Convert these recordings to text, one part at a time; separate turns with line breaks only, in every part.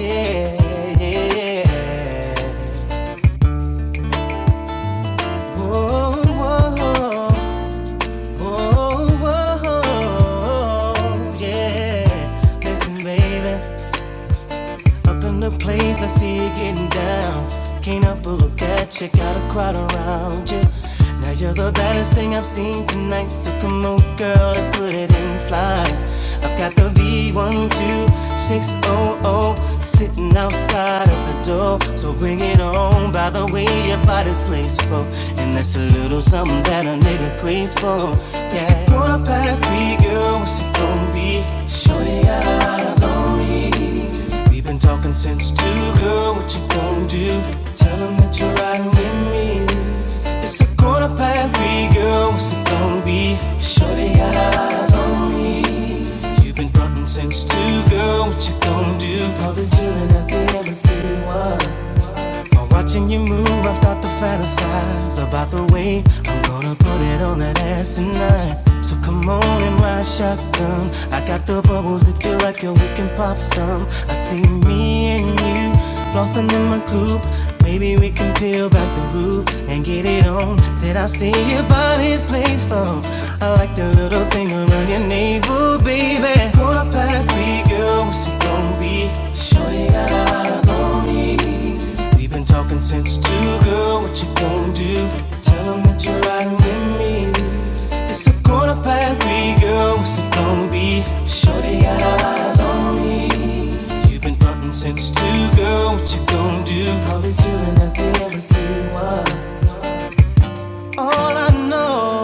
Yeah, yeah, yeah. yeah. Oh, oh, oh, oh, oh, oh, oh, oh, yeah. Listen, baby. Up in the place, I see you getting down. Can't help but look at you, got a crowd around you. Now you're the baddest thing I've seen tonight, so come on, girl, let's put it in flight. I've got the V12600 sitting outside of the door, so bring it on. By the way, your body's for, and that's a little something that a nigga craves for. Yeah. It's a quarter past three, girl, what's it gonna be? Shorty got her eyes on me. We've been talking since two, girl, what you gonna do? Tell 'em that you're riding with me. It's a quarter past three, girl, what's it gonna be? Shorty got her eyes on me. You've been frontin' since two, girl, what you gonna do? Probably chillin' at the embassy, one. While watching you move, I start to fantasize about the way I'm gonna put it on that ass tonight. So come on in my shotgun. I got the bubbles that feel like it, we can pop some. I see me and you flossing in my coupe. Maybe we can peel back the roof and get it on. Then I see your body's place from. I like the little thing around your navel, baby. It's quarter past three, girl. What's it gonna be? Shorty got her eyes on me. We've been talking since two, girl. What you gonna do? Tell 'em that you're riding with me. It's a quarter past three, girl. What's it gonna be? Shorty got her eyes on me. You've been frontin' since two, girl. What you gonna do? I'll be chillin' at the embassy. Why? All I know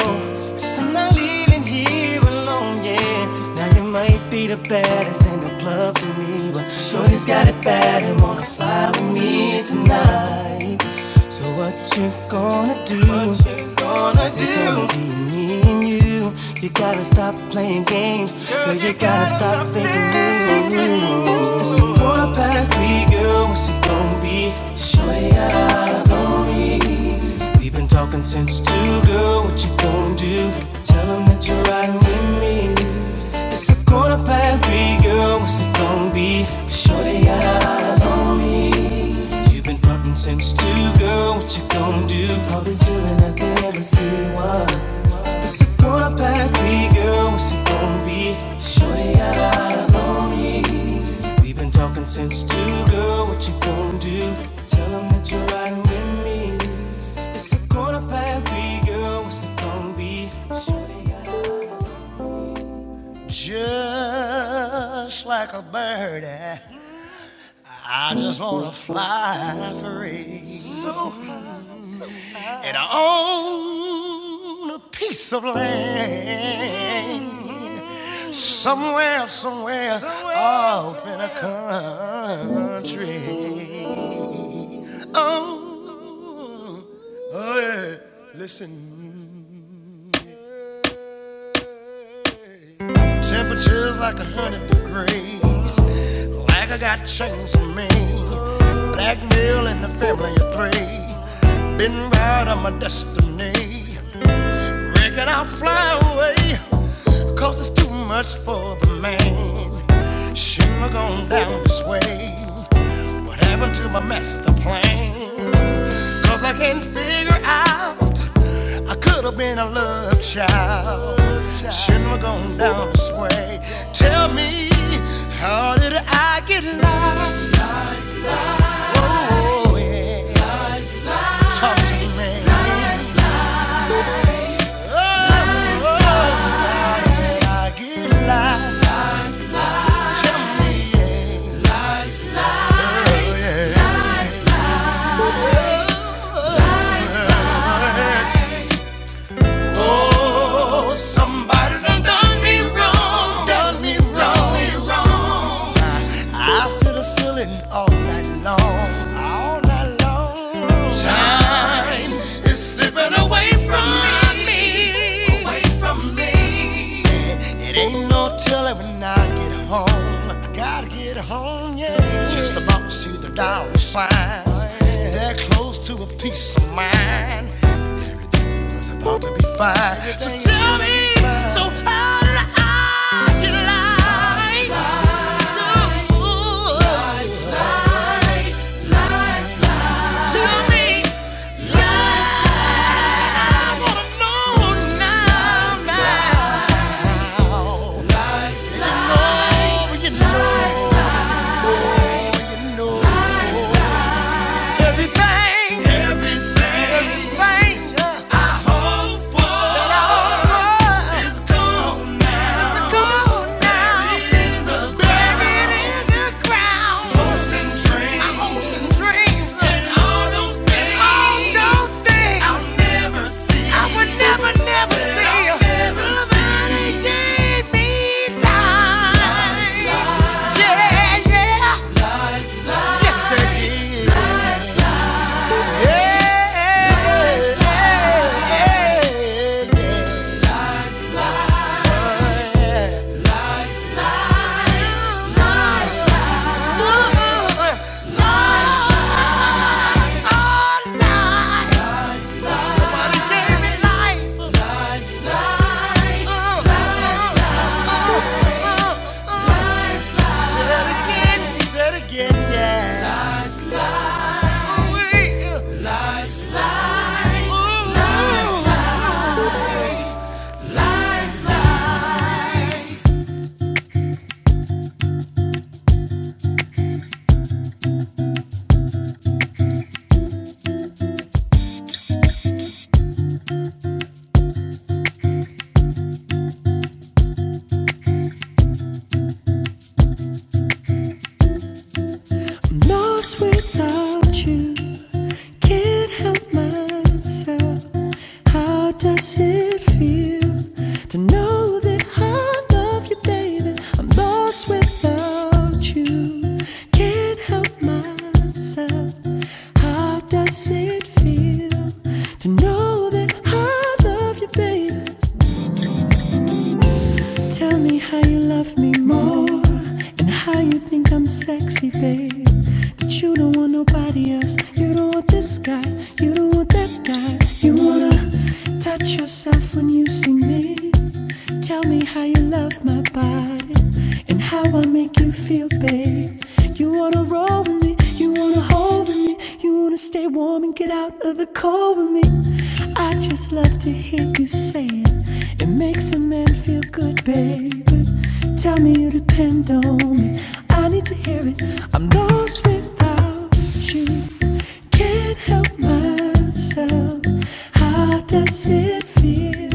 is I'm not leaving here alone, yeah. Now you might be the baddest in the club to me, but Shorty's got it bad and wanna fly with me tonight. So what you gonna do? wanna do. It's gonna be Me and you, you gotta stop playing games. Girl, you gotta stop faking me. It's a quarter past three, girl. What's it gonna be? Sure, you got eyes on me. We've been talking since two, girl. What you gonna do? Tell 'em that you're riding with me. It's a quarter past three, girl. What's it gonna be? Sure, they got eyes on me. You've been frontin' since two, girl. What you gonna do? I've been chilling at the embassy. What? It's a quarter past three, girl. What's it gonna be? Shorty got eyes on me. We've been talking since two, girl. What you gonna do? Tell 'em that you're riding with me. It's a quarter past three, girl. What's it gonna be? Shorty Just like a birdie. I just wanna fly free. So high. And I own a piece of land somewhere, somewhere, somewhere off somewhere. in a country. Oh, oh yeah. listen. Temperatures like a hundred degrees. Like I got chains on me. Blackmail in the family of three. Been right on my destiny. Reckon I'll fly away, cause it's too much for the man. Shouldn't have gone down this way. What happened to my master plan? Cause I can't figure out, I could have been a love child. Shouldn't have gone down this way. Tell me, how did I get lost? Oh, yeah. Talk to me. Oh, oh, I get lost. Tell me, life, oh yeah. Oh, somebody done done me wrong, done me wrong, wrong. Eyes to the ceiling all night long, all night long. Time is slipping away from me, away from me. It ain't no telling when I get home. I gotta get home, yeah. Just about to see the dollar signs. Oh, yeah. They're close to a peace of mind. It's about to be fine. So tell me, so how did I get life? Life, Fool, Tell me, life. I wanna know now, now. So you know. Everything, Everything everything uh, I hope for is gone now. Buried in the ground. Hopes and dreams and all those things I'll never see. I would never, never see. I'll never life. Yeah, yeah. Yes, they did. Said again, yeah. life, life, life, life, life, life. ooh, life, life, life. Can't help myself. How does it feel to know that I love you, baby? I'm lost without you. Can't help myself. How does it feel to know that I love you, baby? Tell me how you love me more and how you think I'm sexy, babe. That you don't want nobody else. You don't want this guy. You don't want that guy. You wanna touch yourself when you see me. Tell me how you love my body and how I make you feel, babe. You wanna roll with me, you wanna hold with me, you wanna stay warm and get out of the cold with me. I just love to hear you say it. It makes makes a man feel good, baby. Tell me you depend on me. I need to hear it. I'm lost without you. Can't help myself. How does it feel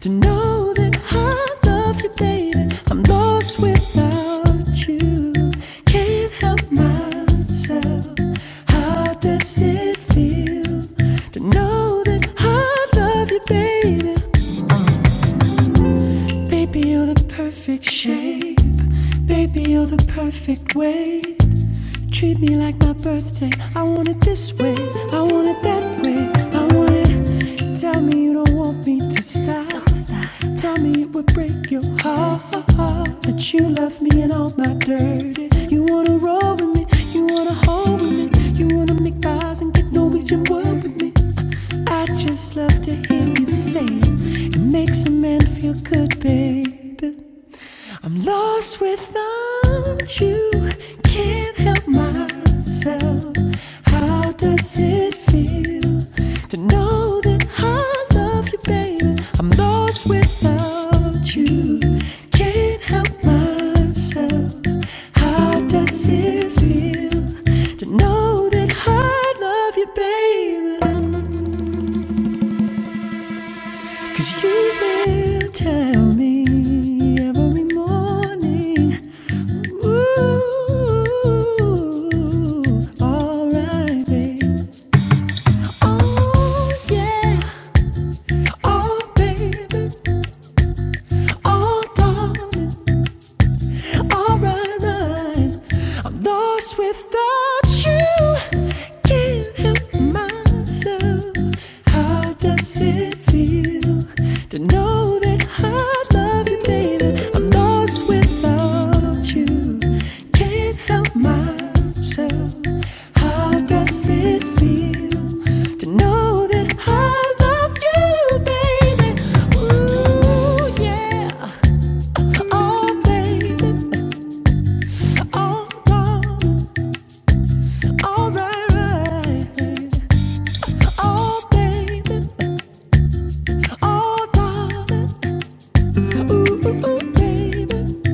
to know that I love you, baby? I'm lost without you. Can't help myself. How does it feel to know that I love you, baby? Baby, you're the perfect shape. Baby, you're the perfect weight. Treat me like my birthday. I want it this way. I want it that way. I want it. Tell me you don't want me to stop. Don't stop. Tell me it would break your heart that you love me and all my dirty. You wanna roll with me. You wanna hold with me. You wanna make eyes and get Norwegian word with me. I just love to hear you say it. It makes a man feel good, baby. I'm lost without you. Can't help myself. How does it feel to know that I love you, baby? I'm lost without you. Can't help myself. How does it feel to know that I love you, baby? Cause you will tell me every morning, ooh, alright, babe. Oh yeah, oh baby, oh darling, All right, right. I'm lost without you. Can't help myself. How does it feel to know that I love you, baby? I'm lost without you. Can't help myself. How does it feel to know that I love you, baby? Ooh, yeah. Oh, baby. Oh, darling, all right, right. Oh, baby, oh, darling, ooh, baby,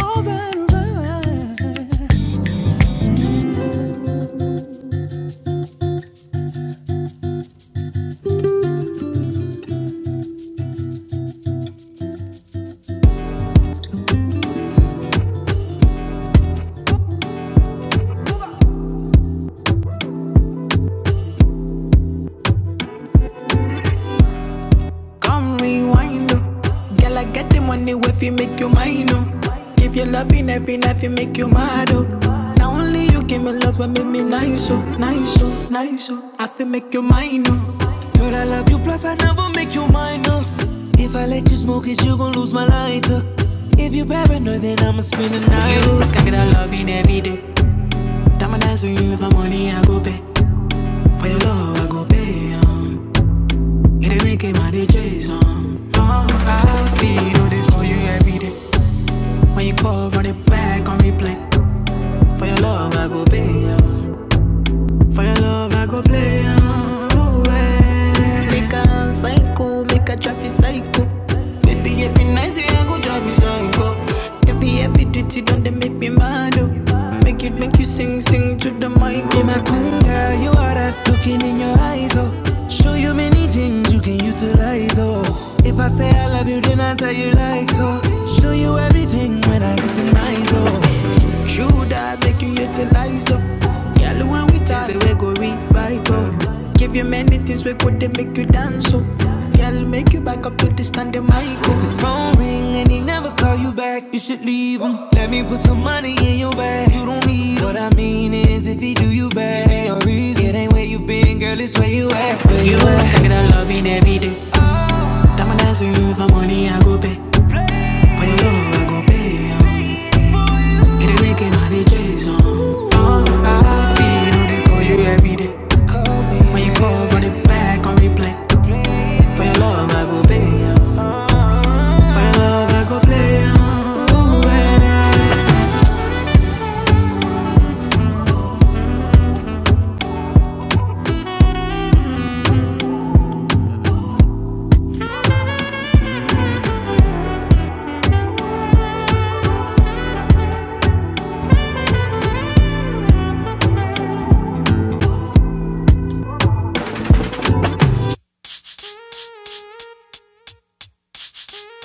all right, right. Come rewind, oh. girl, I get the money if you make you mine, oh. If you loving every night, you make you mad, oh. Now only you give me love and make me nice, oh, nice, oh, nice, oh. I feel make you mine, oh. You plus I never make you minus. If I let you smoke it, you gon' lose my lighter. If you paranoid, then I'ma spend the night. You can get a love in every day. I'ma dance with you, for money I go pay. For your love I go pay. Um. It ain't making my day chase. Um. I feel all this for you every day. When you call, run it back on replay. For your love I go pay. Um. For your love, I go play on way. Make a psycho, make a traffic psycho. Baby, every night, say I go drive me psycho. Every, every duty, don't they make me mad, oh. Make it, make you sing, sing to the mic, oh. my queen, girl, you are that looking in your eyes, oh. Show you many things you can utilize, oh. If I say I love you, then I tell you like so. Show you everything when I get to my oh. Should I make you utilize up? Girl, when we taste the way go revive up. Give you many things we could they make you dance up. Girl, make you back up to the standing mic. Let this phone ring and he never call you back. You should leave him. Let me put some money in your bag. You don't need What I mean is if he where You you are at. taking love loving every day. Diamond dancing with my money, I go pay. For your love, I go pay. yeah. It ain't making money chase on. Oh, I feel it for you every day. When you call for the back on replay. For your love, I go pay. yeah. For your love, I go play. yeah. yeah.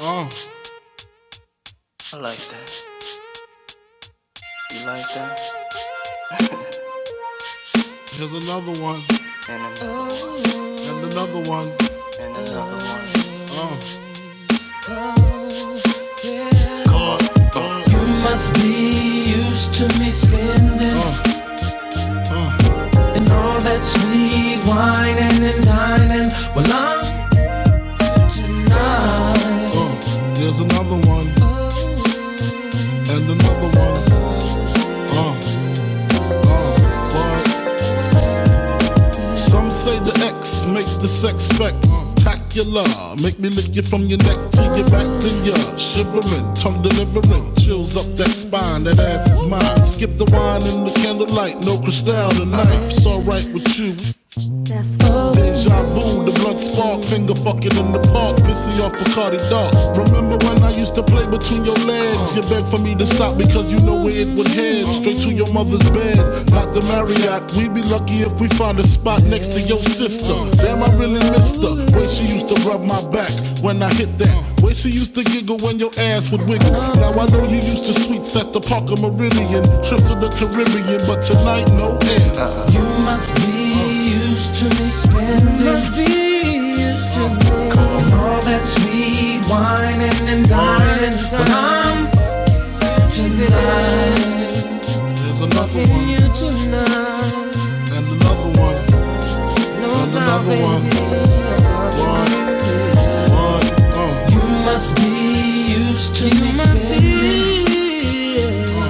Oh, I like that. You like that? here's another one, and another one. Oh, uh, here's another one, and another one. Oh, uh, oh, uh, boy, Some say the X make the sex spectacular. Make me lick you from your neck to your back to your shivering, tongue delivering, chills up that spine. That ass is mine. Skip the wine and the candlelight, no crystal tonight. It's alright with you, Deja vu, the blunt spark, finger fucking in the park, pissy off Bacardi Dark. Remember when I used to play between your legs? You begged for me to stop because you know where it would head. Straight to your mother's bed, not the Marriott. We'd be lucky if we find a spot next to your sister. Damn, I really missed her. Way she used to rub my back when I hit that. Way she used to giggle when your ass would wiggle. Now I know you used to sweets at the Parker Meridian, trips to the Caribbean, but tonight no ends. Darling, There's another one. and another one, and another one, one, one, uh,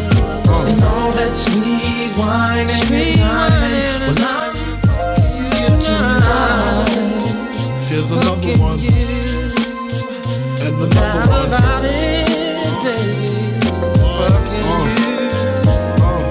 uh. Here's another one, and another one, one, uh. Uh,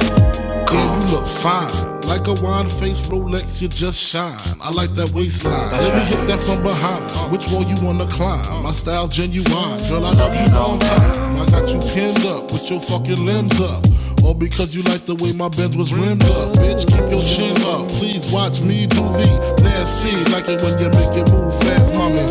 damn, you look fine. Like a wine faced Rolex, you just shine. I like that waistline. Let me hit that from behind. Which wall you wanna climb? My style genuine. Girl, I love you long time. I got you pinned up with your fucking limbs up. All because you like the way my bed was rimmed up. Bitch, keep your chin up. Please watch me do the nasty. Like it when you make it move fast, mommy.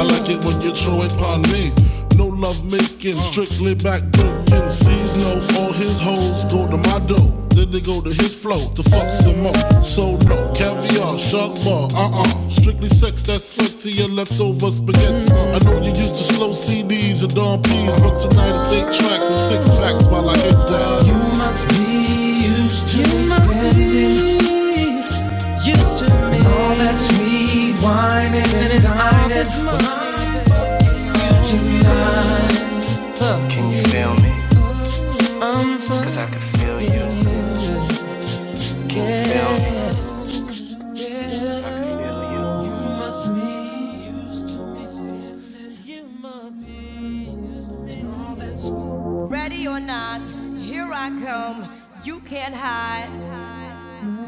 I like it when you throw it upon me. No love making, strictly back breaking. Sees no, all his hoes go to my dough. Then they go to his flow to fuck some more. So no, caviar, shark bar, uh uh Strictly sex that's fed to your leftover spaghetti. I know you used to slow CDs and Don P's, but tonight it's eight tracks and six packs while I get down. You you must be sweet wine and dining. Ready or not, here I come. You can't hide.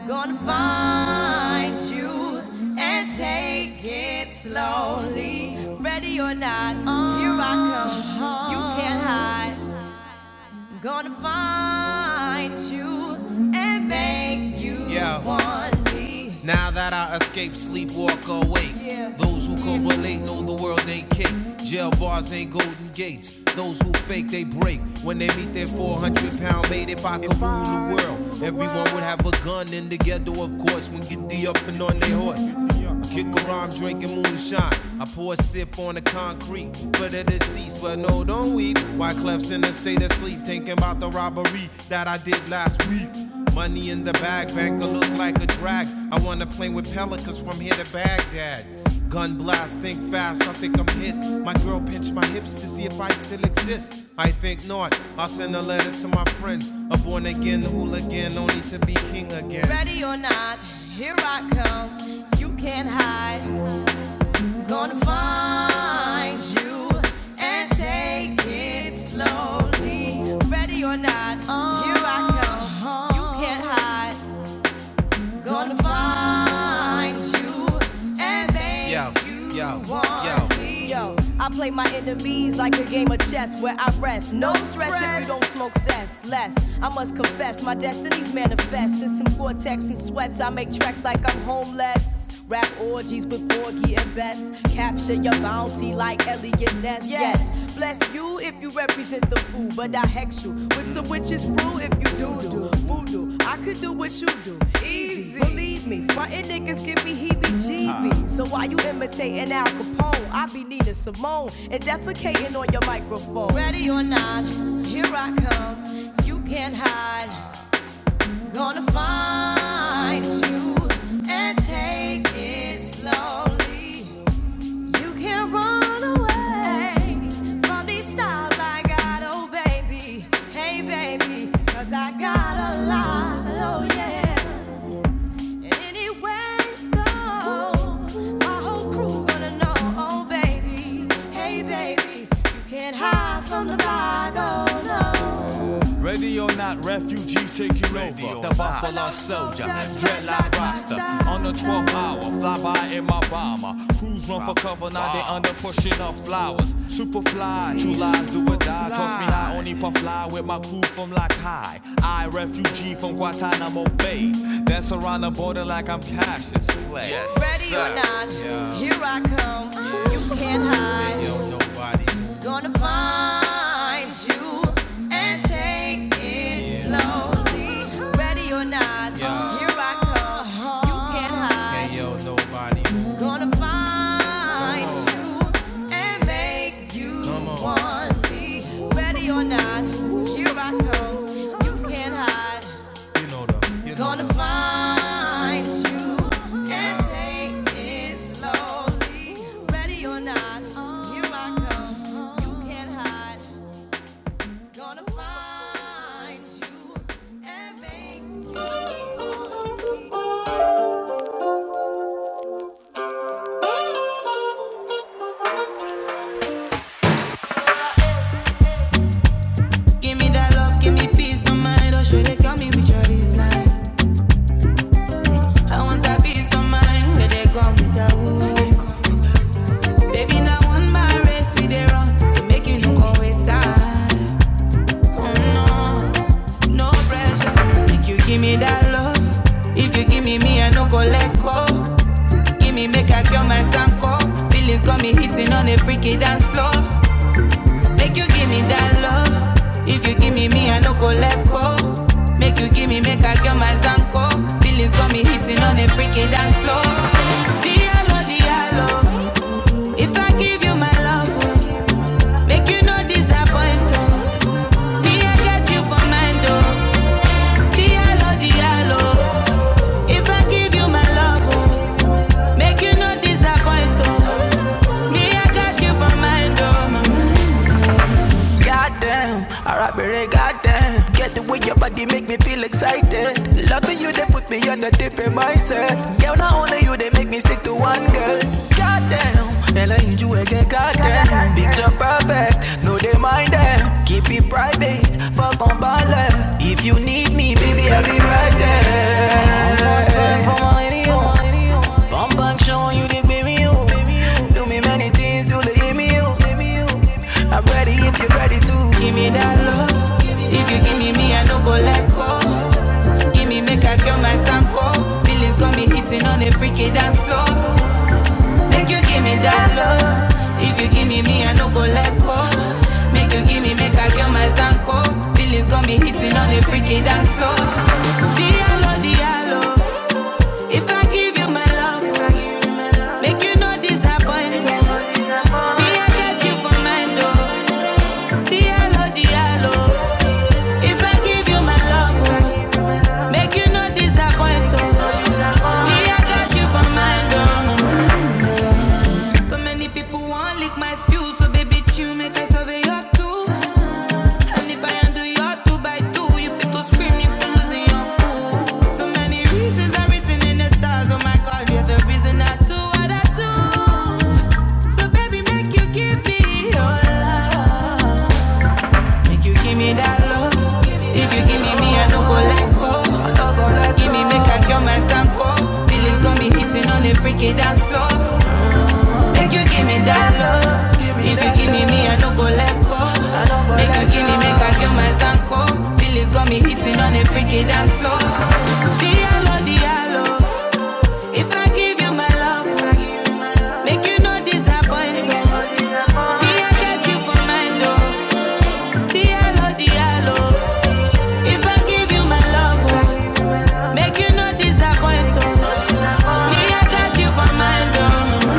Gonna find you and take it slowly. Ready or not, oh, here I come. You can't hide. Gonna find you and make you yeah. want me. Now that I escape, sleep, walk, or wake. Yeah. Those who can relate know the world ain't kick. Jail bars ain't golden gates. Those who fake, they break. When they meet their 400 pound mate, if I could if rule the world, everyone would have a gun in the ghetto, of course, when get the up and on their horse. Kick around drinking moonshine. I pour a sip on the concrete for the deceased, but no, don't weep. Why Clef's in a state of sleep, thinking about the robbery that I did last week. Money in the bag, banker look like a drag. I wanna play with pelicans from here to Baghdad. Gun blast, think fast, I think I'm hit. My girl pinched my hips to see if I still exist. I think not. I'll send a letter to my friends. A born again hooligan, only to be king again. Ready or not, here I come. You can't hide. I'm gonna find you and take it slowly. Ready or not, here I come. You can't hide. Gonna find you and make yo, you yo, want yo. me. Yo, I play my enemies like a game of chess where I rest. No no stress stress if you don't smoke cess. Less, I must confess, my destinies manifest. In some cortex and sweats, I make tracks like I'm homeless. West. Rap orgies with Borgie and Bess. Capture your bounty like Elliot Ness. Yes. Bless you if you represent the fool, but I hex you with some witches brew if you do do voodoo. I could do what you do, easy. Believe me, frontin' niggas give me heebie-jeebies. So why you imitating Al Capone? I be Nina Simone and defecating on your microphone. Ready or not, here I come. You can't hide. Gonna find you and take it slowly. You can't run away from these styles I got, oh baby. Hey baby, cause I got a lot, oh yeah. And anywhere you go, my whole crew gonna know, oh baby. Hey baby, you can't hide from the block, oh no. Ready or not, refugees taking over. The Buffalo Soldier, dreadlock roster. On the 12th hour, fly by in my bomber. Crews run for cover, now they under pushing up flowers. Superfly, true lies do or die. Toss me high, only puff fly with my crew from Lock High. I, refugee from Guantanamo Bay. Dance around the border like I'm Cassius Clay. Yes, Ready sir. or not, yeah. here I come. Yeah. You can't hide. Yo, nobody. Gonna find you and take it yeah. slowly. Ready or not, Yeah. here I come. You can't hide. Hey yo, nobody Gonna find you and make you want me. Ready or not, here I come. You can't hide. You know the, you know Gonna the. find you and take it slowly. Ready or not, here I come. You can't hide. Gonna find you and make Give me that love, give me peace of mind. Oh, should they call me with your design? I want that peace of mind where they come with that woo. Baby, now one my race we they run, so make you look always time. No, no pressure. Make you give me that love. If you give me me, I no go let go. Give me make I kill my sanko. Feelings got me hitting on a freaky dance floor. Make you give me that love. If you give me me, I no go let go. Make you give me make I kill my sanko. Feelings got me hitting on a freaky dance floor. Diallo, diallo. If I give you my love, oh, make you no disappoint. oh. Me, I got you for mine though. Diallo, Diallo. If I give you my love, oh, make you no disappoint, oh. Me, I got you for mind, oh, my Goddamn, Arabere, goddamn. Get the way your body make me feel excited. Loving you, they put me on a different mindset. Girl, not only you, they make me stick to one girl. Goddamn, and I need you again, goddamn. Picture perfect, no, they mind them. Keep it private, fuck on balance. If you need me, baby, I'll be right there. One more time for my radio. Bum bang showing you the Give me you. Do me many things to let give me you. I'm ready if you're ready to Give me that love. If you give me me, I don't go let go. Give me make I kill my sanko. Feelings got me hitting on a freaky dance floor. Make you give me that love. If you give me me, I don't go let go. Make you give me make I kill my sanko. Feelings got me hitting on a freaky dance floor. Diallo, diallo. If I give you my love, make you no disappoint. oh. Me, I got you for mine, oh. Diallo, diallo. If I give you my love, oh, make you no disappoint. oh. Me, I got you for mine, oh, So many people want lick my stew, so baby, chew, make I survey your two. And if I undo your two by two, you fit to scream, you fit losing your So many reasons are written in the stars. Oh my God, you're the reason I do what I do. So baby, make you give me your love. Make you give me that love. If you give me me, I don't go let go. Give me make I cure my sanko. Feelings got me hitting on the freaky dance floor. Make you give me that love. If you give me me, I don't go let go. Make you give me make I cure my sanko. Feelings got me hitting on the freaky dance floor. Diallo, diallo. If I give you my love, make you no disappoint. oh. Me, I got you for mind, oh. Diallo, diallo. If I give you my love, oh, make you no disappoint. oh. Me, I got you for mind, oh.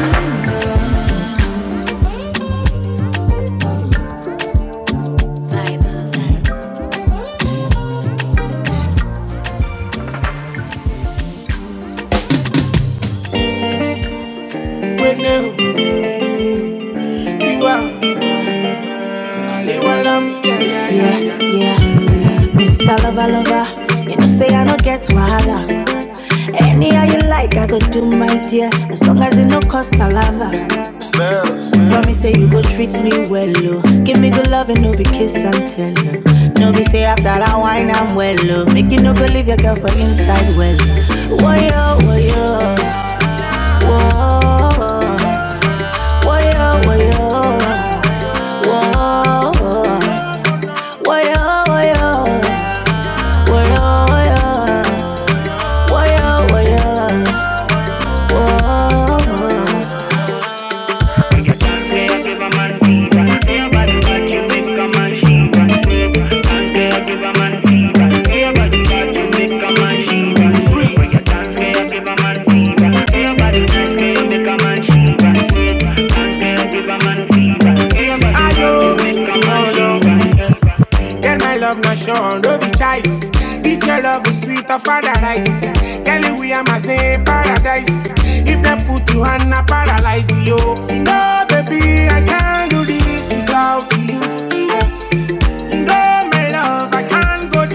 Right now, Yeah, yeah. Mr. Lover, lover, you know say I no get wahala. Anyhow you like, I go do my dear, as long as it no cost palava. Smells. Promise say you go treat me well, oh. Give me good love and no be kiss and tell, oh. No be say after that wine I'm well, oh. Make you no go leave your girl for inside, well. Whoa, yo, whoa, yo, whoa. Whoa, yo, whoa, yo, whoa. Waya, waya, waya, waya, waya, waya, waya. I know, oh no, Girl, my love no show, no be choice. This your love is sweet of paradise. Girl, we are my same paradise. If they put you on a paralyze you, no baby, I can't do this without you. No, my love, I can't go.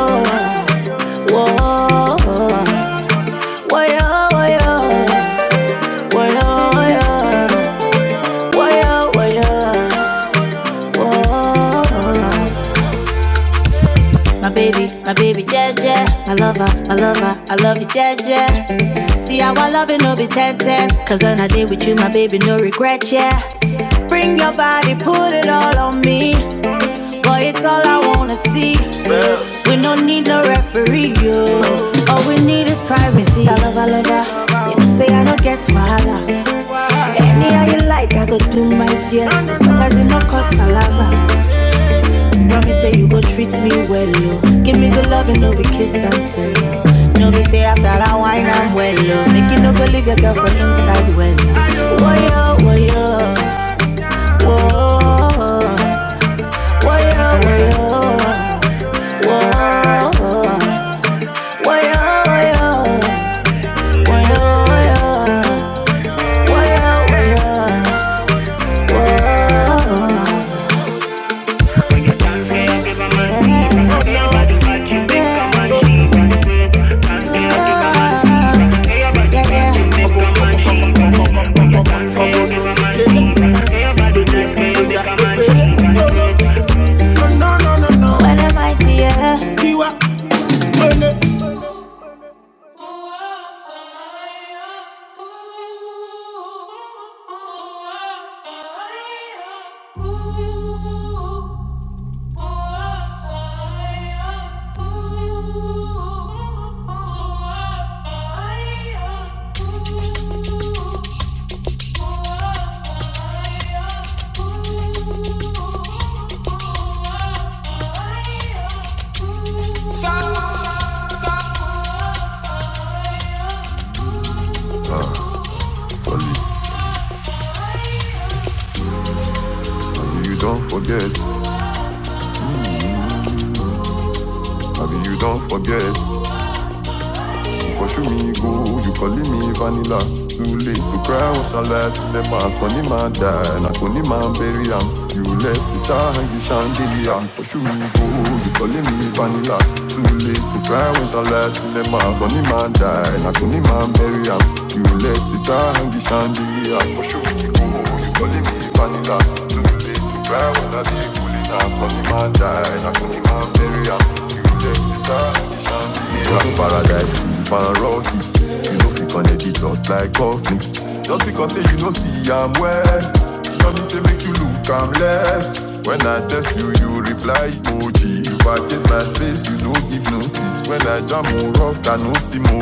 Whoa, whoa, whoa. Why, oh, yeah, why, oh, yeah, why, oh, yeah, why, oh, yeah. My baby, my baby, yeah, yeah. My lover, my lover, I love you, yeah, yeah. See how I love it, no be 10 10. Cause when I did with you, my baby, no regret, yeah. Bring your body, put it all on me. Boy, it's all I wanna see. We don't need no referee, yo. All we need is privacy. I love, I love, You know, say I don't get wahala. Anyhow you like, I go do my dear. As long as it no cost my lover. Promise say you go treat me well, oh. Give me good love and no be kiss and tell. No be say after I wine I'm well, oh. Make you no go leave your girl for inside well. Woah yo, woah yo, woah, woah yo, woah yo, woah, woah yo, woah yo, woah yo, woah yo, woah Yeah, yeah, yeah, yeah. No, no, no, no, no. When am I here? Kiwa, Mene. Baby, you don't forget. If I too late to cry, what's your last? And I told the man bury him. You left the star and the chandelier. But you go, you calling me vanilla. Too late to cry was the last in the mouth. On the man, I told man, you left the star and the chandelier. But you go, you back. Too late to cry when I dey cooling down. Of bless you, you, you no give notice. When I jam on rock, I no see more.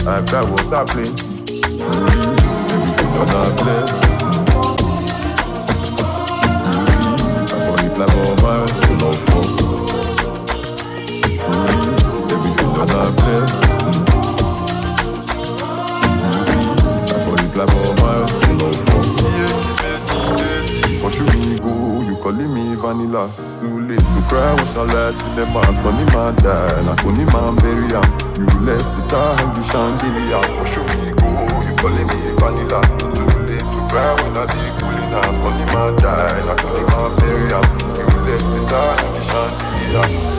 I cry water plenty. Everything on a blessing. Smile, love for the black or mile. Love for you, really go, you calling me vanilla. See them ass bunny man die like only man Mr. Handily I push me go You calling me back to the to cry when I be cooling ass bunny man die like only man bury am You left Mr. Handy Shantilly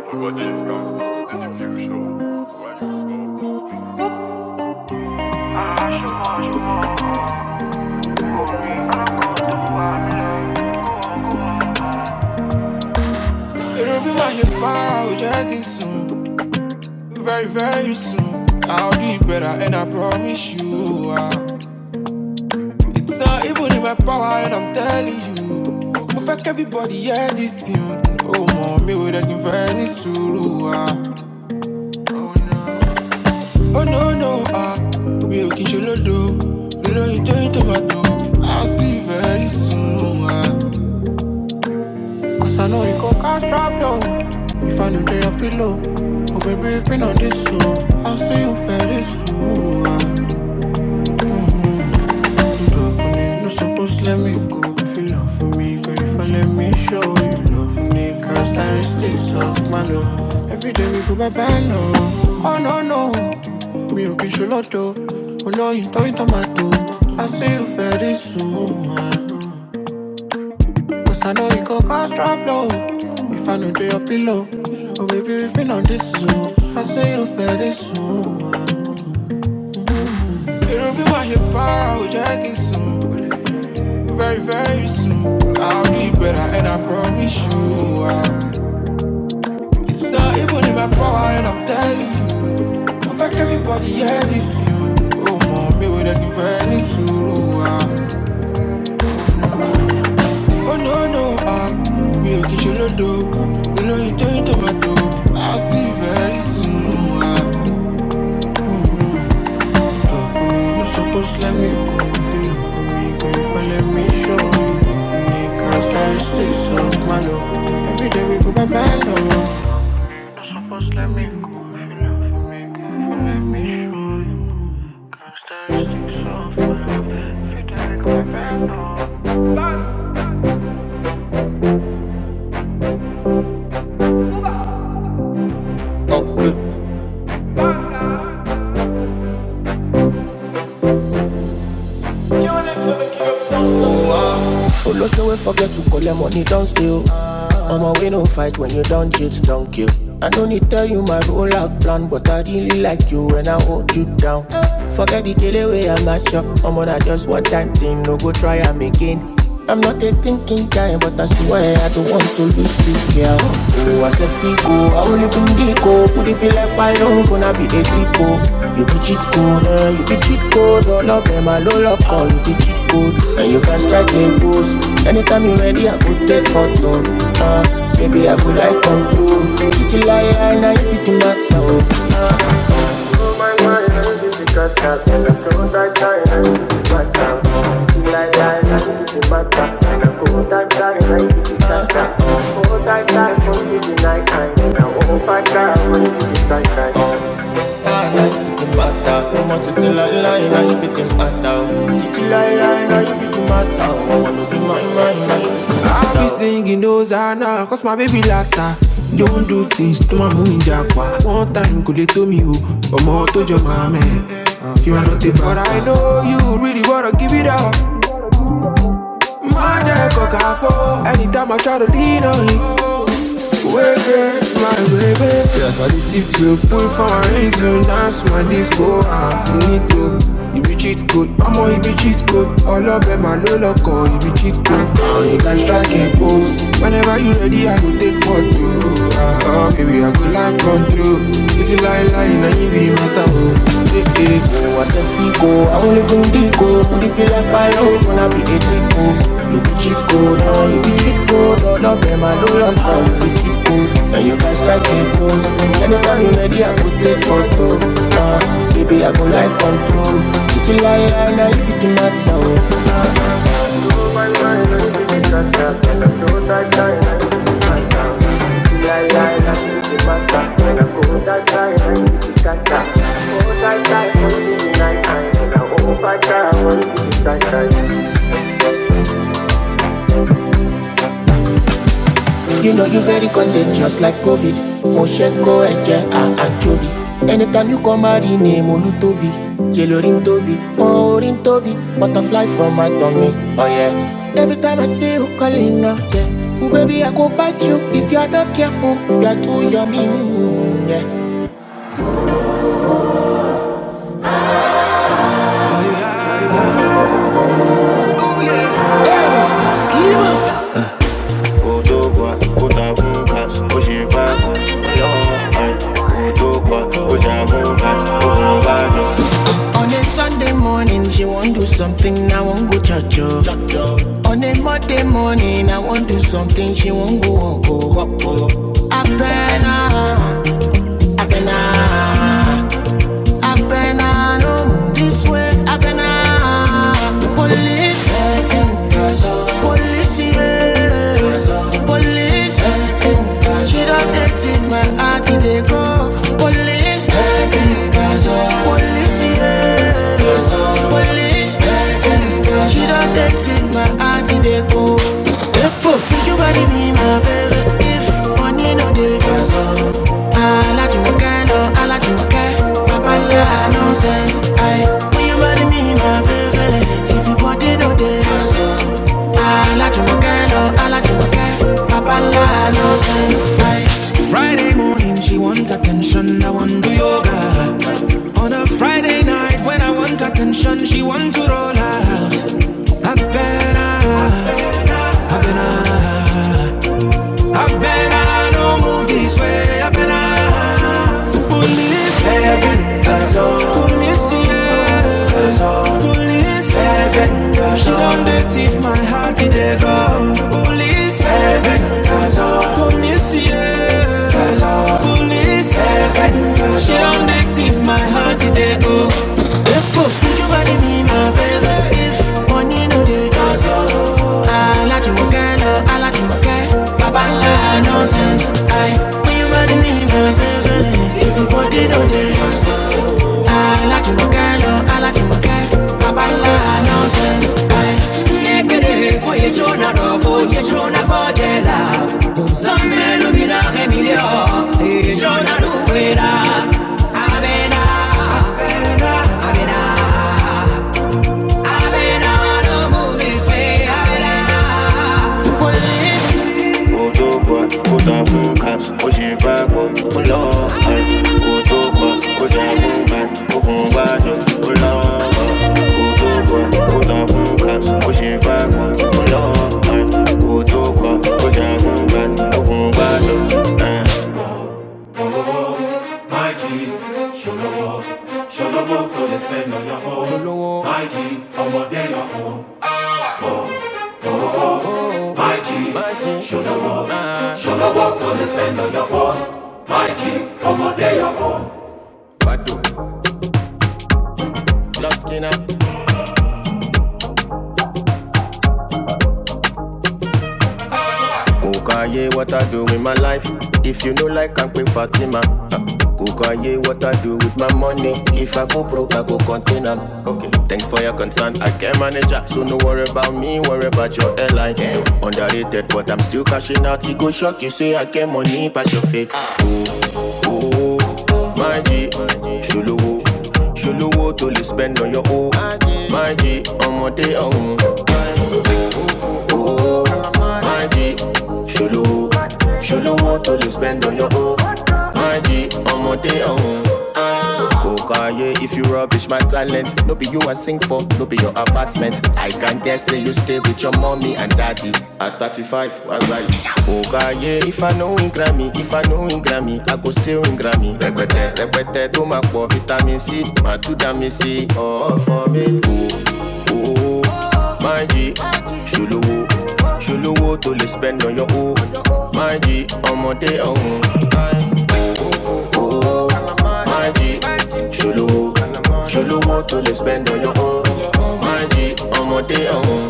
I What in the future It'll be like you're far away, Jackie soon. Very, very soon. I'll do it better, and I promise you. I'll It's not even in my power, and I'm telling you. Mo fẹ́ kẹ́bíbọ̀dì yẹ dis thing. Ó mọ̀ mi ò dẹ̀ kí n fẹ́ ní sùúrù wa. Ó no no a, mi ò kí n ṣe lódo. Lóyún tó yín tomato, I'll see you very soon wa. Cause I know you go cast problem if I don't dey your pillow. Oh baby, been on this i I'll see you very soon wa. No supposed to let me go if you love me. Girl, if I let me show you love me. Characteristics of my love. Every day we go bye bye, no. Oh no, no. me ò kì í ṣe lọ́dọ̀. Olóyin tó ń tán I see you very soon. Cause I know you go cause trouble. If I no dey your pillow. Oh baby, we've been on this soon. I say very soon. It'll be why you para with Jackie soon. Very, very soon. I'll be better and I promise you. I It's not even in my power, and I'm telling you. I fuck everybody, yeah, this you. Oh, mommy, we're looking for any suru. ah. Oh, no, no, ah. We are kitchen no do. We know you turn tomato. I'll see you very soon. oh, ah. You no supposed to let me go. If you look for me, go if I let me show you. Unique Characteristics of my love. Every day we go by my love. Oh, lost no way, forget to call, collect money, don't steal, it don't kill. I don't need to like you when I hold you down. I will be singing those are now, cause my baby lata. Don't do things to my moon japa. One time could they to me who or more to your mama. You are not a bastard. But I know you really wanna give it up. My dad cock for anytime I try to lean on him. Way, my baby. Yes, I did tip to pull for a reason. Dance my disco, ah, finito. You be cheat code, ọmọ ibi cheat code. Ọlọ́bẹ̀ máa ló lọ́kọ̀ ibi cheat code. Àwọn you can strike a pose. Whenever you ready, I go take photo. Ah. Oh, baby, I go like control. This is lie, lie, now you be the matter, oh. Hey, hey. Oh, I said, Fico, I only go Dico. Put it be like Pio, gonna be the Tico. You be cheap code, oh, you be cheap code. Oh, love them, I know love them, you be cheap code. And you guys strike a pose. Thank you. You know you very contagious like COVID. Moshenko, Eje, and Anchovy. Anytime you come out, in name Olutobi. Jelorin Tobi, Orin Tobi. Butterfly from my tummy, oh yeah. Every time I see you calling, oh yeah. Ooh, baby, I go bite you if you're not careful. You're too yummy, mm, yeah. ụgwọ ụka mba udokwa ụjahụ ụka ụmụbanụ On a Sunday morning, she want do something, I won't go church. oh. On a Monday morning, I want do something, she won't go go oh. Abena, Abena, Abena, no, this way, Abena. Police Police, yeah. Police, yeah. she don't take my heart they go. Police, police, yeah. Police, yeah. she don't take my heart they go. If you body be my baby. If money no dey, I like you more, girl, I like you more, Papa, yeah, I know, say. Chupacalo, I like Chupacalo, Papala, no sense. Aye. Friday morning, she want attention, I want to yoga. On a Friday night, when I want attention, she want to roll out. I better, I better. I bet I don't move this way. I bet I. Police. Baby, cause all. Police, yeah. Cause all. Police. Baby, She don't thief my heart, did they go? Police. Baby, cause all. Police, yeah. Cause all. Police. Baby, She don't. My G, ṣolówó, ṣolówó tó lè spend on your own. Ṣolówó. My G, ọmọdé your own. Love skinner. Kukaye, what I do with my life. If you know like I'm quick Fatima. Uh, Kukaye, what I do with my money. If I go broke, I go contain 'em. Okay. Thanks for your concern. I can manage ya. So no worry about me, worry about your airline. Underrated, but I'm still cashing out. It go shock you, say I get money, pass your fake. Oh, my G, ṣolówó, ṣolówó tó lè spend on your own. My G, ọmọdé ọ̀hún. Oh, my G, ṣolówó, ṣolówó tó lè spend on your own. My G, ọmọdé ọ̀hún. Kokaye, if you rubbish my talent, no be you I sing for, no be your apartment. I can guess, say you stay with your mommy and daddy. At 35, why right? Kokaye, if I know in Grammy, if I know in Grammy, I go still in Grammy. Repete, repete, to my poor vitamin C, my two damn C, all for me. Oh, oh, oh, my G, Shuluwo, Shuluwo to le spend on your own. My G, ọmọdé ọ̀hún. Oh, oh, oh, oh. Magic, ṣolówó, ṣolówó tó spend on your own. Magic, I'm on ọ̀hún.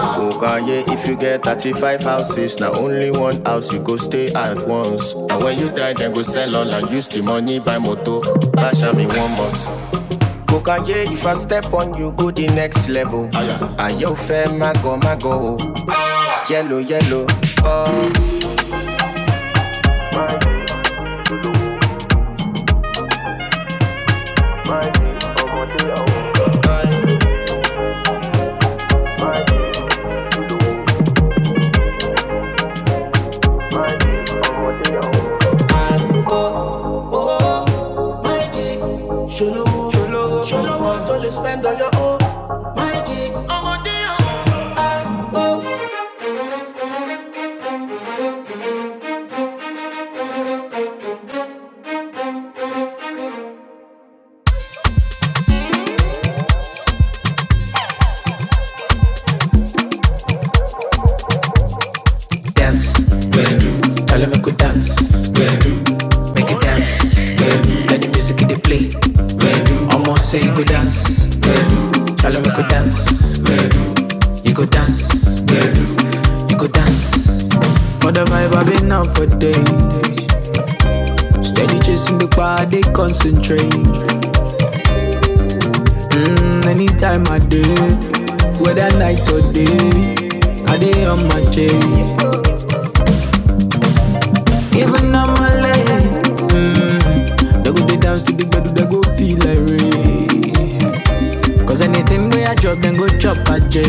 Kò káyé if you get thirty-five houses, now only one house you go stay at once. And when you die, then go sell all and use the money buy moto. Bash am in one month. Kò if I step on you go the next level. Ayé ò fẹ́ mágọ̀ mágọ̀ o. Yẹ́lò mago yellow yellow. yelo tó spend. Dance, where do? Tell them I could dance, where do? Make it dance, where do? Let the music they play, where do? Almost say you go dance, where do? Tell them I could dance, where do? You go dance, where do? You go dance. For the vibe I've been out for days. Steady chasing the bar, they concentrate. Mm, anytime I do, whether night or day, I day on my chase. Giving up my leg. Mm. They go dance to the gbedu, they go feel like rain. Cause anything we I drop, then go chop a J.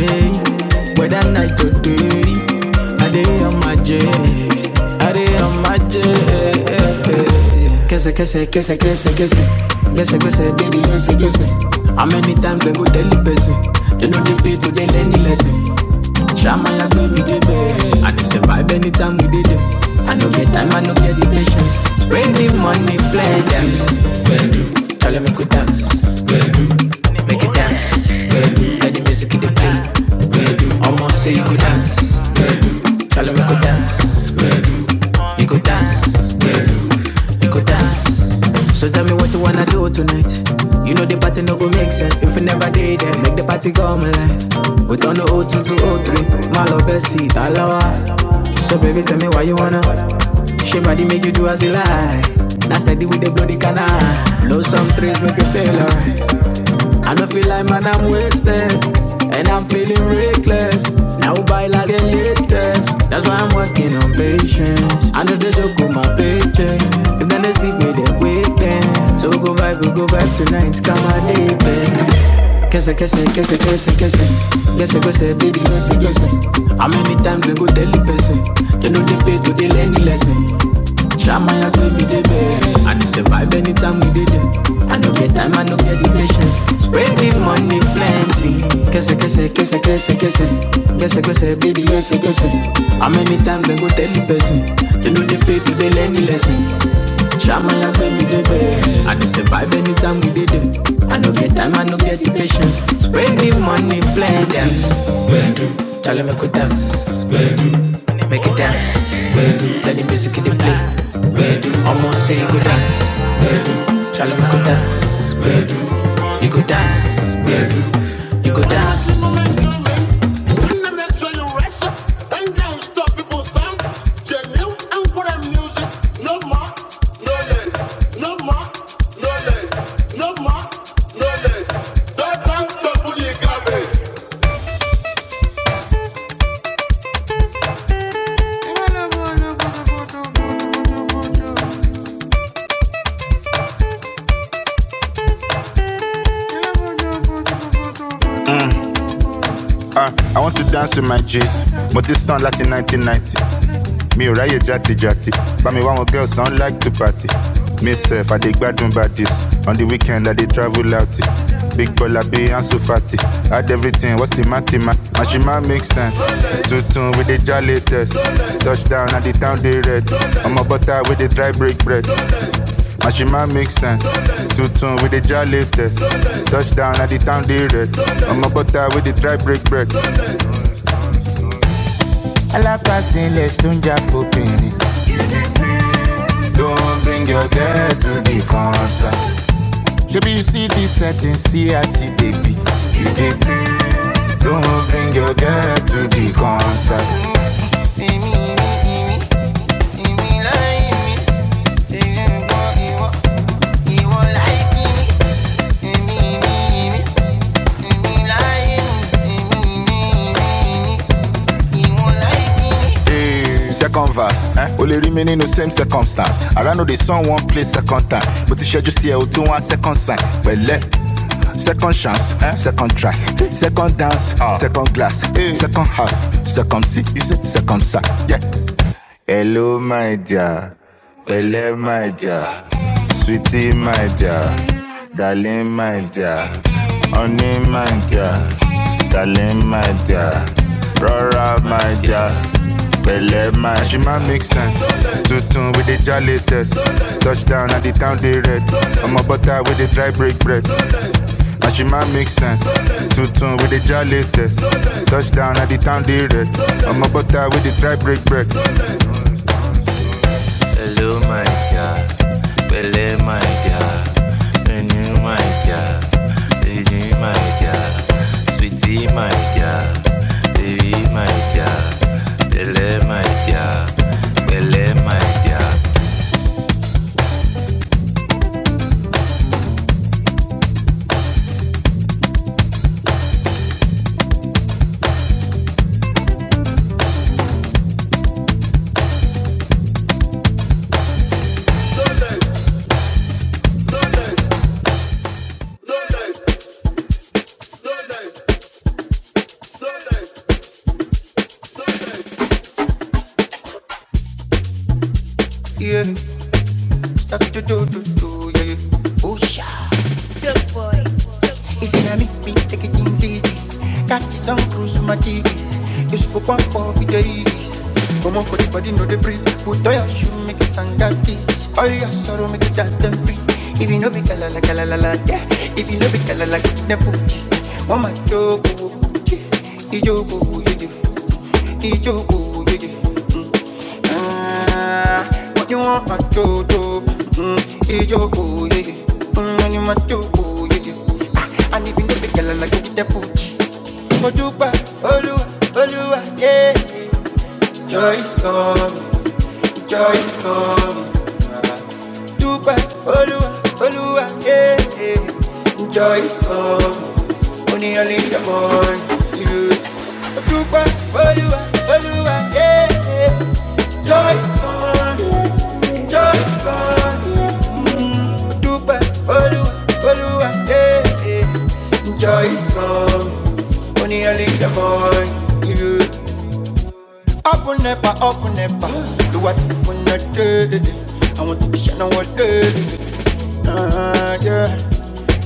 Whether night or day, I dey on my J, I dey on my J. Kese, kese, kese, kese, kese. Kese, kese, baby, kese, kese. How many times they go tell the person? They know they pay to they learn the lesson. Shama go me dey bed. I dey survive anytime we did it. I no get time, I no get the patience. Spend the money plenty. Charlie make we dance make it dance. Girl, let the music in the play. Girl, almost say you go dance. Girl, tell me go dance. Girl, you go dance. Girl, you go dance. So tell me what you wanna do tonight. You know the party no go make sense if you never did it. Make the party come alive. We don't know oh 02 to oh 03. My love best seat, So baby, tell me why you wanna. She body make you do as you like. Now steady with the bloody canal. Blow some trees, make you feel alright. I don't feel like man, I'm wasted. And I'm feeling reckless. Now buy like the latest. That's why I'm working on patience. I know they joke on my paycheck. If then they sleep me, they their waiting. So go vibe, we go vibe tonight. Come on, baby. Kese, kese, kese, kese, kese. Kese, kese, baby, kese, kese. How many times they go tell the person? They know they pay to they learn the lesson. Shamaya give me the best, I dey survive anytime we did it. I no get time, I no get the patience. Spread the money plenty. Kese kese kese kese kese kese kese baby kese kese. How many times they go tell the person? They no dey pay to dey learn the lesson. Shamaya do me the best, I dey survive anytime we did it I no get time, I no get the patience Spread the money plenty Dance, Charlie me we dance Make it dance. Where do? Let the music in the play. Where do? Almost say you go dance. Where do? Charlie we go dance. Where do? You go dance. Where do? You go dance. I'm a J's, multi 90, me or ratty jatty. like to party. Myself, I dig bad by this. On the weekend, I they travel out. Big baller, be and so fatty. Add everything, what's the matty, man? And she might make sense. Zutun with the jolly test. Touchdown at the town they red. I'm a butter with the dry break bread. And she might make sense. Zutun with the jolly test. Touchdown at the town they red. I'm a butter with the dry break bread. Alapas nílẹ̀ tó ń jà fòpin ni. Don't bring your dad to the concert. Shebi you see this setting, see I see they be. You they play. Don't bring your girl to the concert. Hey, here comes. I want conscience. Eh? Second try. Sisa. Yeah. Yeah. Yeah. On and yeah. Rora my dear, pele. Tutun with it, touchdown at the town. I'm a butter with the dry break bread. And she might make sense. Tutun with the jolly test, touchdown at the town, the red. I'm a butter with the dry break bread. Hello, my girl. Bele, my girl. Enu, my girl. Enu, my girl. Sweetie, my girl. Baby, my girl. Bele, my girl. I'm eating cheesy. Got some cruise on my cheese. You spoke one for the days. Come on, you know the breeze. Put on your sheets. All your sorrow make you dance them free. If you like that, if you like it, then put it. Mama, jogo, ijogo, you do, ijogo, Ah, what you want, my do do? Mm, Ijoko, yeah, yeah. Mm, when you my do, oh, I need Ah, and even if you girl I like you, the pooch. Wa, Oluwa, Oluwa, yeah. Open Up open up Do what you wanna do. I want to be shining all day. Uh, yeah.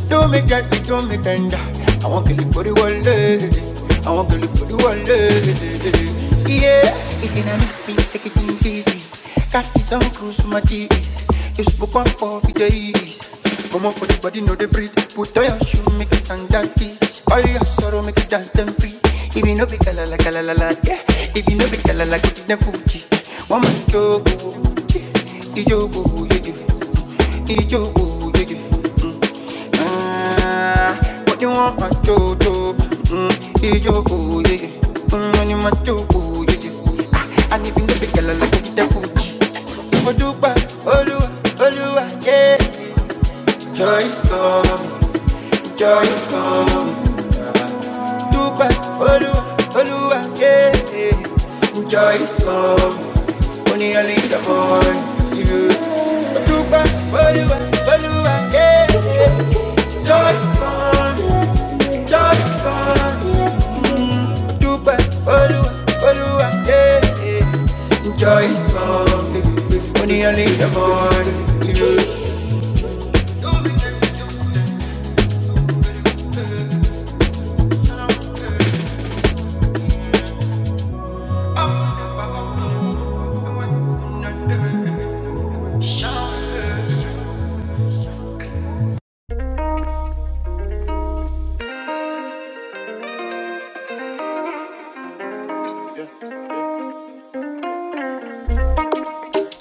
Do me gently, do me tender. I want to live for the one day. I want to live for the one day. Yeah. it's in a me take it easy. easy. Got this on cruise for my cheese. You spoke on for the days. Come on for the body, no the breathe. Put on your shoe, make it stand that this. All your sorrow, make it dance them free. If you know be kala la kala la la, yeah. If you know be kala la, go to the Fuji. One man you go, you go, you do. Ijo, yeah, yeah. Mm. Ah, what you want, my jojo? Mm. Ijo, yeah, yeah. Mm, money, my jojo, yeah, yeah. Ah, and if you know the girl, I like to get a coochie. Odupa, Oluwa, Oluwa, yeah. Joy is coming, only only one. Oluwa,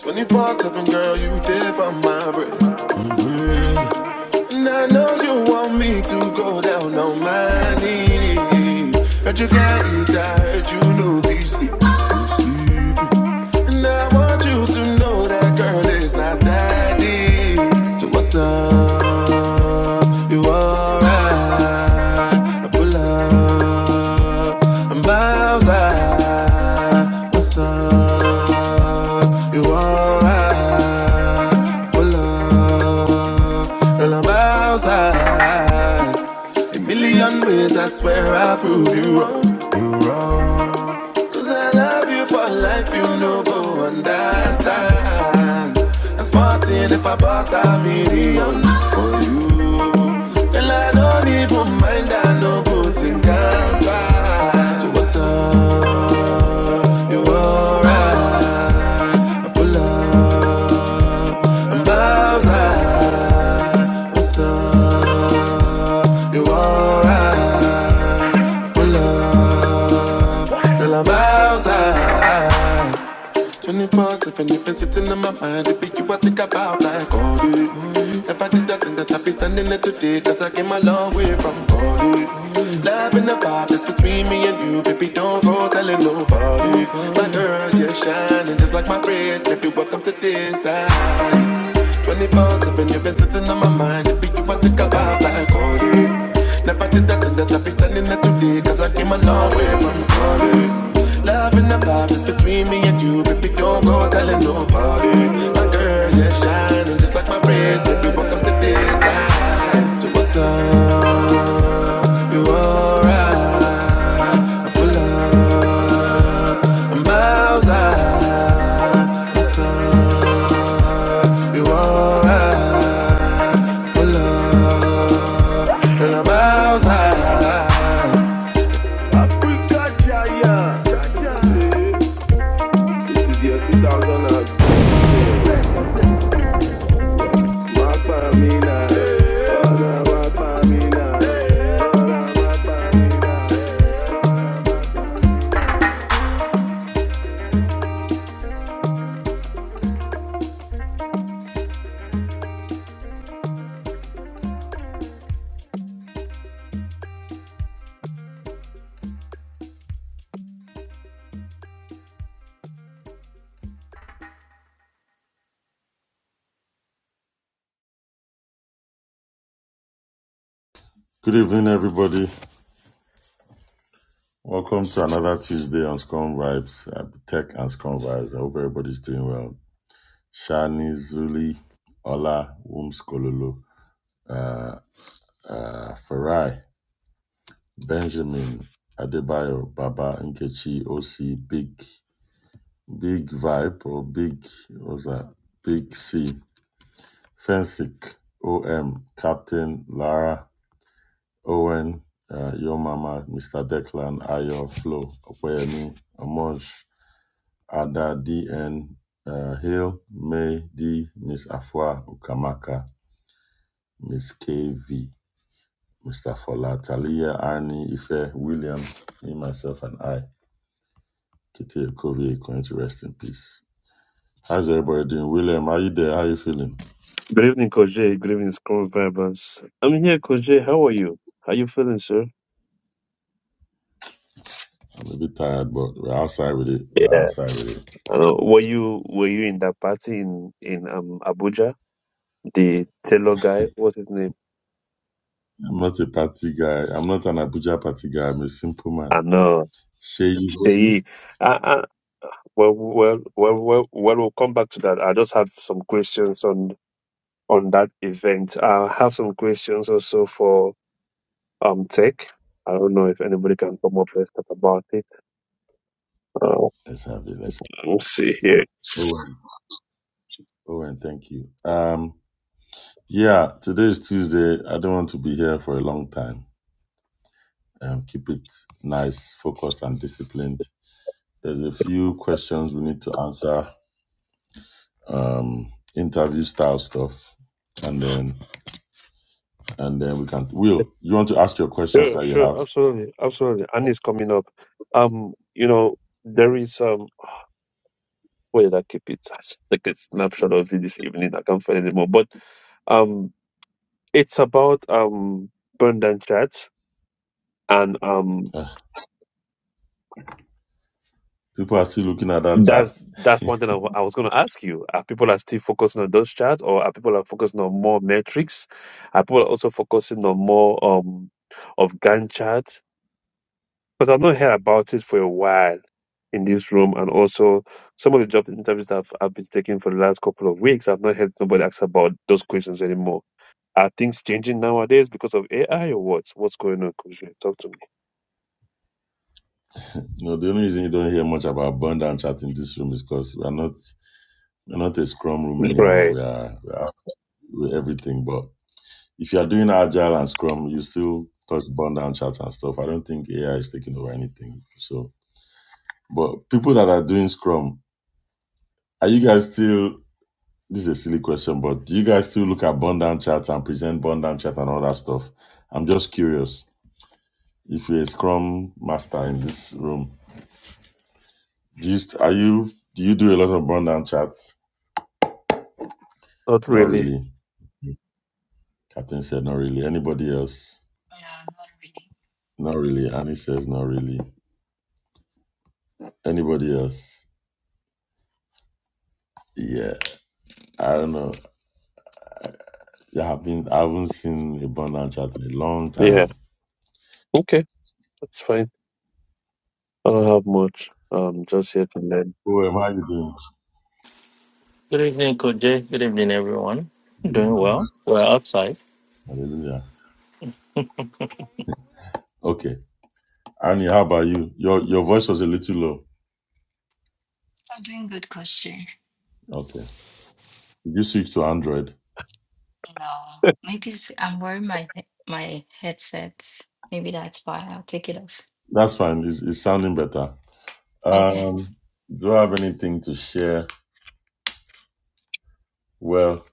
24 7, girl, you dip on my bread. Mm-hmm. And I know you want me to go down on my knees. Heard you can't eat, I heard you know be sleep. sleep. And I want you to know that girl is not that deep. So what's up? You alright? I pull up, I'm miles high. What's up? You alright? I Pull up, girl, I'm miles high. A million ways, I swear I will prove you wrong, you wrong. 'Cause I love you for life, you know, go understand. I'm smarting if I bust a million. Well I don't even mind, I know good thing I'm bad. You alright. Love in the vibe that's between me and you, baby, don't go telling nobody. My God just like my praise, baby, welcome to this side. 24 7, you've been sitting on my mind. Baby, you want to come out like Cody. Never did that and that I'll be standing there today, cause I came a long way from Cody. Love in the side to what's up, you alright. I'm full of miles high. so you alright. Pull up, girl, I'm outside.
Good evening, everybody. Welcome to another Tuesday on Scrum Vibes, uh, Tech and Scrum Vibes. I hope everybody's doing well. Shani, Zuli, Ola, Wums Kololo, uh, Farai, Benjamin, Adebayo, Baba, Nkechi, OC, Big, Big Vibe, or Big, what's that? Big C, Fensik, OM, Captain, Lara, Owen, uh, Yo Mama, Mr. Declan, Ayo, Flo, Opeyemi, Amoj, Ada DN uh, Hill, May D, Miss Afua Ukamaka, Miss KV, Mr. Fola, Talia, Arnie, Ife, William, me, myself, and I. Kitty Okovie, going to rest in peace. How's everybody doing? William, are you there? How you feeling?
Good evening, Koje. Good evening, Scroll Vibers. I'm here, Koje. How are you? How you feeling, sir?
I'm a bit tired, but we're outside with it. We're
Yeah.
outside with it.
Uh, were you Were you in that party in in um Abuja? The Taylor guy, what's his name?
I'm not a party guy. I'm not an Abuja party guy. I'm a simple man.
I know.
Shay Ivori.
Sheyi. Uh, uh, well, well, well, well, well. We'll come back to that. I just have some questions on on that event. I have some questions also for um Tech. I don't know if anybody can come up. Let's talk about it. Uh,
Let's have it. Let's have
let me see here.
it. Owen. Owen, thank you. Um, Yeah, today is Tuesday. I don't want to be here for a long time. Um, keep it nice, focused, and disciplined. There's a few questions we need to answer, um, interview style stuff, and then and then we can. Will you want to ask your questions
Yeah,
that you
sure,
have?
absolutely, absolutely. And it's coming up. Um, you know, there is um where did I keep it? It's like a snapshot of it this evening. I can't find it anymore. But um it's about um burn down chats and um
Ugh, people are still looking at that chat.
that's that's one thing I wa- I was going to ask you are people are still focusing on those chats or are people are focusing on more metrics are people also focusing on more um of gantt charts because i've not heard about it for a while in this room and also some of the job interviews that I've, I've been taking for the last couple of weeks i've not heard nobody ask about those questions anymore are things changing nowadays because of ai or what what's going on Kojo? talk to
no, the only reason you don't hear much about burn down chat in this room is because we're not we're not a scrum room
me
anymore.
right
We are we are, we're everything, but If you are doing agile and scrum, you still touch burn down charts and stuff. I don't think AI is taking over anything. So, but people that are doing scrum, are you guys still? This is a silly question, but do you guys still look at burn down charts and present burn down chart and all that stuff? I'm just curious. If you're a scrum master in this room, do you st- are you do you do a lot of burn down charts?
not
Not
really
really. Captain said not really. Anybody else?
Yeah, not really.
Not really. Annie says not really. Anybody else? Yeah, I don't know. I have been I haven't seen a burnt down in a long time.
Yeah. Okay. That's fine. I don't have much. Um, just yet and then.
Oh, how are you
Good evening, Coach Jay. Good evening, everyone.
doing?
Doing well. We're outside.
Hallelujah. Okay. Annie, how about you? Your your voice was a little low.
I'm doing good, Koshi.
Okay. Did you switch to Android?
No, maybe it's- I'm wearing my he- my headsets. Maybe that's why I'll take it off.
That's fine. It's, it's sounding better.
Okay,
Um, do I have anything to share? Well,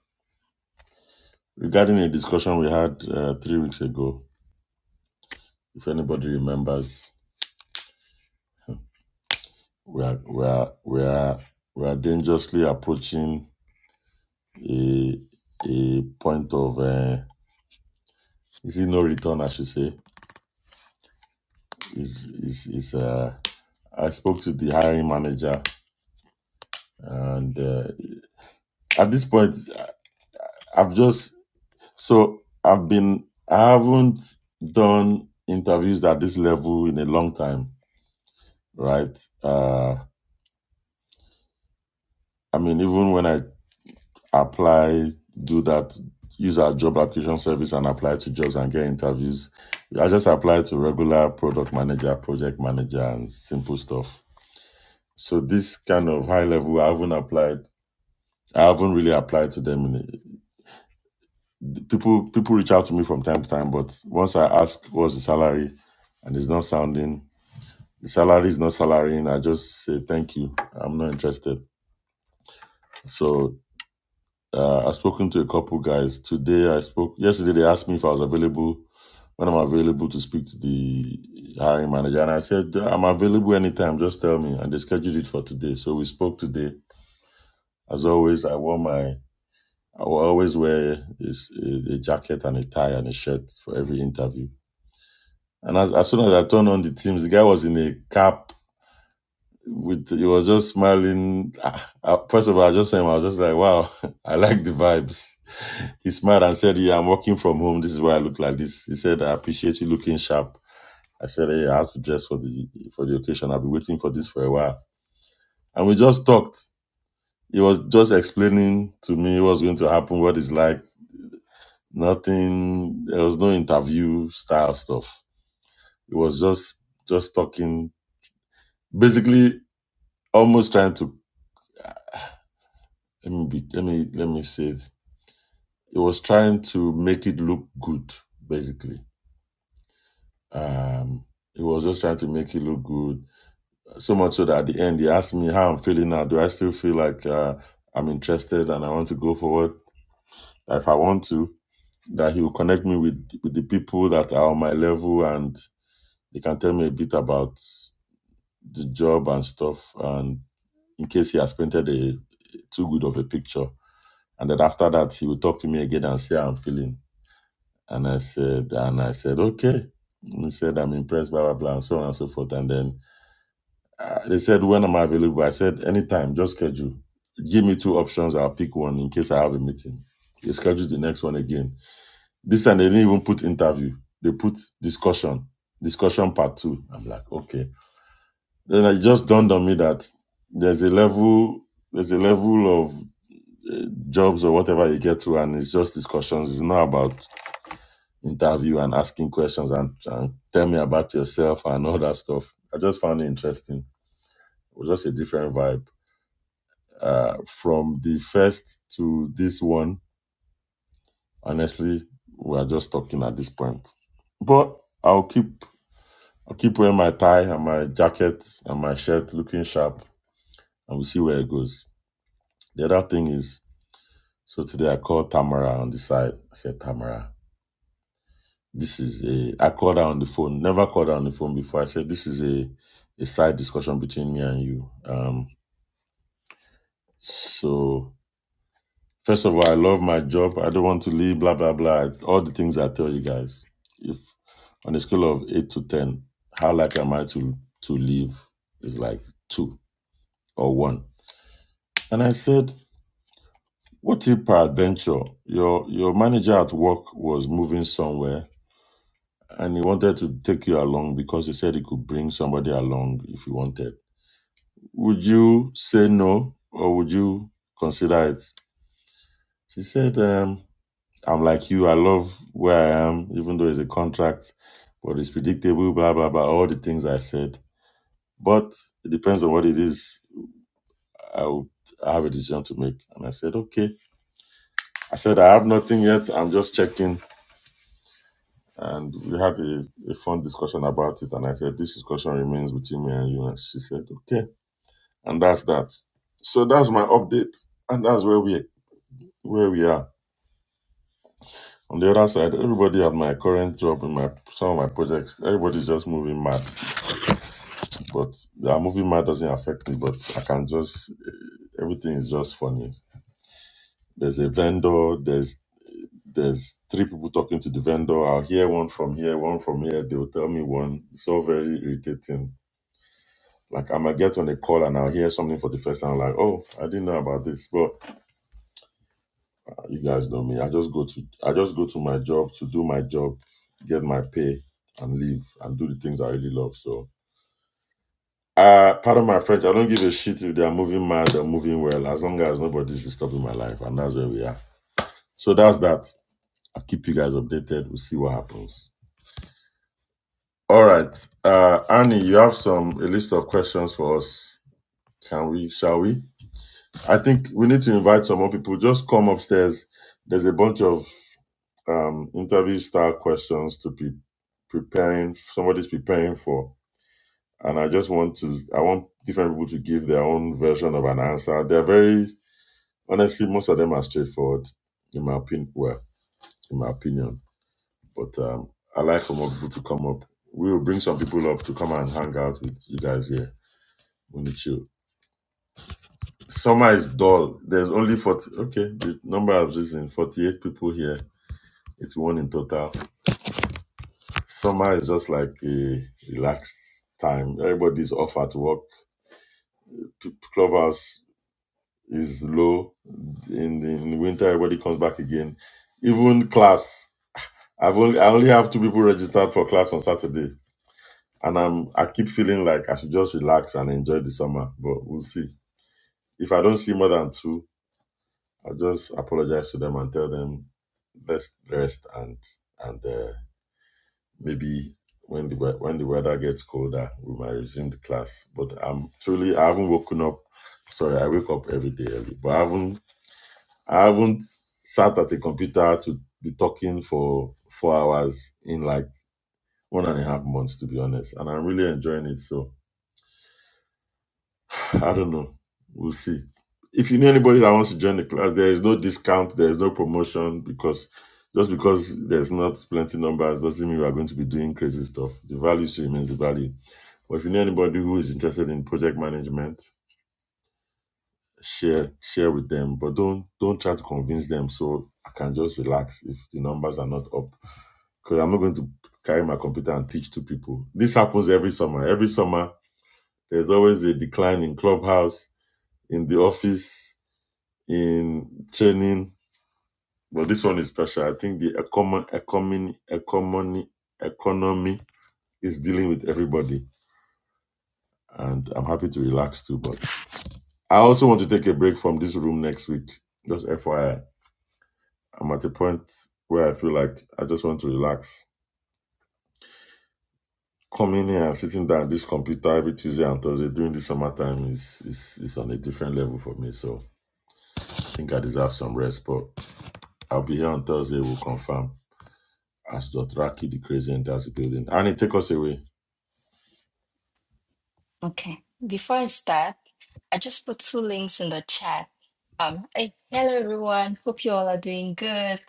regarding a discussion we had uh, three weeks ago, if anybody remembers, we are we are we are we are dangerously approaching a a point of uh, is it no return? I should say is is is uh i spoke to the hiring manager and uh, at this point I- have just so i've been i haven't done interviews at this level in a long time right uh i mean even when i apply do that use our job application service and apply to jobs and get interviews i just apply to regular product manager project manager and simple stuff so this kind of high level i haven't applied I haven't really applied to them. In it. People people reach out to me from time to time, but once I ask what's the salary, and it's not sounding the salary is not salarying, I just say thank you. I'm not interested. So uh, I've spoken to a couple guys today. I spoke yesterday. They asked me if I was available when I'm available to speak to the hiring manager, and I said I'm available anytime. Just tell me, and they scheduled it for today. So we spoke today. As always, I wore my I will always wear is a, a jacket and a tie and a shirt for every interview. And as, as soon as I turned on the teams, the guy was in a cap with he was just smiling. Ah, ah, First of all, I just saw him. I was just like, wow, I like the vibes. He smiled and said, "Yeah, I'm working from home. This is why I look like this." He said, "I appreciate you looking sharp." I said, "Hey, I have to dress for the for the occasion. I've been waiting for this for a while." And we just talked. He was just explaining to me what's going to happen, what it's like nothing there was no interview style stuff it was just just talking basically almost trying to let me be, let me let me say it it was trying to make it look good basically um it was just trying to make it look good so much so that at the end he asked me how i'm feeling now do i still feel like uh, i'm interested and i want to go forward if i want to that he will connect me with with the people that are on my level and they can tell me a bit about the job and stuff. And in case he has painted a too good of a picture, and then after that he would talk to me again and say how I'm feeling. And I said, and I said, okay. And He said, I'm impressed, blah blah blah, and so on and so forth. And then uh, they said, when am I available? I said, anytime, just schedule. Give me two options. I'll pick one in case I have a meeting. They schedule the next one again. This time they didn't even put interview. They put discussion, discussion part two. I'm like, okay. Then it just dawned on me that there's a level, there's a level of uh, jobs or whatever you get to, and it's just discussions. It's not about interview and asking questions and, and tell me about yourself and all that stuff. I just found it interesting. It was just a different vibe uh, from the first to this one. Honestly, we are just talking at this point, but I'll keep. I'll keep wearing my tie and my jacket and my shirt looking sharp and we'll see where it goes. The other thing is So today I called Tamara on the side. I said, Tamara, this is a. I called her on the phone. Never called her on the phone before. I said, this is a, a side discussion between me and you. Um, so first of all, I love my job. I don't want to leave. Blah blah blah. All the things I tell you guys. If on a scale of eight to ten, how likely am I to to leave? Is like two or one. And I said, what if peradventure your your manager at work was moving somewhere and he wanted to take you along because he said he could bring somebody along if you wanted. Would you say no or would you consider it? She said, um, I'm like you. I love where I am, even though it's a contract, but it's predictable, blah, blah, blah, all the things I said. But it depends on what it is. I would I have a decision to make. And I said, okay. I said, I have nothing yet. I'm just checking. And we had a, a fun discussion about it. And I said, this discussion remains between me and you. And she said, okay. and that's that. So that's my update, and that's where we where we are. On the other side, everybody at my current job in my some of my projects, everybody's just moving mad. But their moving mad doesn't affect me. But I can just everything is just funny. There's a vendor. There's there's three people talking to the vendor. I'll hear one from here, one from here. They'll tell me one. It's all very irritating. Like I might get on a call and I'll hear something for the first time. Like, oh, I didn't know about this, but You guys know me. I just go to I just go to my job to do my job, get my pay, and leave and do the things I really love. So uh pardon my French, I don't give a shit if they are moving mad or moving well, as long as nobody's disturbing my life, and that's where we are. So that's that. I'll keep you guys updated. We'll see what happens. All right. Uh Annie, you have some a list of questions for us. Can we shall we? I think we need to invite some more people. Just come upstairs. There's a bunch of um, interview style questions to be preparing. Somebody's preparing for, and I just want to. I want different people to give their own version of an answer. They're very honestly, most of them are straightforward, in my opinion. Well, in my opinion, but um, I like for more people to come up. We will bring some people up to come and hang out with you guys here. We need you summer is dull. There's only forty. Okay, the number of reason forty-eight people here. It's one in total. Summer is just like a relaxed time. Everybody's off at work. P- Clubhouse is low. In the, in winter, everybody comes back again. Even class, I've only I only have two people registered for class on Saturday, and I'm I keep feeling like I should just relax and enjoy the summer. But we'll see. If I don't see more than two, I'll just apologize to them and tell them let's rest and and. Uh, Maybe when the wea- when the weather gets colder, we might resume the class. But I'm truly I haven't woken up. Sorry, I wake up every day early, but I haven't I haven't sat at a computer to be talking for four hours in like one and a half months, to be honest. And I'm really enjoying it. So I don't know. We'll see. If you know anybody that wants to join the class, there is no discount, there is no promotion because just because there's not plenty numbers doesn't mean we are going to be doing crazy stuff. The value still remains the value Or if you know anybody who is interested in project management, share share with them. But don't don't try to convince them. So I can just relax if the numbers are not up. Because I'm not going to carry my computer and teach two people. This happens every summer. Every summer there's always a decline in clubhouse, in the office, in training. But this one is special. I think the economy economy economy economy is dealing with everybody. And I'm happy to relax too. But I also want to take a break from this room next week. Just FYI, I'm at a point where I feel like I just want to relax. Coming here and sitting down at this computer every Tuesday and Thursday during the summertime is, is is on a different level for me. So I think I deserve some rest. But I'll be here on Thursday. We'll confirm as Dothraki the crazy enters the building. And it take us away.
okay. Before I start, I just put two links in the chat. Um, hey, hello everyone. Hope you all are doing good.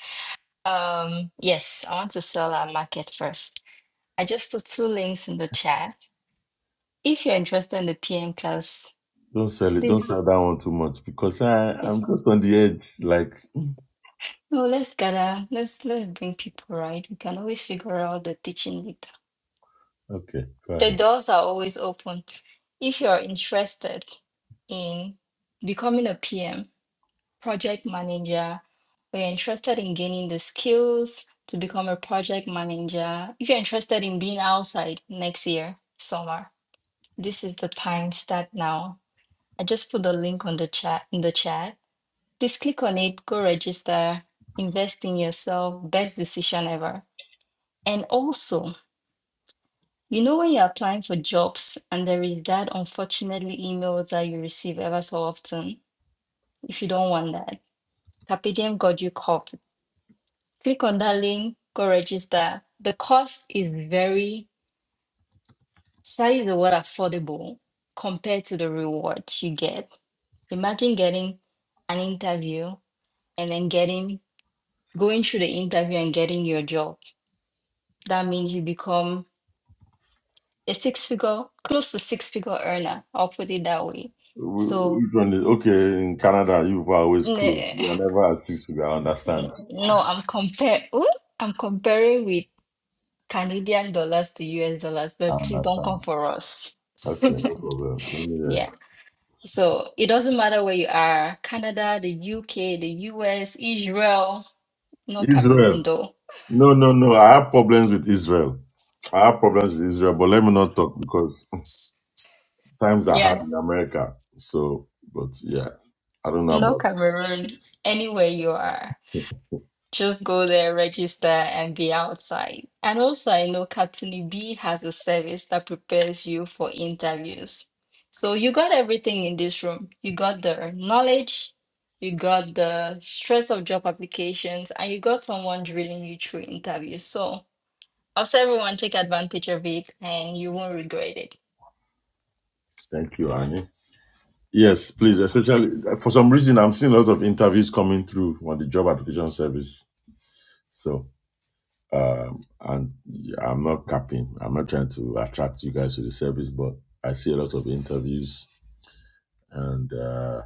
Um, yes, I want to sell our market first. I just put two links in the chat. If you're interested in the PM class,
Don't sell it. Don't
please.
sell that one too much because I
Yeah.
I'm just on the edge. Like
No, let's gather. Let's let's bring people right. We can always figure out the teaching later.
okay, go
The
ahead.
doors are always open. If you're interested in becoming a PM, project manager, or you're interested in gaining the skills to become a project manager, if you're interested in being outside next year, summer, this is the time. Start now. I just put the link on the chat in the chat. Just click on it, go register, invest in yourself, best decision ever. And also You know, when you're applying for jobs and there is that unfortunately email that you receive ever so often, if you don't want that, Carpedium got you covered. Click on that link, go register. The cost is very, shall I use the word affordable compared to the rewards you get. Imagine getting an interview and then getting going through the interview and getting your job. That means you become a six figure, close to six figure earner. I'll put it that way.
Wh-
So
Which one is okay? In Canada, you are always
N-
close. You are never at six people. I understand.
n- No, I'm compare. Ooh, I'm comparing with Canadian dollars to US dollars,
I
but please don't
understand.
come for us.
Okay, no problem. Let me rest.
Yeah. So it doesn't matter where you are, Canada, the UK, the US, Israel, no Cameroon
Israel.
though.
No, no, no. I have problems with Israel. I have problems with Israel, but let me not talk because times are hard
Yeah,
in America. So, but yeah, I don't know
no
about it.
Cameroon, anywhere you are. Just go there, register, and be outside. And also, I know Captain E B has a service that prepares you for interviews. So you got everything in this room. You got the knowledge, you got the stress of job applications, and you got someone drilling you through interviews. So i everyone take advantage of it and you won't regret it.
Thank you, Annie. Yes, please.
Awesome.
Especially for some reason, I'm seeing a lot of interviews coming through on the job application service. So Um, and I'm not capping. I'm not trying to attract you guys to the service, but I see a lot of interviews. And uh,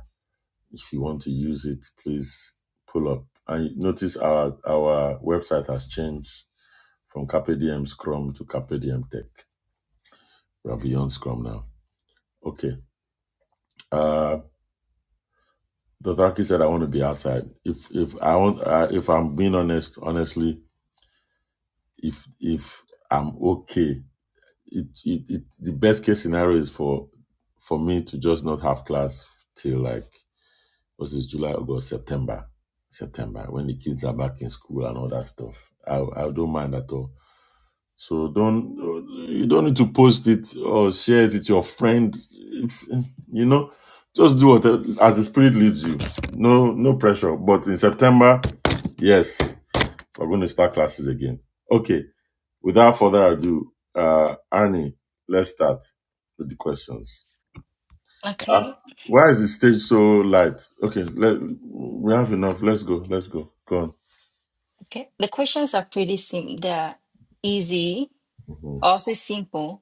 if you want to use it, please pull up. And notice our our website has changed from Carpe Diem Scrum to Carpe Diem Tech. We are beyond Scrum now. Okay. Uh, Dr. Aki said I want to be outside. If if I want, uh, if I'm being honest, honestly, if if I'm okay it, it it the best case scenario is for for me to just not have class till like was it July, August, September, September when the kids are back in school and all that stuff. I I don't mind at all. So don't you don't need to post it or share it with your friend. If, you know, just do what as the spirit leads you. No no pressure. But in September, yes, we're going to start classes again. Okay. Without further ado, uh, Annie, let's start with the questions. Uh,
Okay.
why is the stage so light? Okay, let, we have enough. Let's go. Let's go. Go on.
Okay. The questions are pretty sim they're easy,
Mhm.
also simple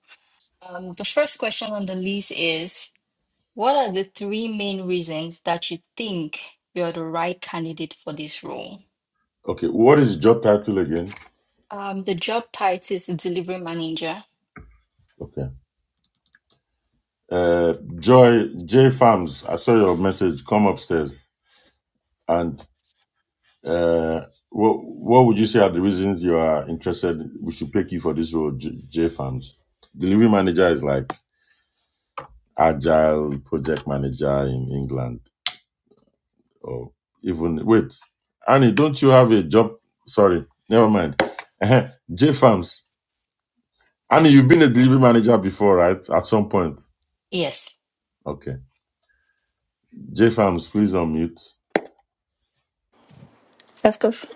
Um, the first question on the list is, what are the three main reasons that you think you're the right candidate for this role?
Okay, what is job title again?
Um, the job title is delivery manager.
Okay. Uh, Joy J Farms. I saw your message. Come upstairs. And uh, what what would you say are the reasons you are interested? We should pick you for this role, J, J Farms. Delivery manager is like agile project manager in England or even wait. Annie, don't you have a job? Sorry, never mind. Ehen, J Farms. Annie, you've been a delivery manager before, right? At some point.
Yes.
Okay. J Farms, please unmute.
Yes, Coach.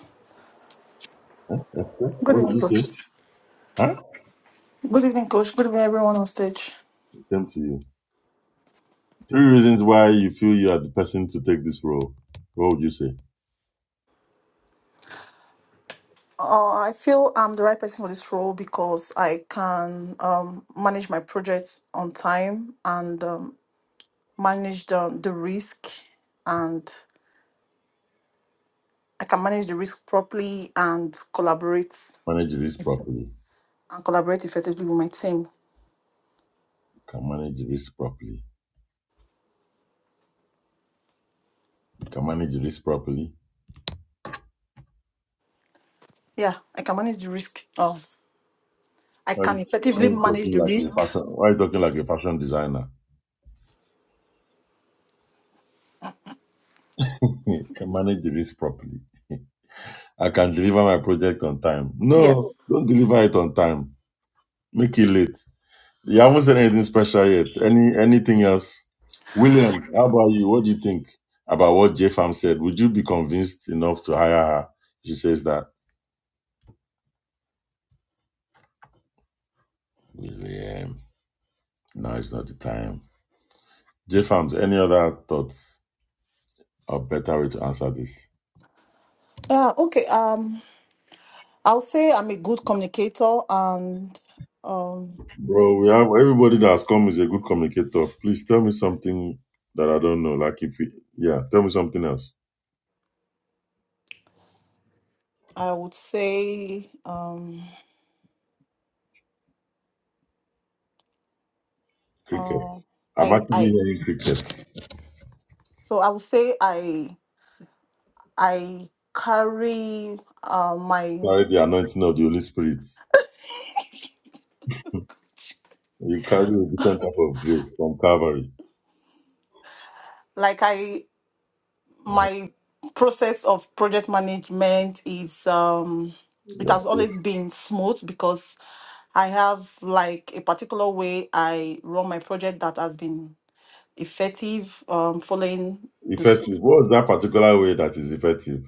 Okay.
Good
What did
evening,
you
Coach.
say? Huh?
Good evening, Coach. Good evening, everyone on stage.
Same to you. Three reasons why you feel you are the person to take this role. What would you say?
Uh, I feel I'm the right person for this role because I can um, manage my projects on time and um, manage the, the risk, and I can manage the risk properly and collaborate
Manage your risk
and
properly.
collaborate effectively with my team.
You can manage your risk properly. You can manage your risk properly.
Yeah, I can manage the risk. Of I
Why
can
why
effectively
are you
manage
talking
the
like a
risk.
fashion? Why are you talking like a fashion designer? You can manage the risk properly. I can deliver my project on time. No,
Yes.
don't deliver it on time. Make it late. You haven't said anything special yet. Any anything else? William, how about you? What do you think about what J Farm said? Would you be convinced enough to hire her? She says that. William, now is not the time. J Farms, any other thoughts or better way to answer this?
Yeah. Okay. Um. I'll say I'm a good communicator, and um,
Bro, we have everybody that has come is a good communicator. Please tell me something that I don't know. Like if you, yeah, tell me something else.
I would say um,
Cricket.
uh,
I'm
I
actually
I
hearing crickets.
so I would say I I carry uh, my
Carry the anointing of the Holy Spirit. You carry a different type of grace from Calvary.
like I my process of project management is um, it
You're
has always been smooth because I have like a particular way I run my project that has been effective um, following
effective.
this.
What's that particular way that is effective?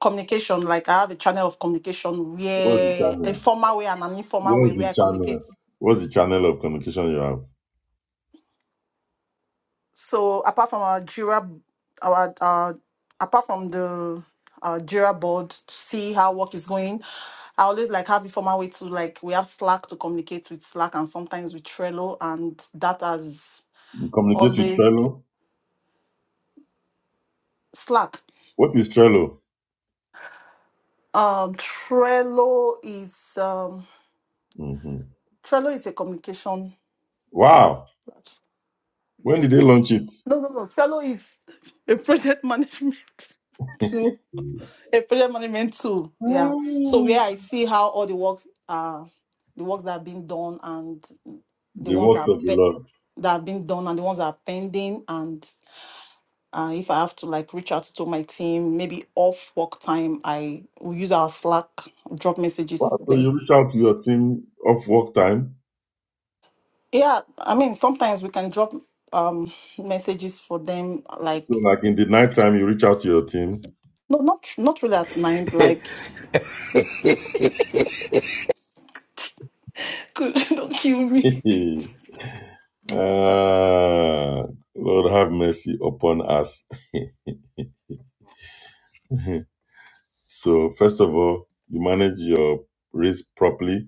communication. Like I have a channel of communication
What's the
where a
channel?
formal way and an informal
What's
way where
the
I
channel?
communicate.
What's the channel of communication you have?
So apart from our Jira, our uh, apart from the uh, Jira board to see how work is going, I always like have informal way to like we have Slack to communicate with Slack and sometimes with Trello and that has
You communicate with
always
Trello?
Slack.
What is Trello?
Um, Trello is um,
hmm
Trello is a communication.
Wow. When did they launch it?
No, no, no. Trello is a project management. to a project management tool. Yeah. So where I see how all the works are, the works that are being done and the
The
ones that
work
are
of the
pe-
Lord.
that have been done and the ones that are pending and uh, if I have to like reach out to my team, maybe off work time, I will use our Slack, drop messages
Wow. So
there.
you reach out to your team off work time.
Yeah, I mean sometimes we can drop um messages for them
So
like
like in the night time, you reach out to your team
no not not really at night like could don't kill me
Ah, Lord, have mercy upon us. so, first of all, you manage your risk properly.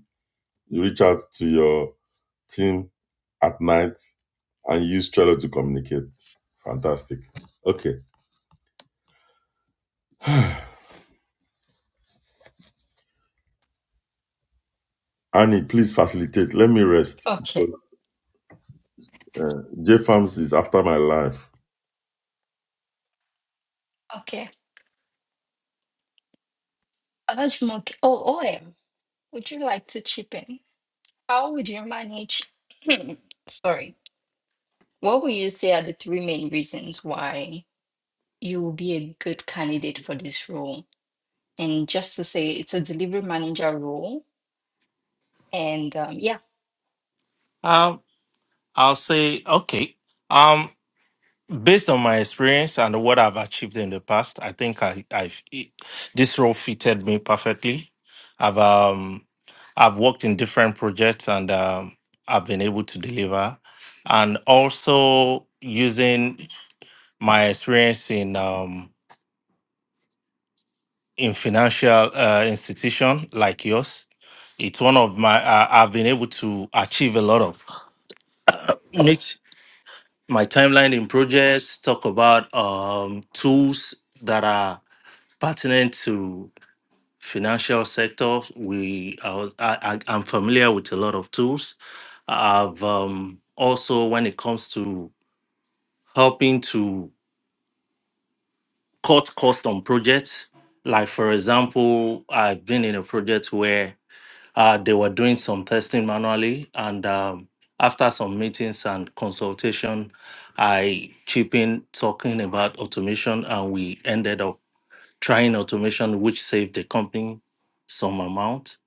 You reach out to your team at night and use Trello to communicate. Fantastic. Okay. Annie, please facilitate. Let me rest.
Okay.
But uh, JFAMS is after my life.
Okay. Olajumoke, oh, OM, would you like to chip in? How would you manage? Sorry. What would you say are the three main reasons why you will be a good candidate for this role? And just to say, it's a delivery manager role. And um, yeah.
Um, I'll say okay. Um, based on my experience and what I've achieved in the past, I think I, I've it- this role fitted me perfectly. I've um, I've worked in different projects and um, I've been able to deliver, and also using my experience in um, in financial uh, institution like yours. It's one of my I I've been able to achieve a lot of. Make my timeline in projects. Talk about um, tools that are pertinent to financial sector. We I, was, I, I I'm familiar with a lot of tools. I've um, also when it comes to helping to cut cost on projects. Like for example, I've been in a project where Uh, they were doing some testing manually, and um, after some meetings and consultation, I chipped in talking about automation, and we ended up trying automation, which saved the company some amount.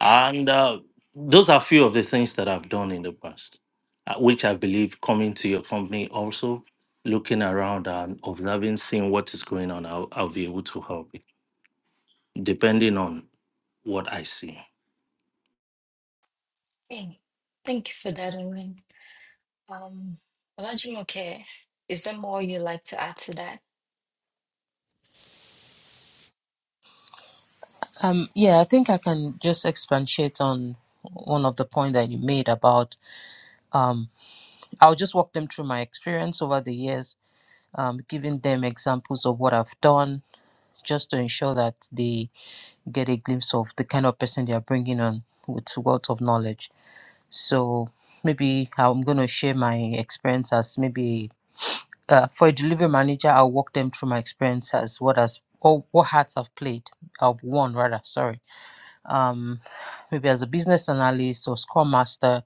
And uh, those are few of the things that I've done in the past, uh, which I believe coming to your company also, looking around and observing, seeing what is going on, I'll, I'll be able to help you, depending on what I see.
Hey, thank you for that, Owen. Um, Olajumoke, is there more you'd like to add to that?
Um, yeah, I think I can just expatiate on one of the points that you made about. Um, I'll just walk them through my experience over the years, um, giving them examples of what I've done, just to ensure that they get a glimpse of the kind of person they are bringing on with wealth of knowledge. So maybe I'm going to share my experience as maybe uh, for a delivery manager. I'll walk them through my experience as what has or what hats I've played, I've won rather. Sorry um, maybe as a business analyst or scrum master,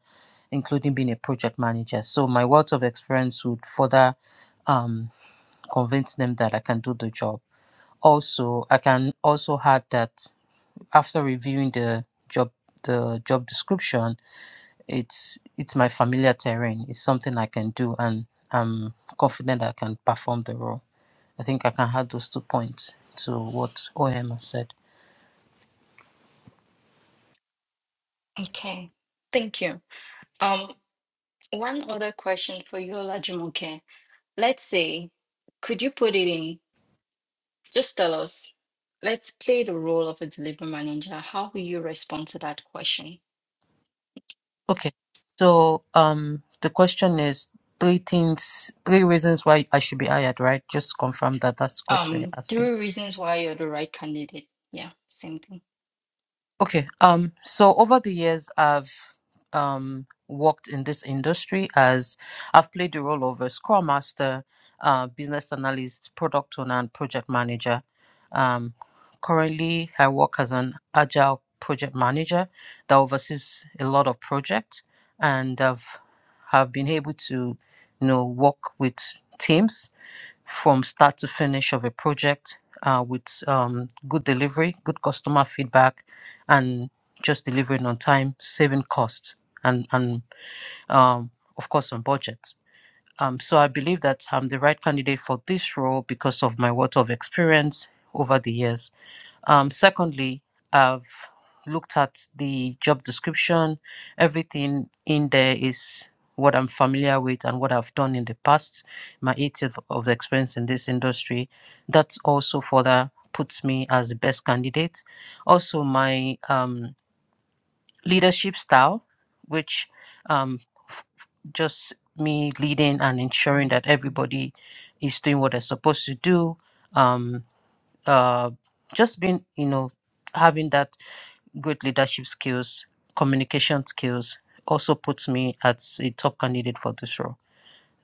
including being a project manager. So my wealth of experience would further um, convince them that I can do the job. Also, I can also add that after reviewing the job the job description, it's it's my familiar terrain. It's something I can do, and I'm confident I can perform the role. I think I can add those two points to what OM has said.
Okay, thank you. Um, one other question for you, Olajumoke. Let's say, could you put it in? Just tell us. Let's play the role of a delivery manager. How will you respond to that question?
Okay. So um the question is three things three reasons why I should be hired, right? Just confirm that that's the question you're
Um,
asking.
three reasons why you're the right candidate. Yeah, same thing.
Okay. Um, so over the years, I've um, worked in this industry as I've played the role of a scrum master, uh, business analyst, product owner, and project manager. Um, currently, I work as an agile project manager that oversees a lot of projects, and I've have been able to, you know, work with teams from start to finish of a project uh, with um, good delivery, good customer feedback, and just delivering on time, saving costs, and and um, of course on budget. Um, so I believe that I'm the right candidate for this role because of my wealth of experience over the years. Um, secondly, I've looked at the job description. Everything in there is what I'm familiar with and what I've done in the past, my eight years of experience in this industry. That also further puts me as the best candidate. Also, my um, leadership style, which um, just me leading and ensuring that everybody is doing what they're supposed to do. Um, uh, just being, you know, having that good leadership skills, communication skills also puts me as a top candidate for this role.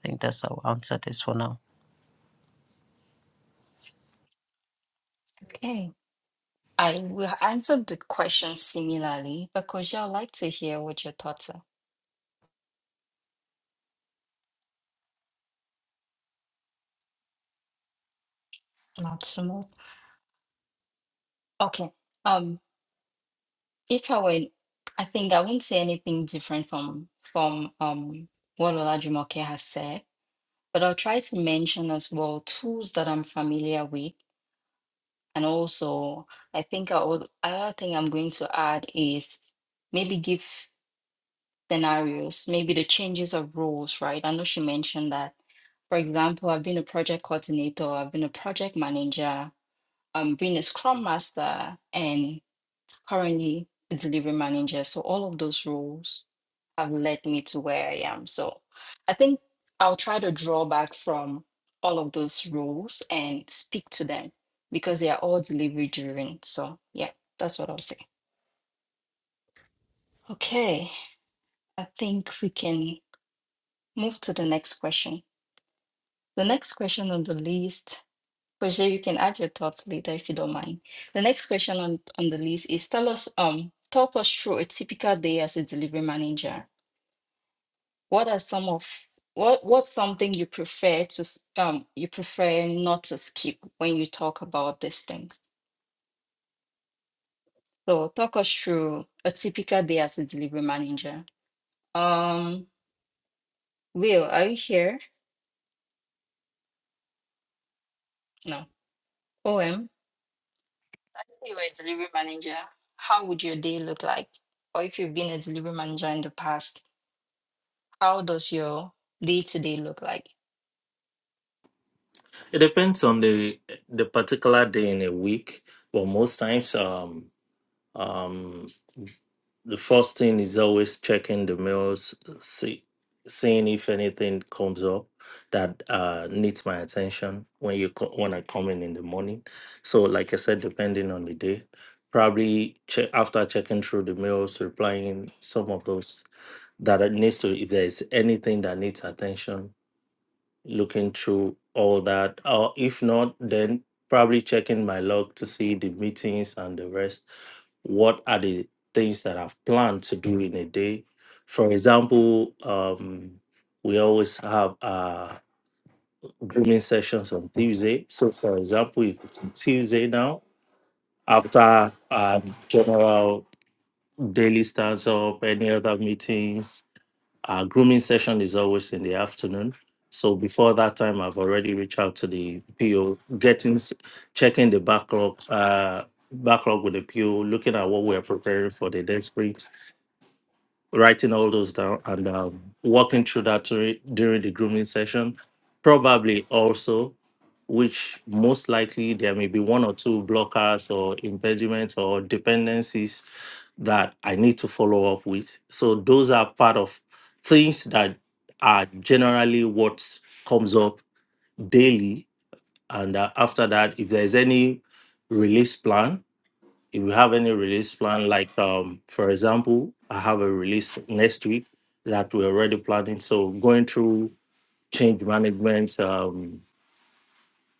I think that's how I'll answer this for now.
Okay. I will answer the question similarly, but Koji, I'd like to hear what your thoughts are. Not smooth. Okay. Um, if I were, I think I won't say anything different from from um what Olajumoke has said, but I'll try to mention as well tools that I'm familiar with, and also I think I would another thing I'm going to add is maybe give scenarios, maybe the changes of roles, right? I know she mentioned that. For example, I've been a project coordinator, I've been a project manager, um, been a scrum master, and currently a delivery manager. So all of those roles have led me to where I am. So I think I'll try to draw back from all of those roles and speak to them because they are all delivery driven. So yeah, that's what I'll say. Okay, I think we can move to the next question. The next question on the list, Roger, you can add your thoughts later if you don't mind. The next question on, on the list is tell us um talk us through a typical day as a delivery manager. What are some of what what's something you prefer to s- um you prefer not to skip when you talk about these things? So talk us through a typical day as a delivery manager. Um, Will, are you here? No. OM, let's say you're a delivery manager. How would your day look like? Or if you've been a delivery manager in the past, how does your day to day look like?
It depends on the the particular day in a week, but most times, um, um, the first thing is always checking the mails, see, seeing if anything comes up that uh, needs my attention when you co- when I come in in the morning. So, like I said, depending on the day, probably che- after checking through the mails, replying some of those that it needs to. If there is anything that needs attention, looking through all that. Or if not, then probably checking my log to see the meetings and the rest. What are the things that I've planned to do in a day? For example, um, we always have uh, grooming sessions on Tuesday. So, for example, if it's Tuesday now, after um, general daily stands up, any other meetings, our grooming session is always in the afternoon. So before that time, I've already reached out to the PO, getting s- checking the backlog, uh, backlog with the PO, looking at what we're preparing for the next week, writing all those down, and um, walking through that during during the grooming session. Probably also, which most likely there may be one or two blockers or impediments or dependencies that I need to follow up with. So those are part of things that are generally what comes up daily. And uh, after that, if there's any release plan, if you have any release plan, like um, for example, I have a release next week that we're already planning. So going through change management um,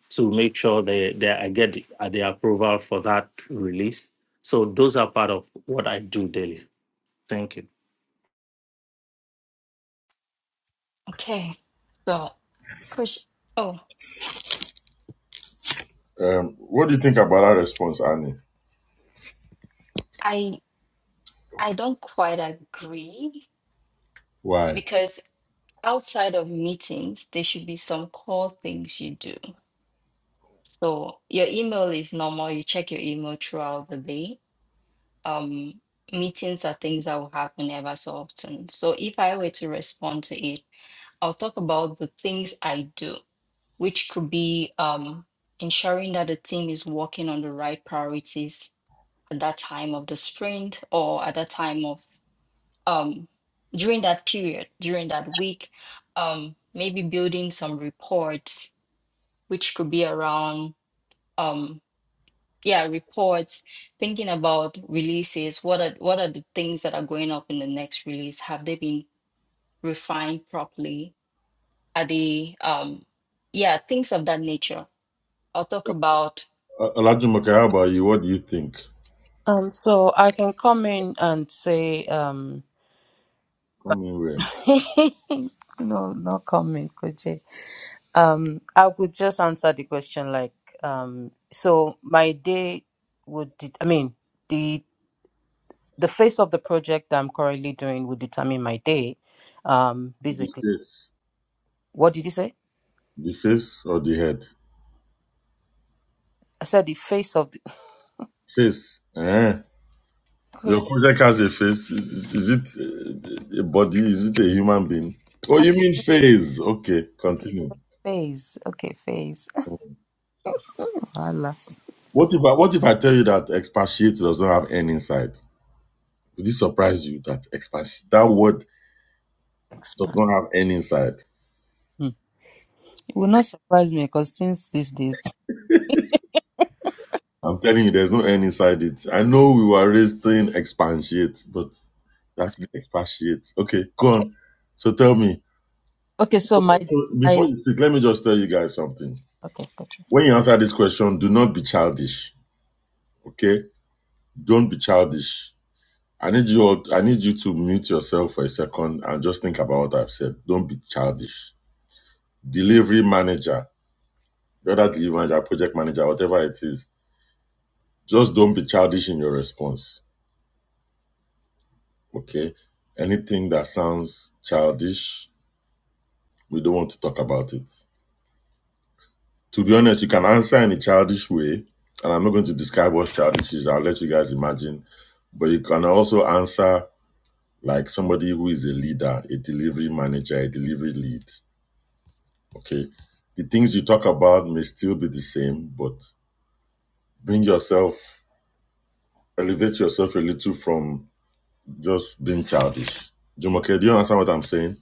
to make sure they, they I get the, uh, the approval for that release. So those are part of what I do daily. Thank you.
Okay. So, Chris, oh,
Um, what do you think about our response, Annie?
I I don't quite agree
Why?
because outside of meetings, there should be some core things you do. So your email is normal, you check your email throughout the day. Um, meetings are things that will happen ever so often. So if I were to respond to it, I'll talk about the things I do, which could be um, ensuring that the team is working on the right priorities at that time of the sprint or at that time of um, during that period, during that week, um, maybe building some reports, which could be around, um, yeah, reports, thinking about releases. What are what are the things that are going up in the next release? Have they been refined properly? Are they, um, yeah, things of that nature. I'll talk about
Uh, Olajumoke, how about you? What do you think?
Um, so I can come in and say, um,
Come in where?
no, not come in, Koje. Um, I would just answer the question like, um, so my day would, de- I mean, the the phase of the project that I'm currently doing would determine my day. Um,
The
basically,
face.
what did you say?
The face or the head?
I said the face of the.
Face. Eh? Your project has a face. Is, is it uh, a body? Is it a human being? Oh, you mean face. Okay,
Koji,
continue.
Phase. Okay, phase. Voila.
What if I, what if I tell you that expatiate does not have any inside? Would it surprise you that expatiate, that word does
Expand.
not have any inside?
Hmm. It will not surprise me because since these days.
I'm telling you, there's no any inside it. I know we were raised saying expatiate, but that's actually expatiate. Okay, go on. So tell me,
Okay, so
So
my
so
my
before you speak, let me just tell you guys something.
okay, gotcha.
When you answer this question, do not be childish. Okay? Don't be childish. I need you all, I need you to mute yourself for a second and just think about what I've said. Don't be childish. Delivery manager, whether delivery manager, project manager, whatever it is, just don't be childish in your response. Okay? Anything that sounds childish, we don't want to talk about it. To be honest, you can answer in a childish way, and I'm not going to describe what childish is. I'll let you guys imagine But you can also answer like somebody who is a leader, a delivery manager, a delivery lead. Okay. The things you talk about may still be the same, but bring yourself, elevate yourself a little from just being childish. Jumoke, do you understand what I'm saying?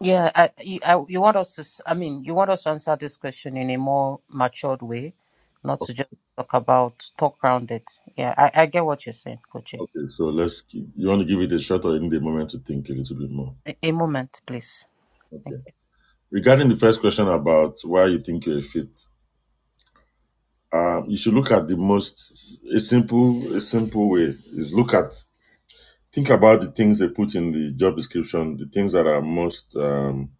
Yeah, I, you, I, you want us to. s- I mean, you want us to answer this question in a more matured way, not to just talk about talk around it. Yeah, I, I get what you're saying, Kochi.
Okay, so let's keep, you want to give it a shot or you need a moment to think a little bit more.
A, a moment, please. Thank
Okay.
you.
Regarding the first question about why you think you're a fit, um, you should look at the most a simple a simple way is look at think about the things they put in the job description, the things that are most, um,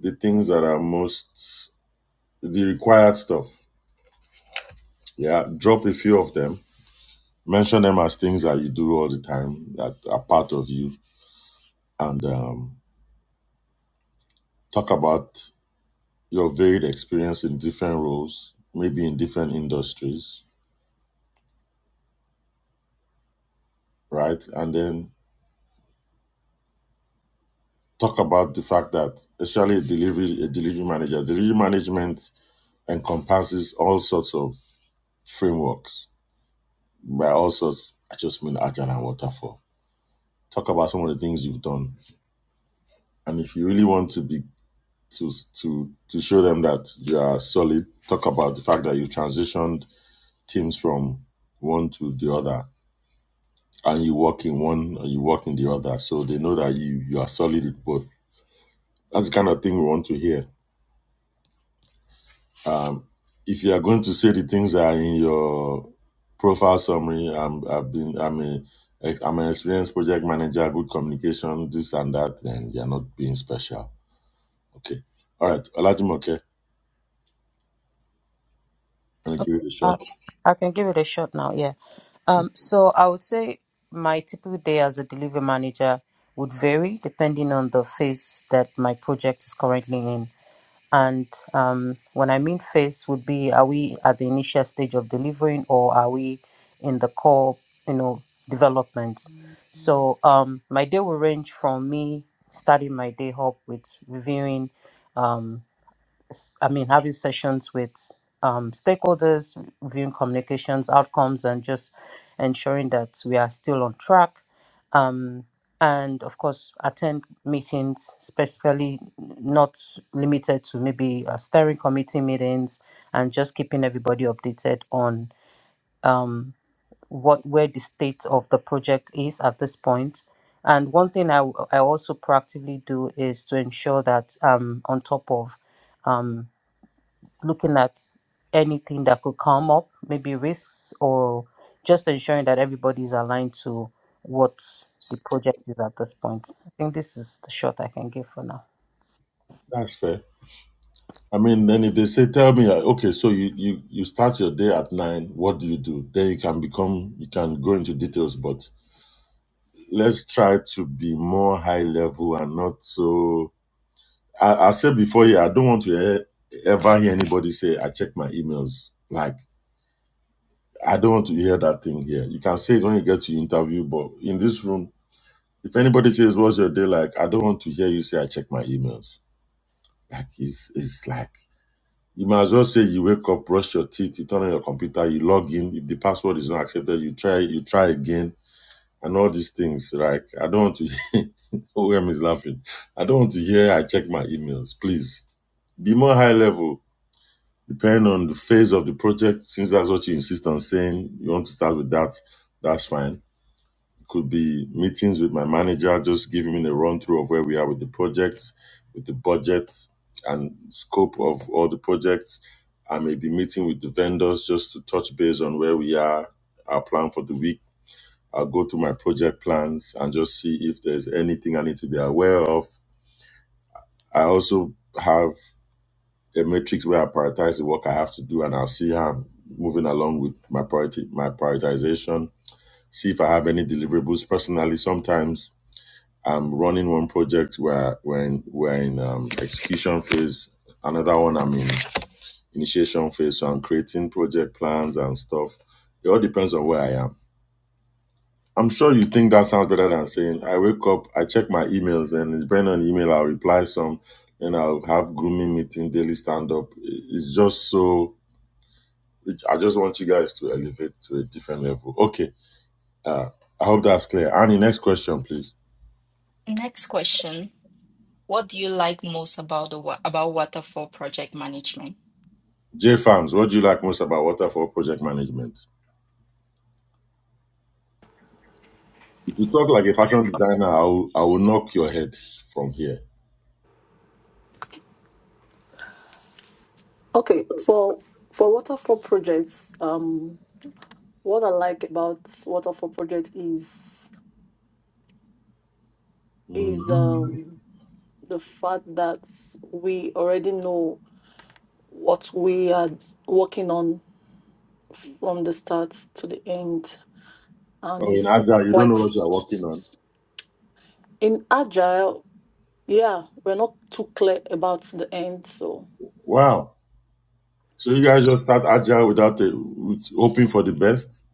the things that are most, the required stuff. Yeah, drop a few of them, mention them as things that you do all the time that are part of you, and um, talk about your varied experience in different roles, maybe in different industries, right? And then talk about the fact that, especially a delivery, a delivery manager, delivery management encompasses all sorts of frameworks by all sorts. I just mean Ajahn and Waterfall. Talk about some of the things you've done, and if you really want to be to to to show them that you are solid, talk about the fact that you transitioned teams from one to the other, and you work in one and you work in the other, so they know that you you are solid with both. That's the kind of thing we want to hear Um, if you are going to say the things that are in your profile summary, I'm, I've been, I'm a, am an experienced project manager, good communication, this and that, then you're not being special. Okay. All right. Olajim, okay. I'm going to give it a
Uh,
shot.
I can give it a shot now. Yeah. Um, so I would say my typical day as a delivery manager would vary depending on the phase that my project is currently in. And um, when I mean phase would be, are we at the initial stage of delivering or are we in the core, you know, development? So um, my day will range from me starting my day up with reviewing. um, s- I mean, having sessions with um, stakeholders, reviewing communications outcomes, and just ensuring that we are still on track. Um, and of course, attend meetings, specifically not limited to maybe uh, steering committee meetings, and just keeping everybody updated on um, what where the state of the project is at this point. And one thing I, w- I also proactively do is to ensure that um, on top of um, looking at anything that could come up, maybe risks, or just ensuring that everybody's aligned to what the project is at this point. I think this is the shot I can give for now.
That's fair. I mean, then if they say, tell me, uh, okay, so you, you, you start your day at nine, what do you do? Then you can become, you can go into details, but let's try to be more high level and not so I, I said before here, I don't want to ever hear anybody say, I check my emails. Like, I don't want to hear that thing here. You can say it when you get to interview, but in this room, if anybody says, What's your day like? I don't want to hear you say, I check my emails. Like, it's, it's like, you might as well say you wake up, brush your teeth, you turn on your computer, you log in. If the password is not accepted, you try, you try again, and all these things. Like, I don't want to, OM is laughing. I don't want to hear, I check my emails. Please be more high level Depend on the phase of the project, since that's what you insist on saying, you want to start with that, that's fine. It could be meetings with my manager, just giving me a run through of where we are with the project, with the budget and scope of all the projects. I may be meeting with the vendors just to touch base on where we are, our plan for the week. I'll go through my project plans and just see if there's anything I need to be aware of. I also have a matrix where I prioritize the work I have to do, and I'll see how I'm moving along with my priority, my prioritization. See if I have any deliverables. Personally, sometimes I'm running one project where when we're in um, execution phase, another one I'm in initiation phase. So I'm creating project plans and stuff. It all depends on where I am. I'm sure you think that sounds better than saying I wake up, I check my emails, and depending on email, I'll reply some. and I'll have grooming meeting, daily stand up. It's just so I just want you guys to elevate to a different level. Okay. Uh, I hope that's clear. Annie, next question, please.
next question. What do you like most about the wa- about waterfall project management?
J Farms, what do you like most about waterfall project management? If you talk like a fashion designer, I will, I will knock your head from here.
Okay, for for waterfall projects, um, what I like about waterfall project is
Mhm.
is um the fact that we already know what we are working on from the start to the end, and
Oh, in
it's qu-
Agile, you don't
quite
know what you are working on.
in agile. Yeah, we're not too clear about the end, so
Wow. So you guys just start Agile without a, with hoping for the best?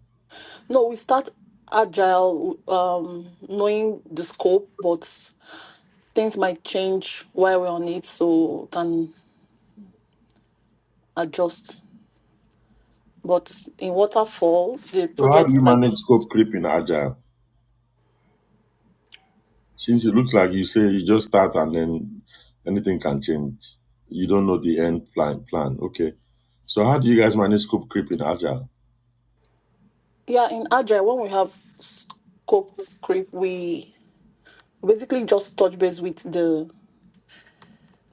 no, we start agile, um, knowing the scope, but things might change while we're on it, so can adjust. But in waterfall, the
So how do you
project like
manage scope creep in Agile? Since it looks like you say you just start and then anything can change. You don't know the end plan. Plan. Okay. So how do you guys manage scope creep in Agile?
yeah, in agile when we have scope creep, we basically just touch base with the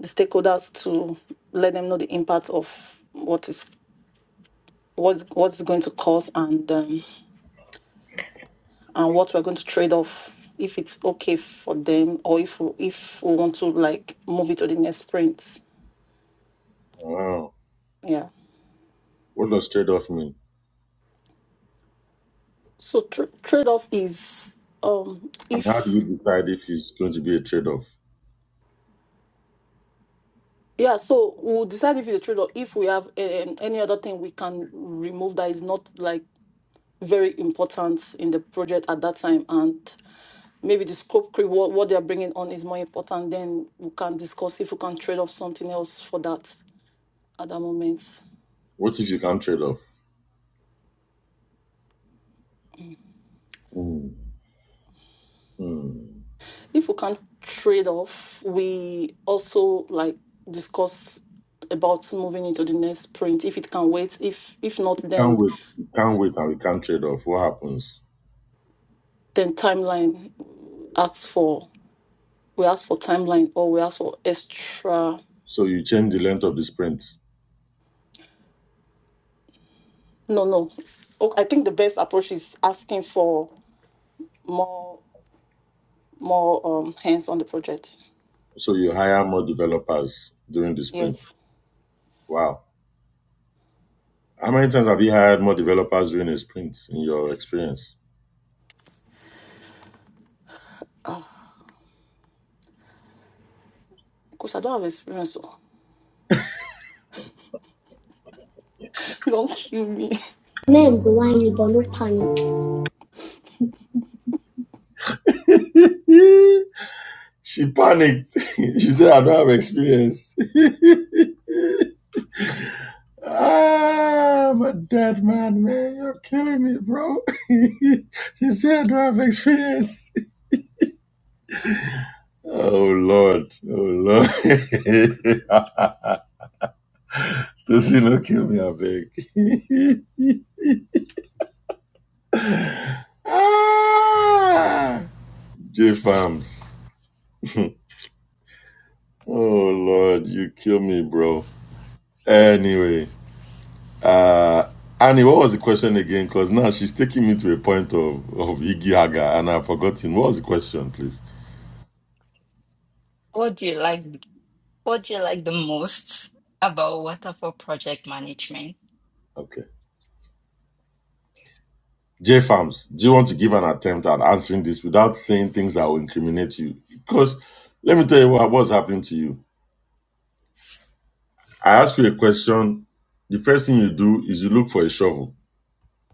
the stakeholders to let them know the impact of what is what's what's going to cause and um, and what we're going to trade off if it's okay for them or if we, if we want to like move it to the next sprint.
Wow.
Yeah.
What does trade off mean?
So tr- trade off is um
And how do
if
you decide if it's going to be a trade off?
Yeah, so we'll decide if it's a trade or if we have um, any other thing we can remove that is not like very important in the project at that time, and maybe the scope creep what, what they're bringing on is more important. Then we can discuss if we can trade off something else for that at that moment.
What if you can't trade off? Hmm. Hmm.
If we can trade off, we also like discuss about moving into the next print if it can wait. If if not,
Can't
then
wait. You can't wait and we can't trade off. What happens?
then timeline asks for. We ask for timeline or we ask for extra.
So you change the length of the sprint.
No, no. Oh, I think the best approach is asking for more more um hands on the project.
So you hire more developers during the sprint.
Yes.
Wow. How many times have you hired more developers during a sprint in your experience?
Ah, because I don't have experience. So don't kill me.
she panicked. she said, I don't have experience. ah, I'm a dead man, man. You're killing me, bro. she said, I don't have experience. oh, Lord. Oh, Lord. Stacy, don't kill me, I beg. ah, J Farms. Oh, Lord. You kill me, bro. Anyway. Uh, Annie, what was the question again? Because now she's taking me to a point of, of Iggy Haga and I've forgotten. What was the question, please?
What do you like What do you like the most about waterfall project management?
Okay. J Farms, do you want to give an attempt at answering this without saying things that will incriminate you? Because let me tell you what, what's happening to you. I ask you a question. The first thing you do is you look for a shovel.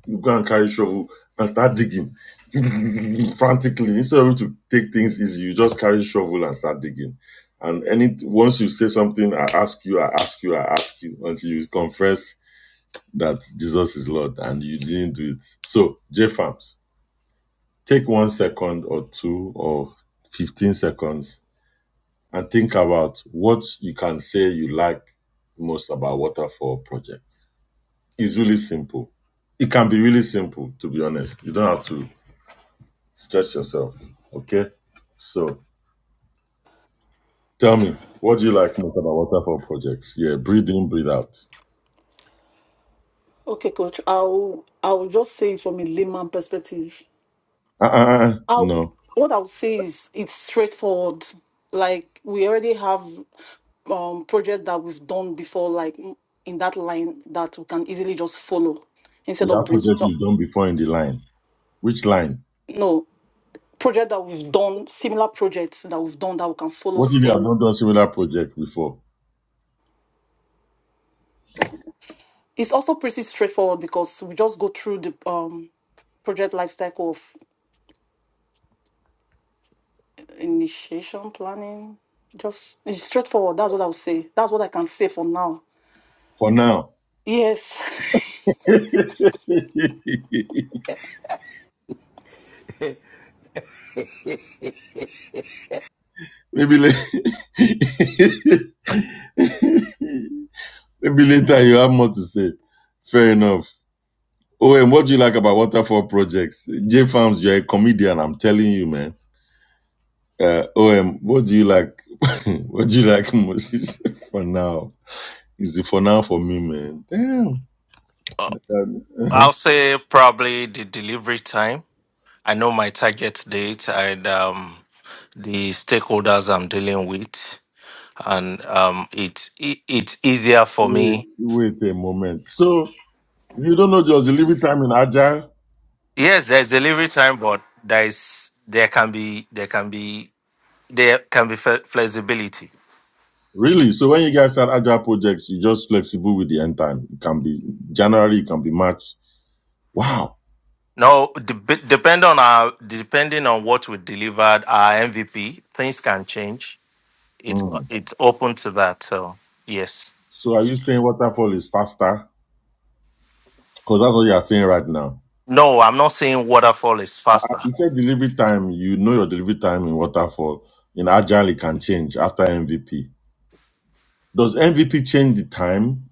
you go and carry shovel and start digging frantically instead of you to take things easy you just carry shovel and start digging and any once you say something i ask you i ask you i ask you until you confess that jesus is lord and you didn't do it so j farms take one second or two or 15 seconds and think about what you can say you like most about waterfall projects it's really simple it can be really simple to be honest you don't have to Stress yourself. Okay. So tell me, what do you like most about waterfall projects? Yeah, breathe in, breathe out.
Okay, coach. I'll I'll just say it from a layman perspective.
Uh uh uh.
I'll
No.
what I'll say is it's straightforward. Like we already have um projects that we've done before, like in that line that we can easily just follow
You
instead of
have project
brainstorm.
you've done before in the line. Which line?
No, project that we've done, similar projects that we've done that we can follow
What if you have
same.
not done similar project before?
It's also pretty straightforward because we just go through the um project life cycle of initiation planning. Just it's straightforward. That's what I would say. That's what I can say for now.
For now.
Yes.
Maybe later. Maybe later you have more to say. Fair enough. Oh, and what do you like about waterfall projects? J Farms, you're a comedian, I'm telling you, man. Uh, OM, what do you like? what do you like most for now? Is it for now for me, man? Damn. Um,
I'll say probably the delivery time. I know my target date and um, the stakeholders I'm dealing with, and um, it's it, it's easier for
wait,
me.
wait a moment. So you don't know your delivery time in Agile?
Yes, there's delivery time, but there's there can be there can be there can be fle- flexibility.
Really? So when you guys start Agile projects, you're just flexible with the end time. It can be January, it can be March. Wow.
Now, de- depend on our depending on what we delivered, our MVP things can change. It's
Hmm.
it's open to that. So yes,
So are you saying waterfall is faster? Because that's what you are saying right now.
no, I'm not saying waterfall is faster.
You said delivery time, you know your delivery time in waterfall. In Agile, it can change after MVP. Does MVP change the time,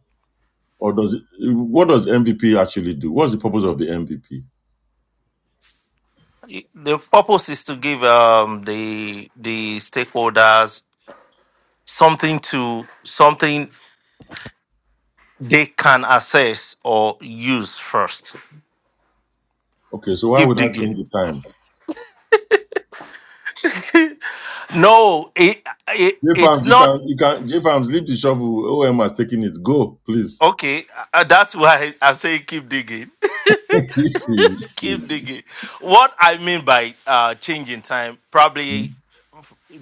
or does it, what does MVP actually do? What's the purpose of the MVP?
the purpose is to give um, the the stakeholders something to something they can assess or use first.
Okay, so why
Keep
would I
digging.
change the time?
no, it, it
J
it's
Farms, you
not
can you can J Farms leave the shovel. OM has taken it. Go, please.
okay. uh, that's why I'm saying keep digging. keep digging. What I mean by uh, changing time, probably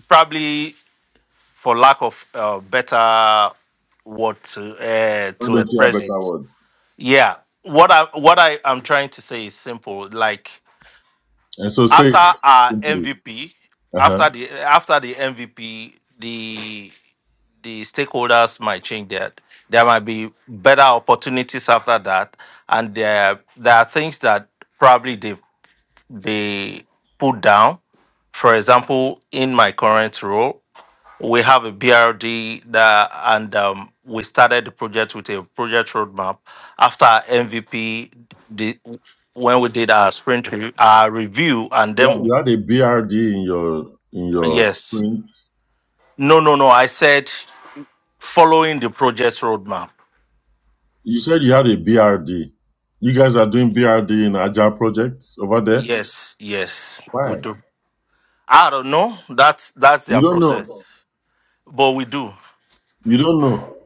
probably for lack of uh, better word to uh,
Why
to
don't you have
express it
better word?
Yeah. What I what I am trying to say is simple. Like
And so say
after
it
our
simply.
MVP,
Uh-huh.
after the after the MVP, the the stakeholders might change that. There might be better opportunities after that, and there there are things that probably they they put down. For example, in my current role we have a BRD that, and um, we started the project with a project roadmap. After our MVP, the, when we did our sprint re- our review and
You had
demo,
you had a BRD in your in your
yes,
print.
no, no, no. I said following the project roadmap.
You said you had a BRD. You guys are doing BRD in Agile projects over there.
Yes, yes, we
Why?
do. I don't know. That's that's
You
their
don't know.
process, but we do.
You don't know.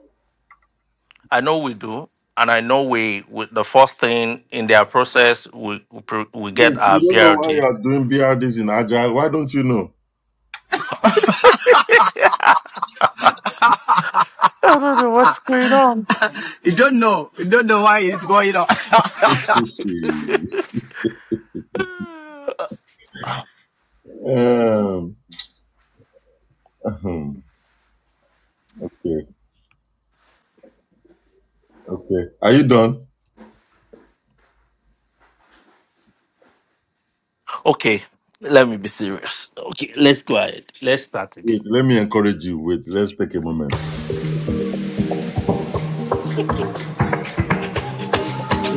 I know we do, and I know we. we the first thing in their process, we we, pre- we
Wait,
get
you
our
don't know why you
BRD.
are doing BRDs in Agile? Why don't you know?
I don't know what's going on.
Um, ahem, okay, okay. Are you done?
okay, let me be serious. Okay, let's go ahead. Let's start again.
Wait, let me encourage you. Wait, let's take a moment.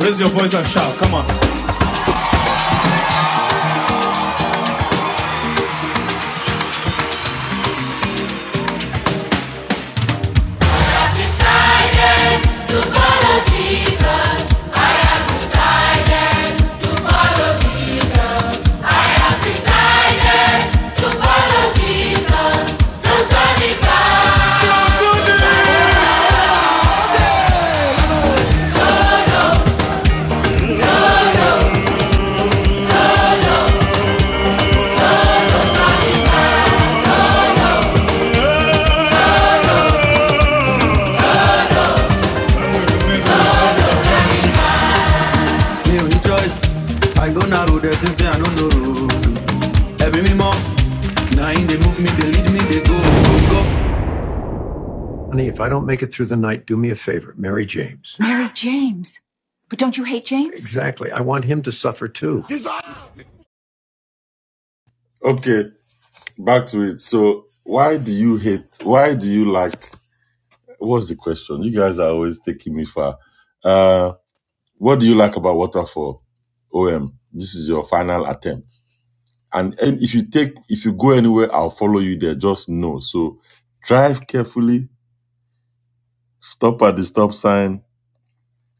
Raise your voice and shout, come on. I dare to follow Jesus, I dare to follow Jesus, don't turn it back. Me only choice. I go narrow, there's things that I don't know. Every me mom, now in they move me, they lead me, they go. go. Through the night, do favor. Mary James. But don't you hate James? Exactly. I want him to suffer too.
Okay, back to it. So, why do you hate? Why do you like? What's the question? You guys are always taking me far. Uh, what do you like about waterfall? OM, this is your final attempt. And, and if you take, if you go anywhere, I'll follow you there. Just know. So, drive carefully Stop at the stop sign.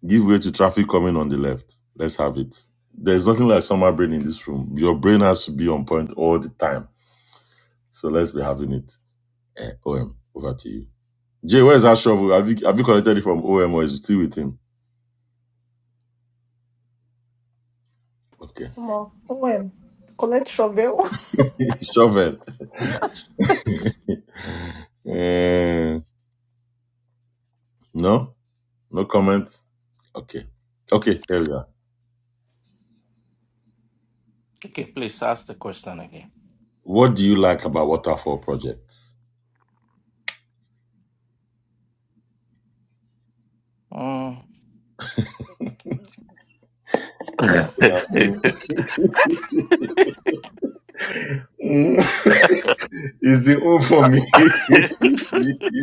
Give way to traffic coming on the left. Let's have it. There's nothing like summer brain in this room. Your brain has to be on point all the time. So let's be having it. Eh, OM, over to you. Jay, where's that shovel? Have you, have you collected it from OM or is it still with him? Okay.
Omo, OM, collect shovel.
Shovel.
Yeah.
Eh, no? No comments? Okay. Okay, here we are.
Okay, please ask the question again.
What do you like about Waterfall projects?
Mm.
You know what I mean? it's the O for
okay.
me.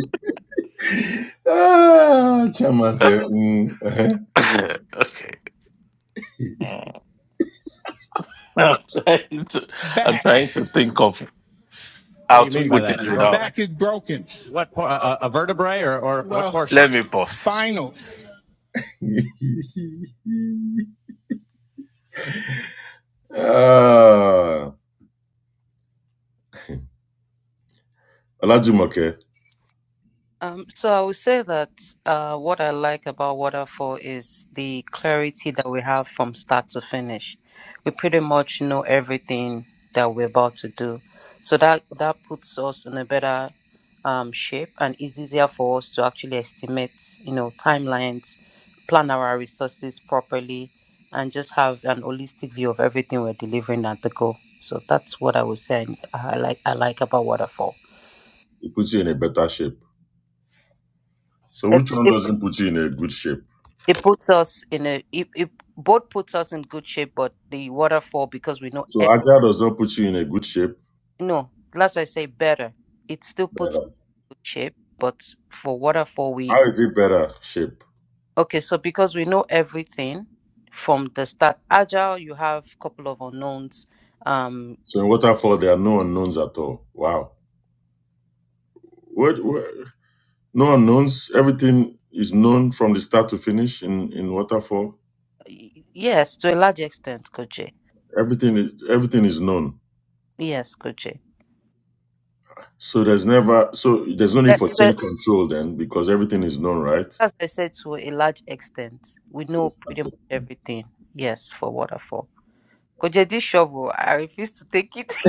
Ah, chama Zé um.
I'm trying to I'm
back.
trying to think of how to put it
That My
without
back is broken. Or what Well, what portion?
let me pause.
spinal.
ah, Olajumoke,
Um, so I would say that uh, what I like about Waterfall is the clarity that we have from start to finish. We pretty much know everything that we're about to do, so that that puts us in a better um, shape and is easier for us to actually estimate, you know, timelines, plan our resources properly, and just have an holistic view of everything we're delivering at the goal. So that's what I would say I, I like. I like about Waterfall.
it puts you in a better shape. So
It,
which one
it
doesn't put you in a good shape?
it puts us in a it, it both puts us in good shape but the waterfall because we know
So
ev-
Aga does not put you in a good shape.
no that's why i say better it still puts us
Better.
in good shape but for waterfall we
How is it better shape?
okay so because we know everything from the start agile you have couple of unknowns um
So in waterfall, there are no unknowns at all. Wow. What, what? No unknowns. Everything is known from the start to finish in, in waterfall.
y- yes to a large extent coach J.
Everything is, everything is known.
yes coach J.
So there's never so there's no need
yeah,
for change
but
control then because everything is known, right?
as i said to a large extent we know pretty
Okay.
much everything yes for waterfall coach J, this shovel i refuse to take it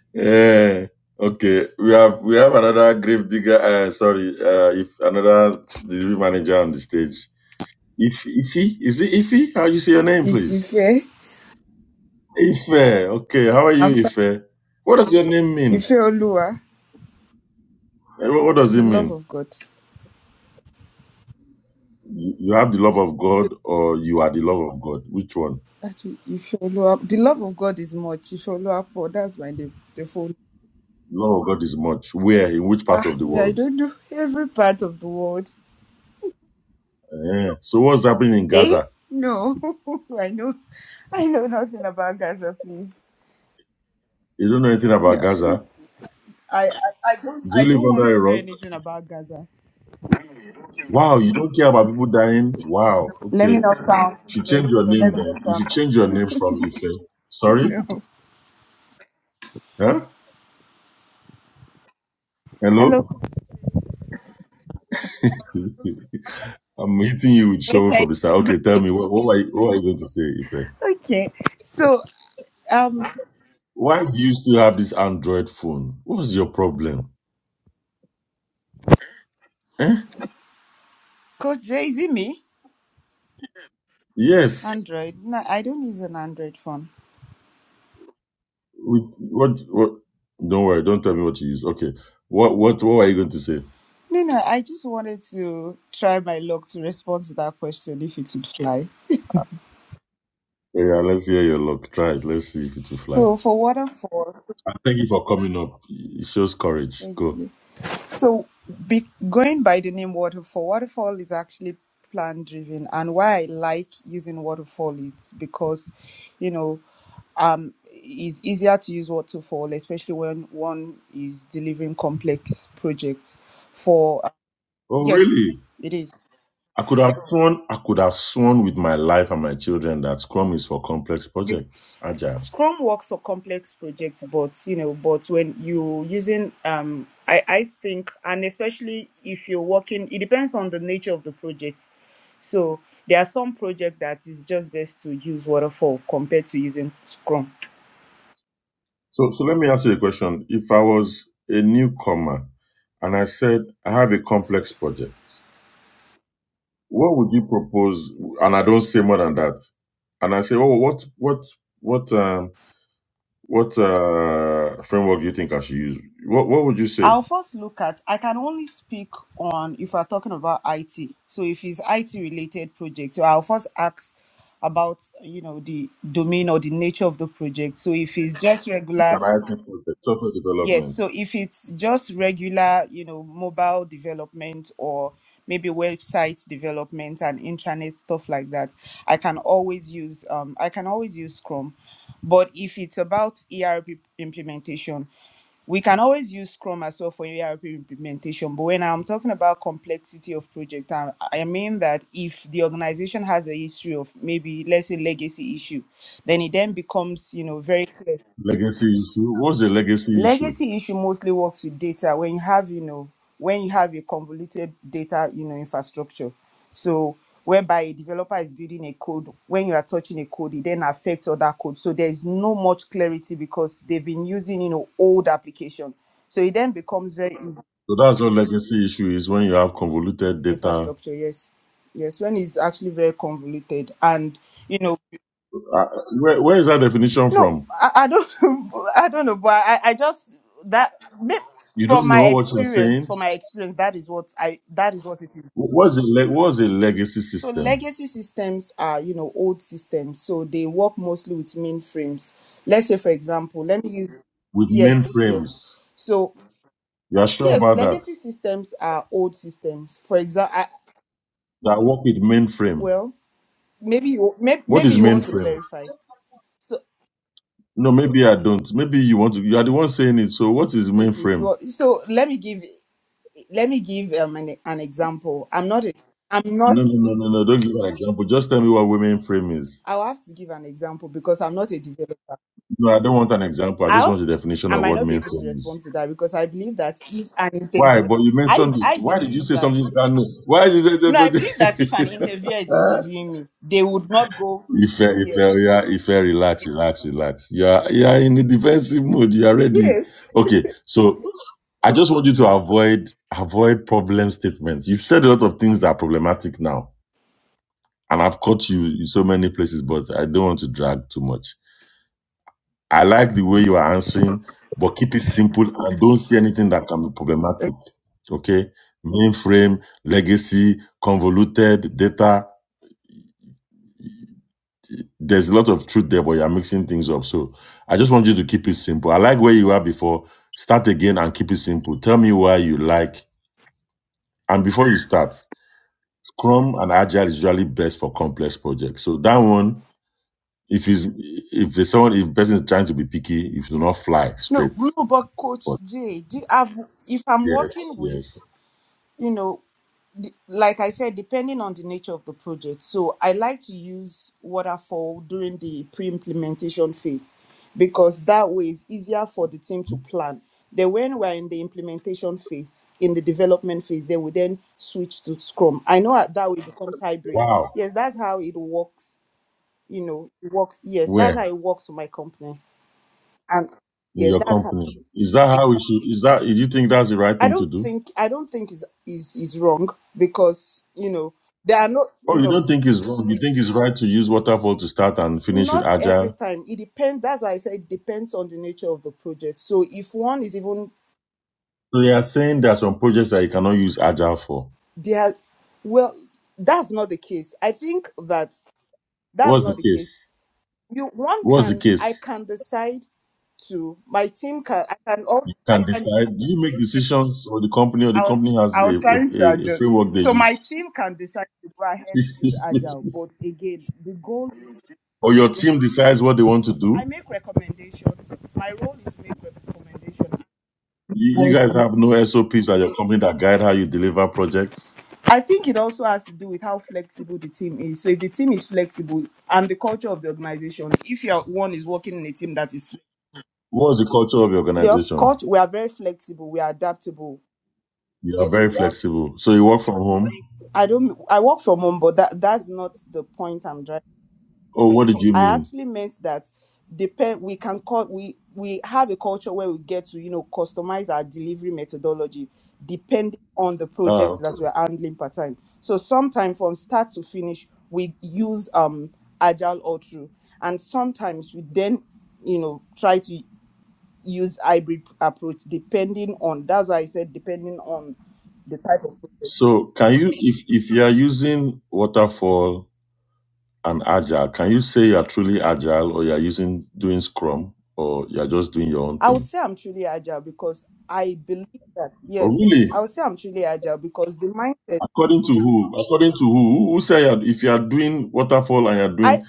yeah. Okay, we have we have another grave digger. Uh, sorry, uh, if another delivery manager on the stage. If Ify is it Ify? How you say your name,
It's
please?
Ife.
Ife. Okay, how are you,
I'm fine.
Ife? What does your name mean?
Ife Olua,
Eh, What what does
the
it
love
mean?
of God.
You you have the love of God, or you are the love of God. Which one?
That is Ife Olua. The love of God is much. Ife Oluwapo, that's my name. The phone.
Love of God is much. Where? In which part
Ah,
of the
me, I
world?
don't know every part of the world.
Yeah. So what's happening in
Eh?
Gaza?
No, I know. I know nothing about Gaza. Please,
You don't know anything
no,
about Gaza.
I, I, I don't,
Do you
I
live
don't want
under a
to know
rock?
anything about Gaza.
Wow, you don't care about people dying? Wow.
Let
Okay.
me not sound.
You should
No,
change your
no,
name
let me
then.
not
You
sound.
should change your name from Ife. Sorry?
No.
Huh?
Hello.
Hello? I'm hitting you with show from the start. Okay, tell me what what are you, what are you going to say, Ife?
Okay. So, um,
Why do you still have this Android phone? What's your problem? Eh?
Coach Jay, is it me?
Yes.
Android. No, I don't use an Android phone.
We, what what don't worry, don't tell me what you use. Okay. What what what are you going to say?
No, no, I just wanted to try my luck to respond to that question if it would fly.
Yeah, let's hear your luck. Try it. Let's see if it will fly.
So for waterfall,
And Thank you for coming up. It shows courage.
thank
Go.
you. So be, going by the name waterfall, waterfall is actually plan driven, and why I like using waterfall is because, you know, um, it's easier to use waterfall, especially when one is delivering complex projects. For uh,
Oh,
yes,
really?
it is.
I could have sworn. I could have sworn with my life and my children that Scrum is for complex projects, agile.
Scrum works for complex projects, but you know, but when you using um I, I think and especially if you're working it depends on the nature of the project. So there are some projects that is just best to use waterfall compared to using Scrum.
So, so let me ask you a question. If I was a newcomer and I said I have a complex project, what would you propose? And I don't say more than that. And I say, oh, what, what, what, um, what uh, framework do you think I should use? What, what would you say?
I'll first look at I can only speak on if we're talking about IT. So if it's IT related project, so I'll first ask about you know the domain or the nature of the project. So if it's just regular
Variety project, software
Yes,
development,
so if it's just regular, you know, mobile development or maybe website development and intranet stuff like that, I can always use um I can always use Scrum. But if it's about ERP implementation, we can always use Scrum as well for ERP implementation. But when I'm talking about complexity of project, um, I, I mean that if the organization has a history of maybe let's say legacy issue, then it then becomes you know very clear
legacy issue. What's the legacy issue?
legacy issue mostly works with data when you have you know when you have a convoluted data you know infrastructure so whereby a developer is building a code when you are touching a code it then affects other code so there's no much clarity because they've been using you know old application so it then becomes very easy
So that's what legacy issue is when you have convoluted data.
infrastructure yes yes when it's actually very convoluted and you know
Uh, where, where is that definition
No,
from?
I, I don't. I don't know, but I, I just that may-
You
from
don't
my
know what you're
experience,
saying.
from my experience, that is what I that is what it is.
Wh- What's a, le- what's a legacy
So
system
legacy systems are you know old systems, so they work mostly with mainframes. Let's say, for example, let me use
with
yes,
mainframes?
yes. So
You are sure
yes,
about that?
legacy systems are old systems. For example,
That work with mainframe.
well, maybe you maybe,
What
maybe
is
you want to
mainframe?
clarify. So
No, maybe I don't. Maybe you want to. You are the one saying it. So what is
okay, if you
mainframe?
want, so let me give. let me give um, an, an example. I'm not a, I'm not,
No, no, no, no, no. Don't give an example. Just tell me what mainframe is.
I'll have to give an example because I'm not a developer.
No, I don't want an example. I just
I'll,
want the definition
I
of
might
what
not be able to
mainframe is.
respond to that because I believe that if an
Why?
interview,
But you
I,
mentioned it.
I
Why did you
believe
say
that,
something you can't know? Why did you?
no, I believe that if an interviewer is
Huh?
interviewing me, they would not go,
if uh, if
yes,
uh, yeah, if uh, relax, relax, relax. You are you are in a defensive mood. You are ready.
yes.
Okay, so I just want you to avoid avoid problem statements. You've said a lot of things that are problematic now, and I've caught you in so many places. But I don't want to drag too much. I like the way you are answering, but keep it simple and don't see anything that can be problematic. Okay? Mainframe, legacy, convoluted, data. There's a lot of truth there, but you're mixing things up. So I just want you to keep it simple. I like where you are before. Start again and keep it simple. Tell me why you like. And before you start, Scrum and Agile is usually best for complex projects. So that one, if is if there's someone if person is trying to be picky, if do not fly
No,
straight.
no, but
But
Coach J, do you have, if I'm
yes,
working
yes.
with you know, d- like I said, depending on the nature of the project. So I like to use waterfall during the pre-implementation phase because that way it's easier for the team to plan. Then when we're in the implementation phase, in the development phase, then we then switch to Scrum. I know that that way becomes hybrid.
Wow.
Yes, that's how it works. You know, it works. Yes, that's
Where?
how it works for my company. And
In
yes,
your
that's how.
company. Is that how we should is that do you think that's the right
I
thing to
don't
do?
think I don't think is is is wrong because you know there are no
Or you
no
don't think it's wrong. You think it's right to use waterfall to start and finish with
not every
agile?
time it depends. That's why I said it depends on the nature of the project. So if one is even
So you are saying there are some projects that you cannot use agile for.
there, well, that's not the case. I think that that's
What's the
not the case.
case?
You one
What's the
can I
case?
can decide to my team can I can
You
also I
can
can.
decide. Do you make decisions or the company or the
I was
company has
I
a,
was
a,
trying to
a a
adjust.
framework they
So my team can decide to go ahead to use
use?
agile, but again, the goal.
or your team decides what they want to
I
do?
make recommendation. My role is make recommendation.
You, you guys have no SOPs at your company that guide how you deliver projects?
I think it also has to do with how flexible the team is. So if the team is flexible and the culture of the organization, if your one is working in a team that is
What's the culture of your
the
organization?
culture, we are very flexible, we are adaptable.
You are
Yes,
very
we have.
flexible. So you work from home?
I don't. I work from home, but that that's not the point I'm driving.
Oh, what did you
I
mean?
actually meant that depend we can call we we have a culture where we get to you know customize our delivery methodology depending on the
Ah,
project
okay.
that we're handling per time. So sometimes from start to finish we use um agile all through and sometimes we then you know try to use hybrid approach depending on that's why I said depending on the type of project.
So can you, if, if you are using waterfall and agile, can you say you are truly agile or you are using doing scrum or you are just doing your own
I would
thing?
say I'm truly agile because I believe that
Oh,
yes,
really?
I would say I'm truly agile because the mindset
According to who? According to who? Who, who say you are, if you are doing waterfall and you are
I
doing,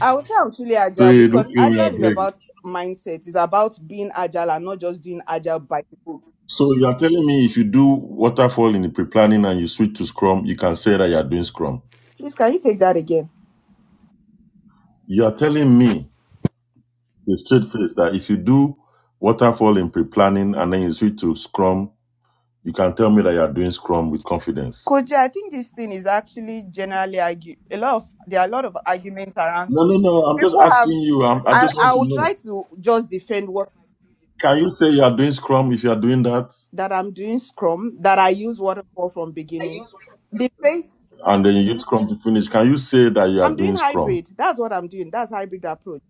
I would say I'm truly agile
they don't
because
kill me, I
agile is
beg.
about mindset. It's about being agile and not just doing agile by the book.
So you are telling me if you do waterfall in the pre-planning and you switch to scrum, you can say that you are doing scrum.
Please, can you take that again?
You are telling me The straight face that if you do waterfall in pre-planning and then you switch to Scrum, you can tell me that you are doing Scrum with confidence.
Koji, I think this thing is actually generally argue a lot of there are a lot of arguments around
No, no,
this.
no. I'm just
People have
asking you. I'm, I
I,
just want
I
to
will try
know.
to just defend what
Can you say you are doing Scrum if you are doing that,
that I'm doing Scrum, that I use waterfall from beginning. The face
and then you use Scrum to finish? Can you say that you are
I'm doing
doing Scrum?
hybrid. That's what I'm doing. That's hybrid approach.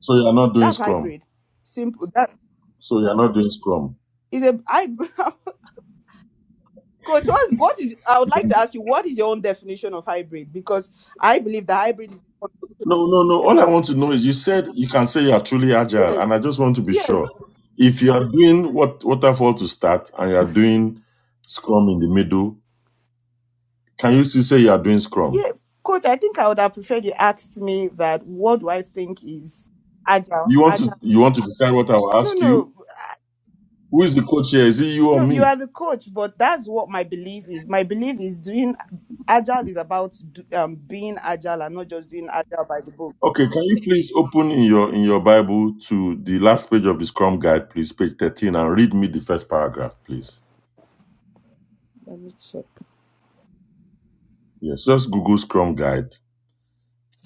So you are not doing
That's
Scrum.
hybrid. Simple. That
So you are not doing Scrum.
is a hybrid. Coach, what is, what is I would like to ask you, what is your own definition of hybrid? Because I believe the hybrid is a combination
No,
of
no,
two
no. All I
methods.
want to know is you said you can say you are truly agile,
Yes,
and I just want to be
yes,
sure. If you are doing what waterfall to start and you are doing Scrum in the middle, Can you still say you are doing Scrum?
yeah. Coach, I think I would have preferred you asked me that what do I think is agile?
You want to
Agile.
you want to decide what I will
No,
ask
no,
you? Who is the co-chair? Is it you or
no, you
me?
are the coach, but that's what my belief is. My belief is doing agile is about do, um, being agile and not just doing agile by the book.
Okay, can you please open in your in your Bible to the last page of the Scrum Guide, please, page 13, and read me the first paragraph, please.
Let me check.
Yes, just Google Scrum Guide.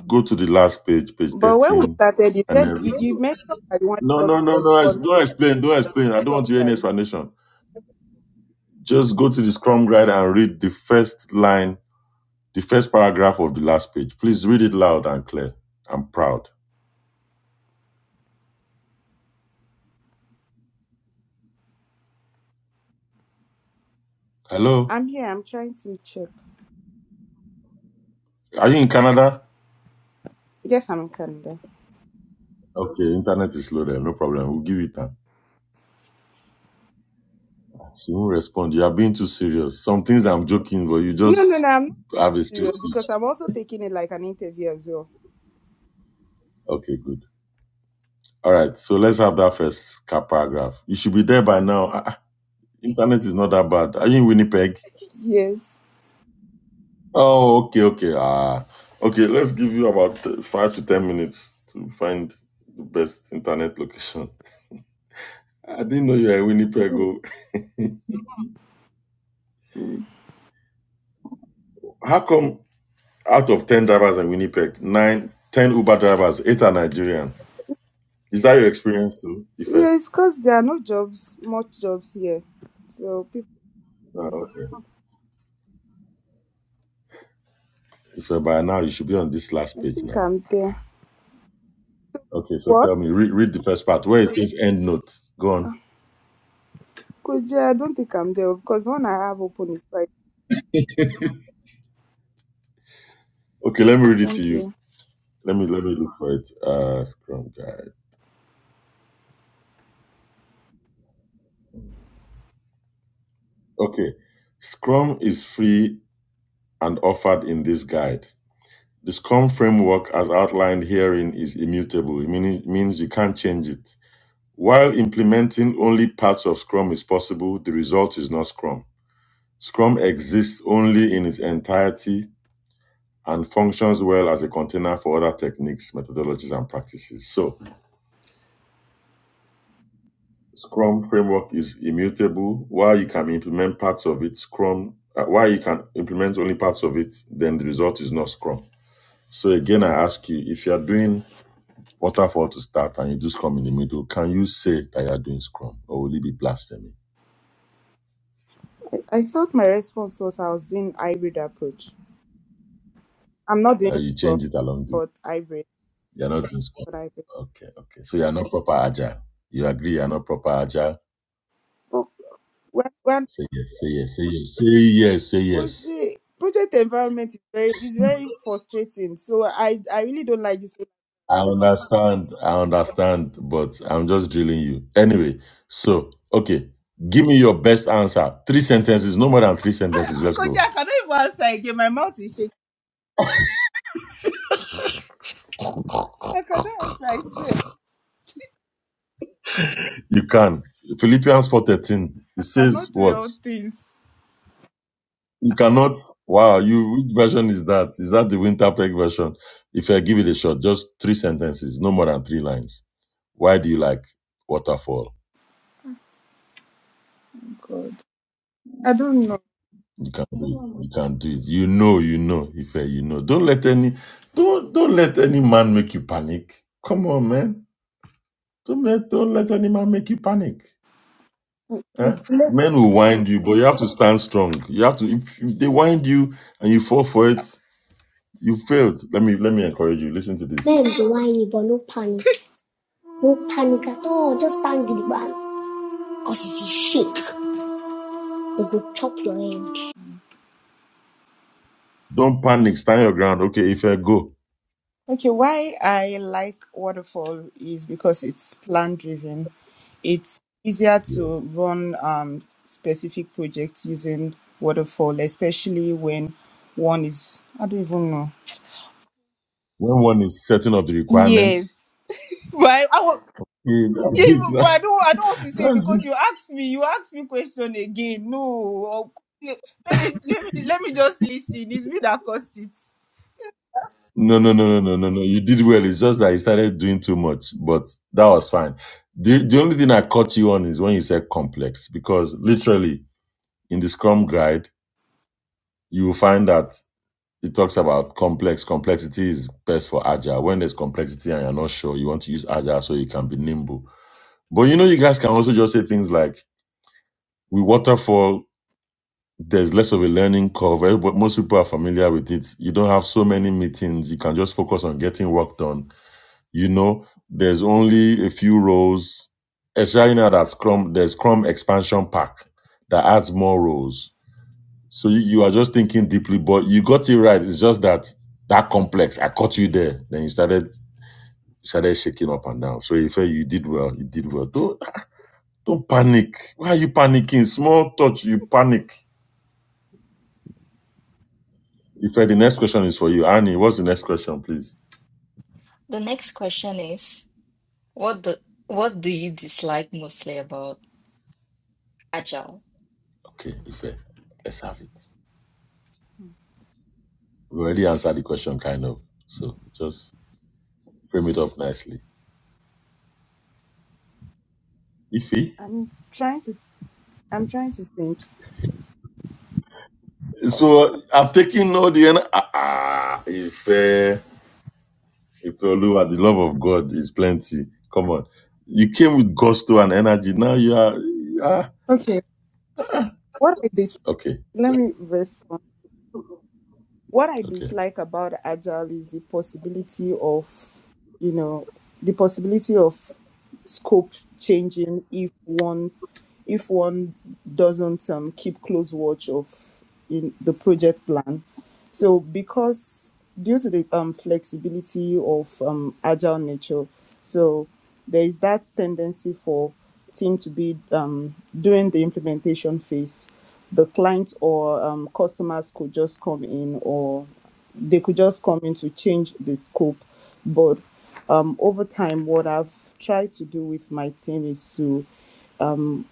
Go to the last page, page
But when we
13,
started, you
and
said
then read
you, you
it.
mentioned that you wanted
No,
us
no,
to
no, no. it's-
respond.
Don't explain. Don't explain. I don't
to
want
some
to hear any
guy.
explanation. Just go to the Scrum Guide and read the first line, the first paragraph of the last page. Please read it loud and clear. I'm proud. Hello?
I'm here. I'm trying to check.
Are you in Canada?
Yes, I'm in Canada.
Okay, internet is slow there. No problem. We'll give it time. She won't respond. You are being too serious. Some things I'm joking, but you
No, no, no.
just
I'm not
have a straight.
serious because I'm also taking it like an interview as well.
Okay, good. All right. So let's have that first cap paragraph. You should be there by
Ah,
now. Ah, ah, internet is not that bad. Are you in Winnipeg?
yes.
Oh, okay, okay. Ah, okay. Let's give you about uh, five to ten minutes to find the best internet location. I didn't know you were in Winnipeg. oh.
Mm.
How come Out of 10 drivers in Winnipeg, nine, ten Uber drivers, eight are Nigerian. Is that your experience too, Ife?
Yes, because there are no jobs, much jobs here. So people,
Oh,
don't-
okay. Ife, by now you should be on this last
I
page
think
now.
I'm there.
Okay, so
What?
tell me, read, read the first part where it says end note. Go on.
Ah, Koja, I don't think I'm there because one I have open is right.
Okay, let me read it to
Thank
you.
you.
Let me let me look for it. Uh, Scrum guide. Okay, Scrum is free and offered in this guide. The Scrum framework, as outlined herein, is immutable. It meaning- means you can't change it. While implementing only parts of Scrum is possible, the result is not Scrum. Scrum exists only in its entirety and functions well as a container for other techniques, methodologies, and practices. So, Scrum framework is immutable. While you can implement parts of it, Scrum, uh, while you can implement only parts of it, then the result is not Scrum. So, again, I ask you if you are doing waterfall to start and you do Scrum in the middle, can you say that you are doing Scrum or will it be blasphemy?
I, I thought my response was I was doing hybrid approach. I'm not
Uh,
doing
you
from,
change it along the way.
but hybrid,
You're not doing Scrum.
but hybrid.
Okay, okay. So you're not proper agile. You agree you're not proper agile?
But when, when
Say yes, say yes, say yes, say yes, say yes.
Koji, project environment is very is very frustrating. So I I really don't like this.
I
one.
understand, I understand, but I'm just drilling you. Anyway, so, okay. Give me your best answer. Three sentences, no more than three sentences. Let's
Koji,
go.
I cannot even answer again. My mouth is shaking. I cannot answer. I swear.
You can. Philippians 4.13, it
I
says
cannot do
what?
all things.
You cannot. Wow, you which version is that? Is that the Winterpeg version? If I give it a shot, just three sentences, no more than three lines. Why do you like waterfall?
God, I don't know.
You can do it. You can do it. You know, you know, if I, you know. Don't let any don't don't let any man make you panic. Come on, man. Don't let don't let any man make you panic. Huh? Men will wind you, but you have to stand strong. You have to if, if they wind you and you fall for it, you failed. Let me let me encourage you. Listen to this. Don't panic. Stand your ground. Okay, if I go.
Okay, why I like waterfall is because it's plan driven. It's easier to
Yes.
run um specific projects using waterfall, especially when one is I don't even know.
When one is setting up the requirements,
Yes. Why?
eh, that's
Yeah, but
it.
but I don't. I don't want to say
That's it.
because you asked me. You asked me question again. No, oh, okay. let me let me let me just listen. It's me that caused it.
No, no, no, no, no, no, no. You did well. It's just that you started doing too much, but that was fine. The, the only thing I caught you on is when you said complex, because literally in the Scrum guide, you will find that it talks about complex. Complexity is best for agile. When there's complexity and you're not sure, you want to use agile so you can be nimble. But you know, you guys can also just say things like, we waterfall there's less of a learning curve. eh, but Most people are familiar with it. You don't have so many meetings. You can just focus on getting work done. You know, there's only a few roles, especially now that Scrum, there's Scrum expansion pack that adds more roles. So you, you are just thinking deeply, but you got it right. It's just that that complex. I caught you there. Then you started started shaking up and down. So you felt you did well. You did well. Don't don't panic. Why are you panicking? Small touch, you panic. Ife, the next question is for you. Annie, what's the next question, please?
The next question is, what do, what do you dislike mostly about Agile?
Okay, Ife, let's have it. We already answered the question, kind of. So just frame it up nicely. Ife?
I'm trying to I'm trying to think.
So I'm taking all the. en- Ah, ah, Ife, Ife Oluwa, the love of God is plenty. Come on. You came with gusto and energy. Now you are. Ah,
Okay, what I dis
okay,
let
good.
me respond. what I
Okay.
dislike about agile is the possibility of, you know, the possibility of scope changing if one if one doesn't um, keep close watch of in the project plan. So because due to the um, flexibility of um, agile nature, so there is that tendency for team to be um, during the implementation phase the clients or um, customers could just come in or they could just come in to change the scope. But um, over time, what I've tried to do with my team is to um,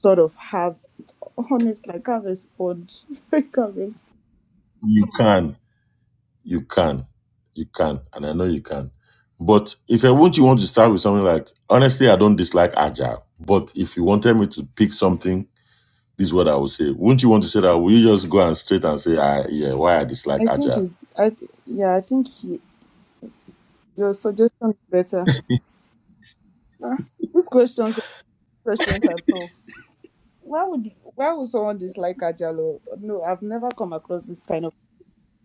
sort of have honest, like I can't respond. I can't respond.
You can. You can. You can. And I know you can. But if I want you want to start with something like, honestly, I don't dislike agile. But if you wanted me to pick something, this is what I would say. Wouldn't you want to say that? Will you just go and straight and say, I yeah, why I dislike
I think
agile?
is I th- yeah I think he, your suggestion is better. Ah, these questions questions are tough. Why would why would someone dislike Ajalo? No, I've never come across this kind of.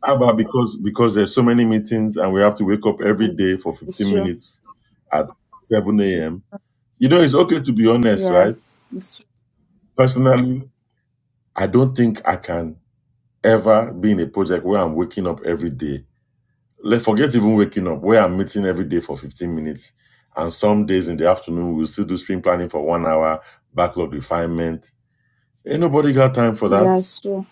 How about because because there's so many meetings and we have to wake up every day for
It's
15
true.
minutes at 7 a.m. You know, it's okay to be honest,
Yeah.
right?
It's,
Personally, I don't think I can ever be in a project where I'm waking up every day Let forget even waking up, where I'm meeting every day for 15 minutes. And some days in the afternoon, we'll still do spring planning for one hour, backlog refinement. Ain't nobody got time for that.
yeah, it's true.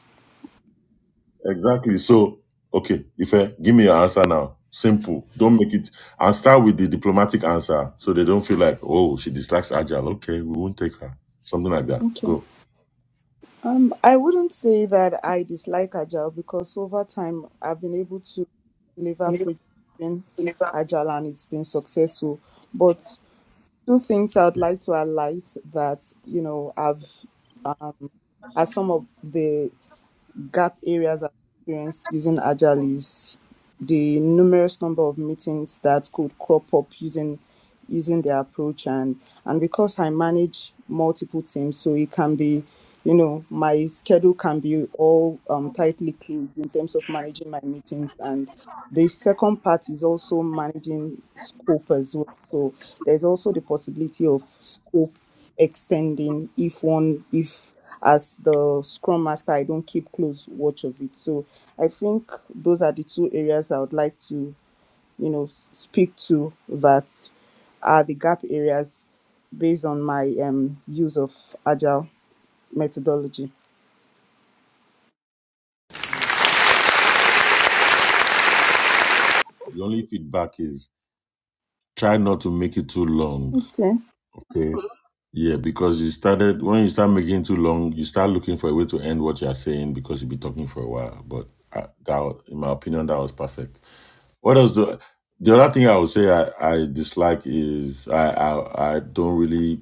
Exactly. So, okay, Ife, give me your answer now. Simple. Don't make it. And start with the diplomatic answer so they don't feel like, oh, she dislikes Agile. Okay, we won't take her. Something like that.
Okay.
Go.
Um, I wouldn't say that I dislike Agile because over time I've been able to deliver projects in Agile and it's been successful. But two things I would like to highlight that, you know, I've um, as some of the gap areas I've experienced using Agile is the numerous number of meetings that could crop up using using the approach and and because I manage multiple teams, so it can be you know my schedule can be all um, tightly closed in terms of managing my meetings and the second part is also managing scope as well. So there's also the possibility of scope extending if one if as the scrum master i don't keep close watch of it so i think those are the two areas i would like to you know s- speak to that are the gap areas based on my um use of agile methodology
The only feedback is try not to make it too long.
okay
Okay. Yeah, because you started when you start making too long, you start looking for a way to end what you are saying because you've been talking for a while. But uh, that, wa- in my opinion, that was perfect. What else? Do, the other thing I would say I, I dislike is I, I I don't really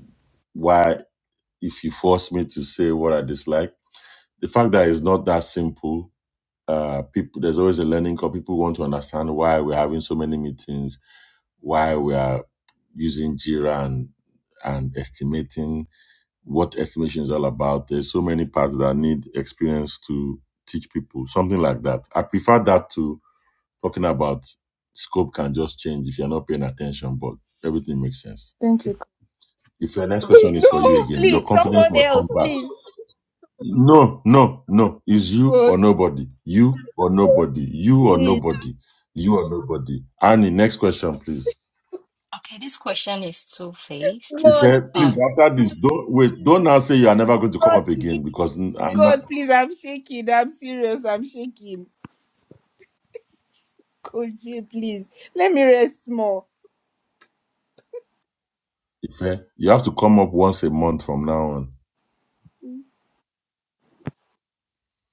why if you force me to say what I dislike, the fact that it's not that simple. Uh, people, there's always a learning curve. People want to understand why we're having so many meetings, why we are using Jira and and estimating what estimation is all about. There's so many parts that need experience to teach people, something like that. I prefer that to talking about scope can just change if you're not paying attention, but everything makes sense.
thank
Okay.
you
If your next question is for you
No,
again, your
please,
confidence
someone
must come
else,
back.
please.
No, no, no. Is you
God,
or nobody? You or
God,
nobody? You or
please.
nobody? You or nobody? Annie, next question, please.
Okay, this question is two-faced.
If
God,
uh,
please.
please
Um,
after this, don't wait. Don't now say you are never going to come
God,
up
please.
again because n- I'm not.
God, please. I'm shaking. I'm serious. I'm shaking. Could you please let me rest more?
Ife, you have to come up once a month from now on.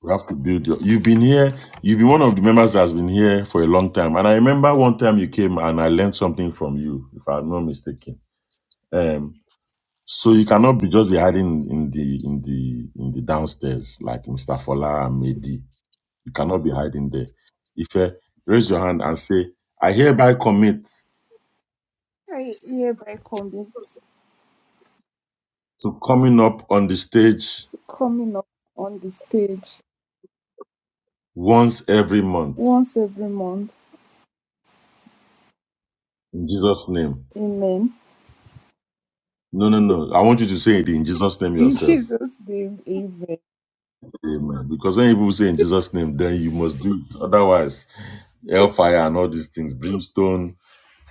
You have to build your. You've been here. You've been one of the members that has been here for a long time. And I remember one time you came and I learned something from you, if I'm not mistaken. Um, so you cannot be just be hiding in the in the in the downstairs like Mr. Fola and Mehdi. You cannot be hiding there. Ife, raise your hand and say, "I hereby commit
I hereby commit
to coming up on the stage
to coming up on the stage
once every month
once every month.
in Jesus' name."
Amen.
No, no, no. I want you to say it in Jesus' name
Thank you.
yourself.
Thank
Amen. Because when people say in Jesus' name, then you must do it. Otherwise, hellfire and all these things, brimstone.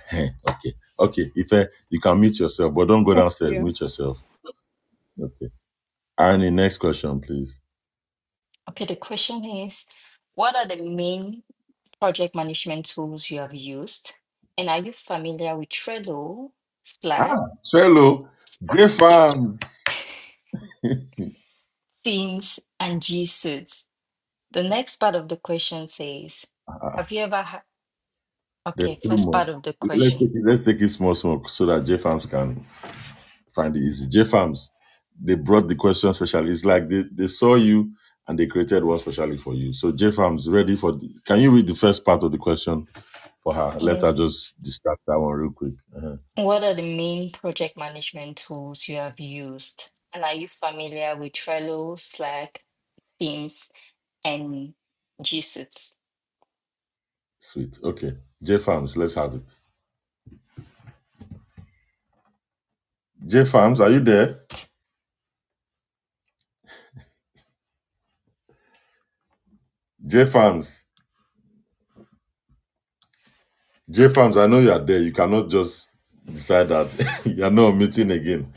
Heh, okay. Okay. If eh, you can mute yourself, but don't go downstairs. Mute yourself. Okay. Irony, next question, please.
okay, the question is, what are the main project management tools you have used? And are you familiar with Trello, Slack,
So, hello, great
yeah,
fans.
Teams, and G Suite? The next part of the question says, have you ever had?
There's
Okay,
two
first
more.
part of the
Let's
question.
take it, let's take it small, small, so that J Farms can find it easy. J Farms, they brought the question specially. It's like they, they saw you and they created one specially for you. So J Farms, ready for? The, can you read the first part of the question for her? Let her
Yes.
just discuss that one real quick. Uh-huh.
What are the main project management tools you have used? And are you familiar with Trello, Slack, Teams, and G Suite?
Sweet. Okay. J Farms, let's have it. J Farms, are you there? J Farms, J Farms, I know you are there. You cannot just decide that you are not meeting again.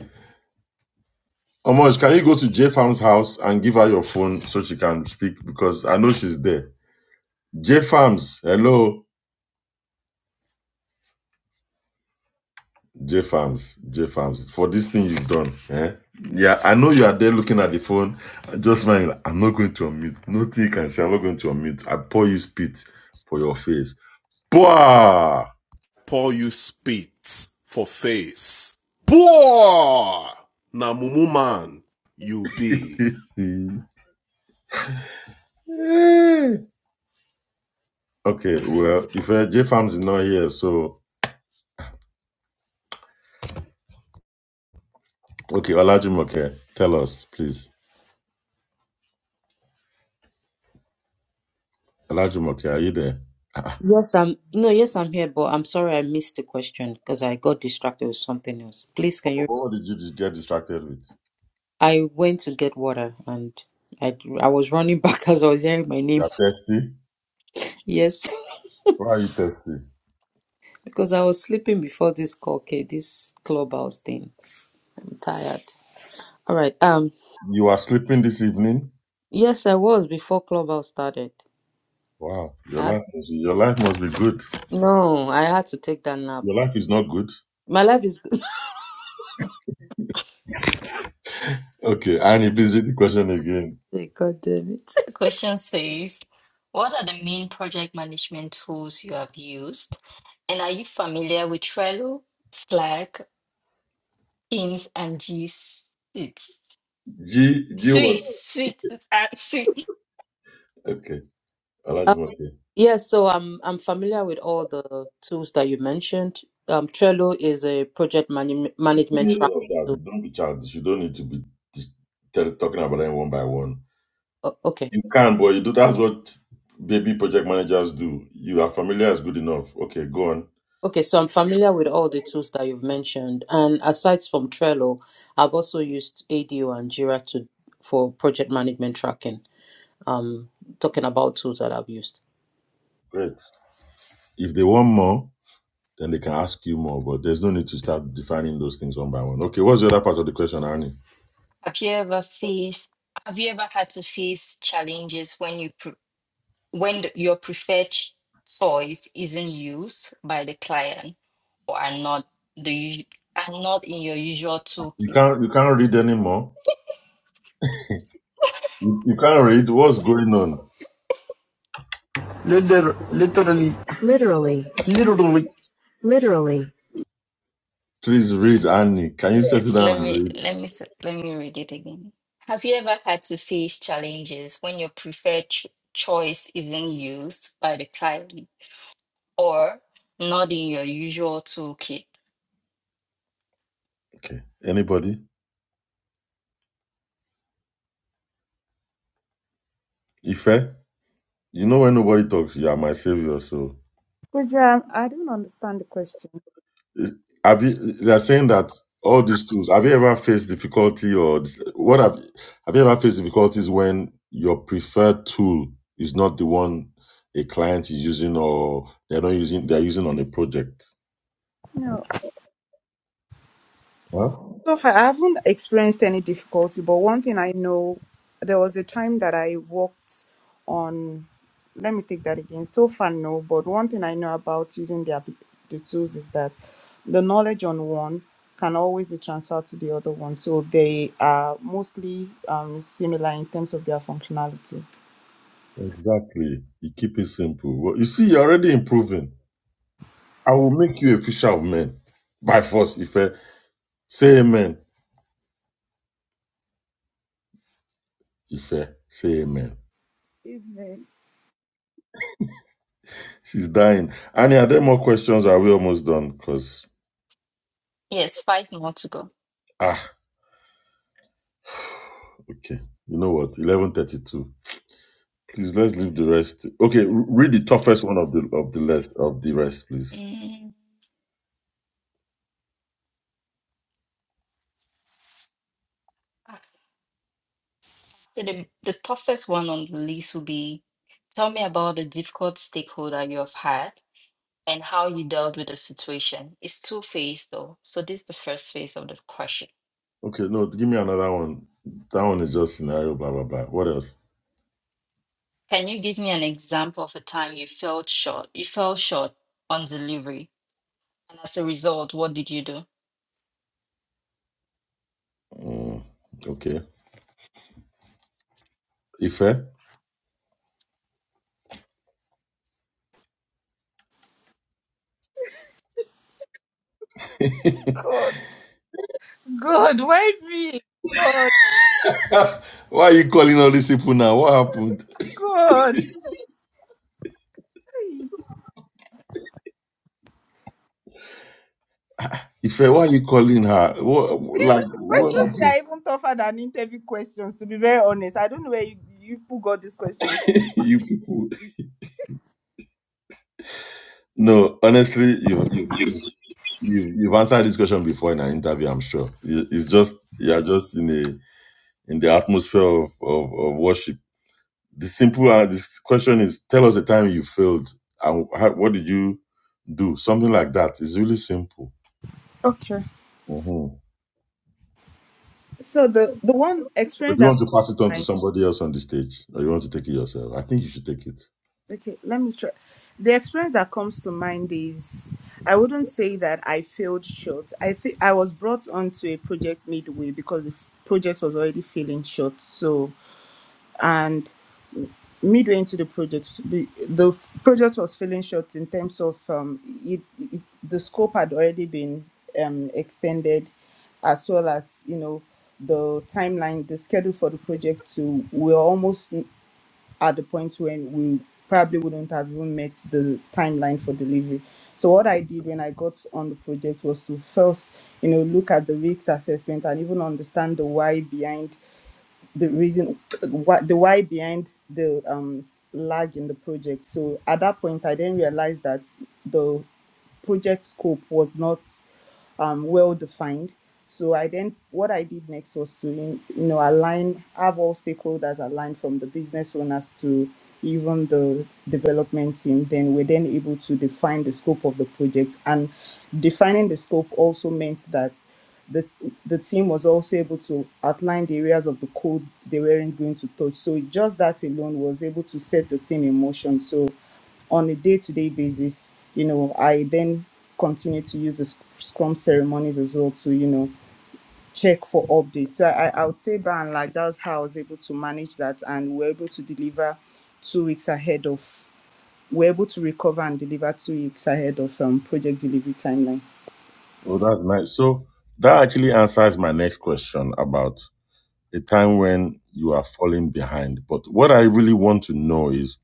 Omoj, can you go to J Farm's house and give her your phone so she can speak? Because I know she's there. J Farms, hello. J Farms, J Farms, for this thing you've done. Eh? Yeah, I know you are there looking at the phone. Just mind, I'm not going to unmute. No tea can say, I'm not going to unmute. I pour you spit for your face. Boah!
Paul you spit for face. Poor! Na mumu man, you be
Eh. Okay, well, if uh, J Farms is not here, so, okay, Olajumoke, tell us, please. Olajumoke, are you there?
Yes, I'm no, yes, I'm here, but I'm sorry I missed the question because I got distracted with something else. Please, can you?
What did you just get distracted with?
I went to get water and I I was running back as I was hearing my
You
name.
are thirsty?
Yes,
Why are you thirsty?
because I was sleeping before this call, okay, this clubhouse thing. I'm tired. All right. Um,
You are sleeping this evening?
yes, I was before clubhouse started.
Wow, your
I,
life must be, your life must be good.
no, I had to take that nap.
Your life is not good.
My life is good.
Okay, Annie, please read the question again.
God damn it.
The question says, what are the main project management tools you have used? And are you familiar with Trello, Slack, Teams, and G Suite?
G G what?
sweet, suite, uh, suite.
Okay, Olajumoke.
Yes, so I'm I'm familiar with all the tools that you mentioned. Um, Trello is a project manu-
You don't
management
need
track.
all of that.
tool.
You don't be childish. You don't need to be dis- tell, talking about them one by one.
O- okay,
You can, but you do. That's what baby project managers do. You are familiar is good enough. Okay, go on.
okay. So I'm familiar with all the tools that you've mentioned, and aside from Trello, I've also used ADO and Jira to for project management tracking. Um, talking about tools that I've used.
Great. If they want more, Then they can ask you more, but there's no need to start defining those things one by one. Okay, what's the other part of the question, Arnie?
Have you ever faced have you ever had to face challenges when you when the- your preferred ch- choice isn't used by the client or are not the usu- are not in your usual
You
toolkit.
can't you can't read anymore. You, you can't read. What's going on? Please read, Arnie. Can you settle
Yes,
down
let
and
me
read?
let me s- let me read it again. Have you ever had to face challenges when your preferred ch- choice isn't used by the client or not in your usual toolkit?
Okay. Anybody? Ife? You know when nobody talks, you are my savior, so
Could you- um, I don't understand the question.
Have you? They're saying that all these tools. Have you ever faced difficulty or dis- what have? Have you ever faced difficulties when your preferred tool is not the one a client is using or they're not using? They're using on a project.
No.
Huh?
So far, I haven't experienced any difficulty, but one thing I know, there was a time that I worked on. Let me take that again. So far, no, but one thing I know about using the, app- the tools is that the knowledge on one can always be transferred to the other one. So they are mostly um, similar in terms of their functionality.
Exactly. You keep it simple. Well, you see, you're already improving. I will make you a fisher of men by force. If I say amen, if I say amen,
Amen.
she's dying. Annie, are there more questions? Are we almost done? Because.
Yes, five more to go.
ah. Okay. You know what? Eleven thirty-two. Please let's leave the rest. Okay, r- read the toughest one of the of the left of the rest, please.
Mm, ah, So the, the toughest one on the list would be tell me about the difficult stakeholder you have had and how you dealt with the situation. It's two phase though. So this is the first phase of the question.
Okay, no, give me another one. That one is just scenario, blah blah blah. What else?
Can you give me an example of a time you felt short? You fell short on delivery, and as a result, what did you do?
Mm, okay. Ife?
God, God, why me? God,
why are you calling all these people now? What happened?
God.
Ife, why are you calling her? What like what
Questions here
happened?
are even tougher than interview questions, to be very honest. I don't know where you, you people got these questions.
you people No, honestly, you've you've you've, you've you've answered this question before in an interview, I'm sure. It- It's just you're just in a in the atmosphere of, of, of worship. The simple uh, this question is tell us a time you failed and how, what did you do? Something like that. It's really simple.
Okay.
Mhm.
So the, the one
But
experience
do you
that
want to
comes
pass it
to
on to
mind
somebody else on the stage or you want to take it yourself? I think you should take it.
okay, let me try. The experience that comes to mind is I wouldn't say that I failed short. I think I was brought onto a project midway because the f- project was already feeling short. So and midway into the project, the, the project was falling short in terms of um, it, it, the scope had already been um, extended, as well as you know the timeline, the schedule for the project. To we were almost at the point when we probably wouldn't have even met the timeline for delivery. So what I did when I got on the project was to first, you know, look at the risks assessment and even understand the why behind the reason what the why behind the um lag in the project so at that point i didn't realize that the project scope was not um, well defined so i then what i did next was to you know align have all stakeholders aligned from the business owners to even the development team then we're then able to define the scope of the project and defining the scope also meant that the the team was also able to outline the areas of the code they weren't going to touch. So just that alone was able to set the team in motion. So on a day-to-day basis, you know, I then continue to use the sc- Scrum ceremonies as well to, you know, check for updates. So I, I would say by and large, that's how I was able to manage that and we're able to deliver two weeks ahead of we're able to recover and deliver two weeks ahead of um, project delivery timeline.
Oh, that's nice. So that actually answers my next question about a time when you are falling behind. But what I really want to know is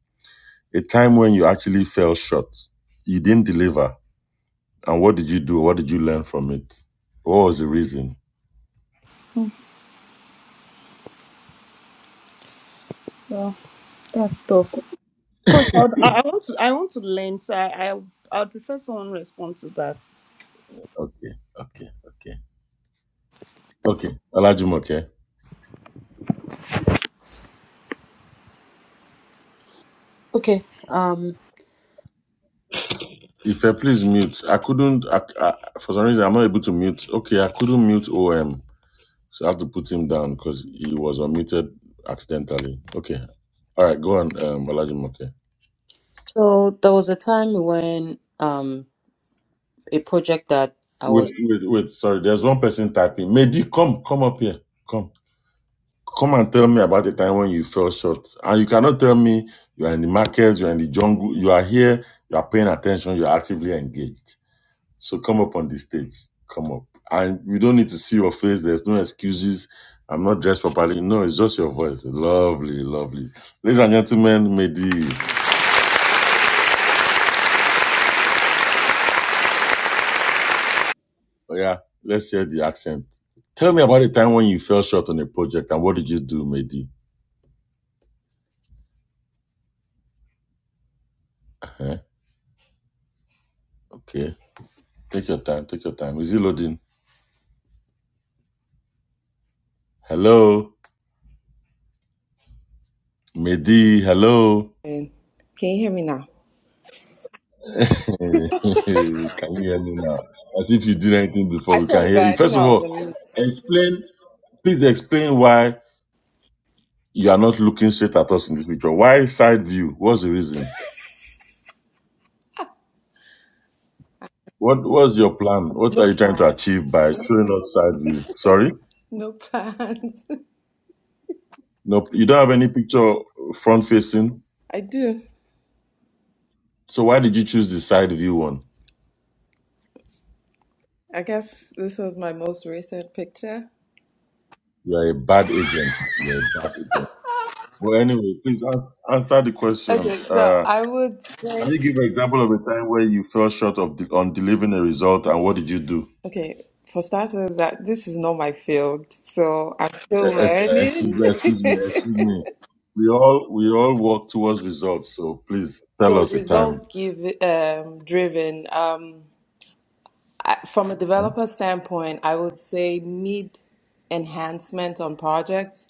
a time when you actually fell short, you didn't deliver And what did you do? What did you learn from it? What was the reason?
Well, that's tough. Coach, I, would- I I want to I want to learn, so I I I'd prefer someone respond to that.
Okay, okay, okay, okay. Olajumoke,
Okay. Um,
if I please mute. I couldn't. I, I, for some reason, I'm not able to mute. Okay, I couldn't mute OM, so I have to put him down because he was unmuted accidentally. Okay, all right, go on, um, Olajumoke.
so there was a time when um a project that I
Wait,
was.
wait, wait. Sorry, there's one person typing. Mehdi, come, come up here. Come. Come and tell me about the time when you fell short. And you cannot tell me you are in the market, you are in the jungle, you are here, you are paying attention, you are actively engaged. So come up on the stage. Come up. And we don't need to see your face. There's no excuses. I'm not dressed properly. No, it's just your voice. Lovely, lovely. Ladies and gentlemen, Mehdi, oh yeah, let's hear the accent. Tell me about the time when you fell short on a project and what did you do, Mehdi? Eh? Okay. Take your time. Take your time. Is it loading? Hello? Mehdi, hello.
And can you hear me now?
can you hear me now? As if you did anything before,
I
we
swear
can
to
hear you.
God, you
First
know
of
I was
all,
on mute.
explain, please explain why you are not looking straight at us in this picture. Why side view? What's the reason? What was your plan? What
No
are you trying to
plan.
achieve by showing us side view? Sorry?
No plans.
No, you don't have any picture front facing.
I do.
So why did you choose the side view one?
I guess this was my most recent picture.
You are a bad agent. You are a bad agent. Well, anyway, please an- answer the
Okay,
question.
so
Uh.
I would
Can
say,
you give an example of a time where you fell short of de- on delivering a result, and what did you do?
okay, for starters, that this is not my field, so I'm still
Eh, eh, eh, Excuse
learning.
me, excuse me, excuse me. We all we all work towards results, so please tell
So
us a time.
result give um, driven. Um, I, from a
Huh?
developer standpoint, I would say mid enhancement on projects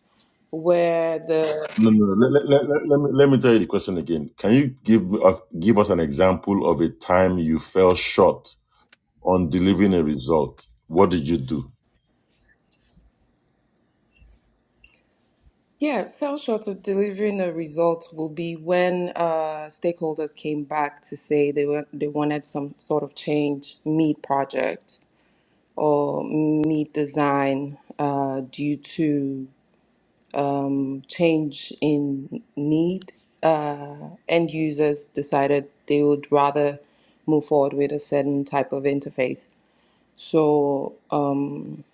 where the
No, no. Let, let, let, let, let me, let me tell you the question again. Can you give me a, give us an example of a time you fell short on delivering a result? What did you do?
Yeah, fell short of delivering a result will be when uh, stakeholders came back to say they were they wanted some sort of change mid project or mid design uh, due to um, change in need. Uh, end users decided they would rather move forward with a certain type of interface. So um,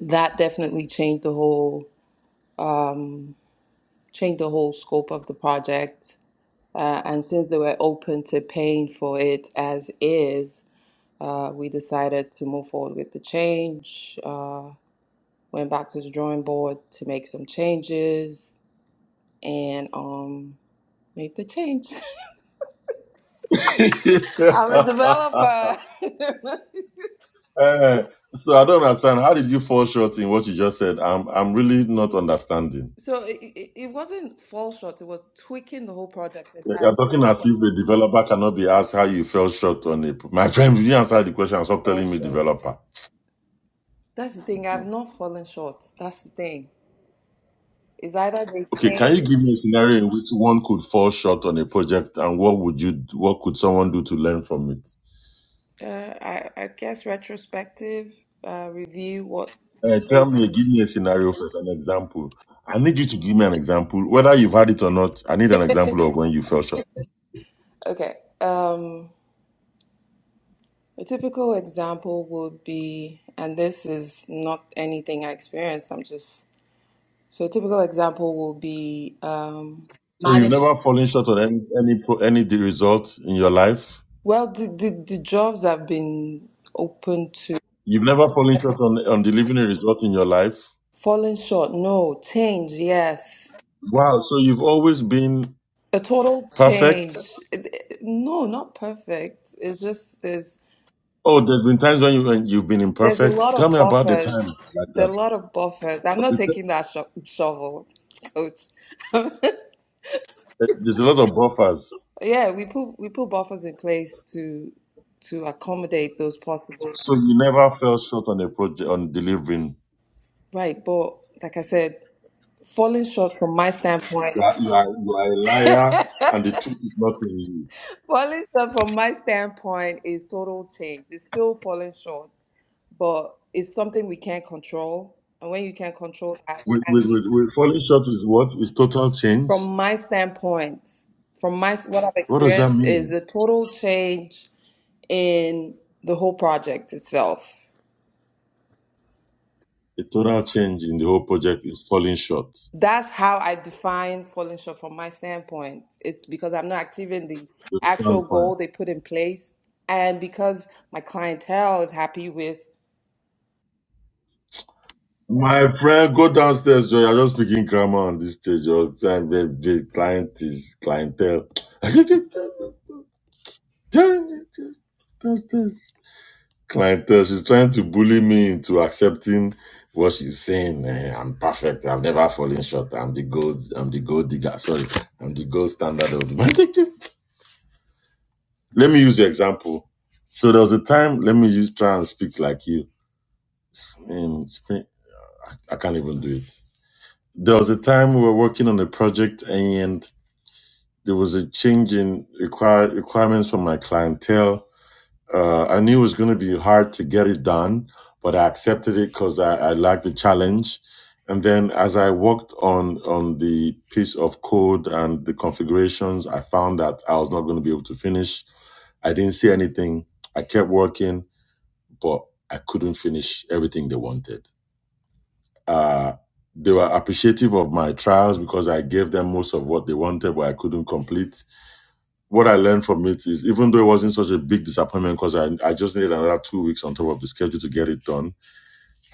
that definitely changed the whole um, changed the whole scope of the project Uh, and since they were open to paying for it as is, uh, we decided to move forward with the change. Uh, went back to the drawing board to make some changes and um, made the change. I'm a developer.
Eh, so I don't understand. How did you fall short in what you just said? I'm I'm really not understanding.
so it, it, it wasn't fall short, it was tweaking the whole project
You're
entirely.
talking as if the developer cannot be asked how you fell short on it. My friend, you answer the question and stop
Fell
telling me
short.
developer.
That's the thing, I've
Mhm.
not fallen short. That's the thing. It's either they
Okay, can you
change.
give me a scenario in which one could fall short on a project and what would you what could someone do to learn from it?
Uh, I, I guess retrospective, uh, review what
Eh, tell
mistakes.
me, give me a scenario first, an example. I need you to give me an example. Whether you've had it or not, I need an example of when you fell short.
Okay. Um, a typical example would be, and this is not anything I experienced, I'm just, so a typical example will be um,
So you've
manage.
never fallen short on any any pro- any de- result in your life?
Well, the, the, the jobs have been open to
You've never fallen short on, on delivering a result in your life?
falling short. No, change, yes.
Wow, so you've always been
A total
Perfect.
change. It- it- No, not perfect. It's just there's
Oh, there's been times when you when you've been
There's a
imperfect.
lot of
Tell me about the
buffers.
time like
There are
that.
a lot of buffers. I'm
But
not
because
taking that sho- shovel, coach.
There's a lot of buffers,
yeah, we put we put buffers in place to to accommodate those possible.
so you never fell short on a project on delivering.
Right, but like I said, falling short from my standpoint,
You are you are, you are a liar, and the truth is not in you.
falling short from my standpoint is total change. It's still falling short, but it's something we can't control. And when you can't control that,
Wait,
and
wait,
you-
wait, wait. Falling short is what? Is total
from
change?
my standpoint, from my what I've
What does that
experienced is
mean?
a total change in the whole project itself.
A total change in the whole project is falling short.
That's how I define falling short from my standpoint. It's because I'm not achieving the
The
actual
standpoint.
goal they put in place, and because my clientele is happy with.
My friend, go downstairs, Joy. I'm just speaking grammar on this stage. Your client, the, the client is clientele. clientele. She's trying to bully me into accepting what she's saying. Eh, I'm perfect. I've never fallen short. I'm the gold. I'm the gold digger. Sorry, I'm the gold standard of the. let me use your example. So there was a time. Let me use try and speak like you. I mean, speak- I can't even do it. There was a time we were working on a project and there was a change in require, requirements from my clientele. Uh, I knew it was going to be hard to get it done, but I accepted it because I, I liked the challenge. And then as I worked on, on the piece of code and the configurations, I found that I was not going to be able to finish. I didn't see anything. I kept working, but I couldn't finish everything they wanted. Uh, they were appreciative of my trials because I gave them most of what they wanted, but I couldn't complete. What I learned from it is, even though it wasn't such a big disappointment because I, I just needed another two weeks on top of the schedule to get it done,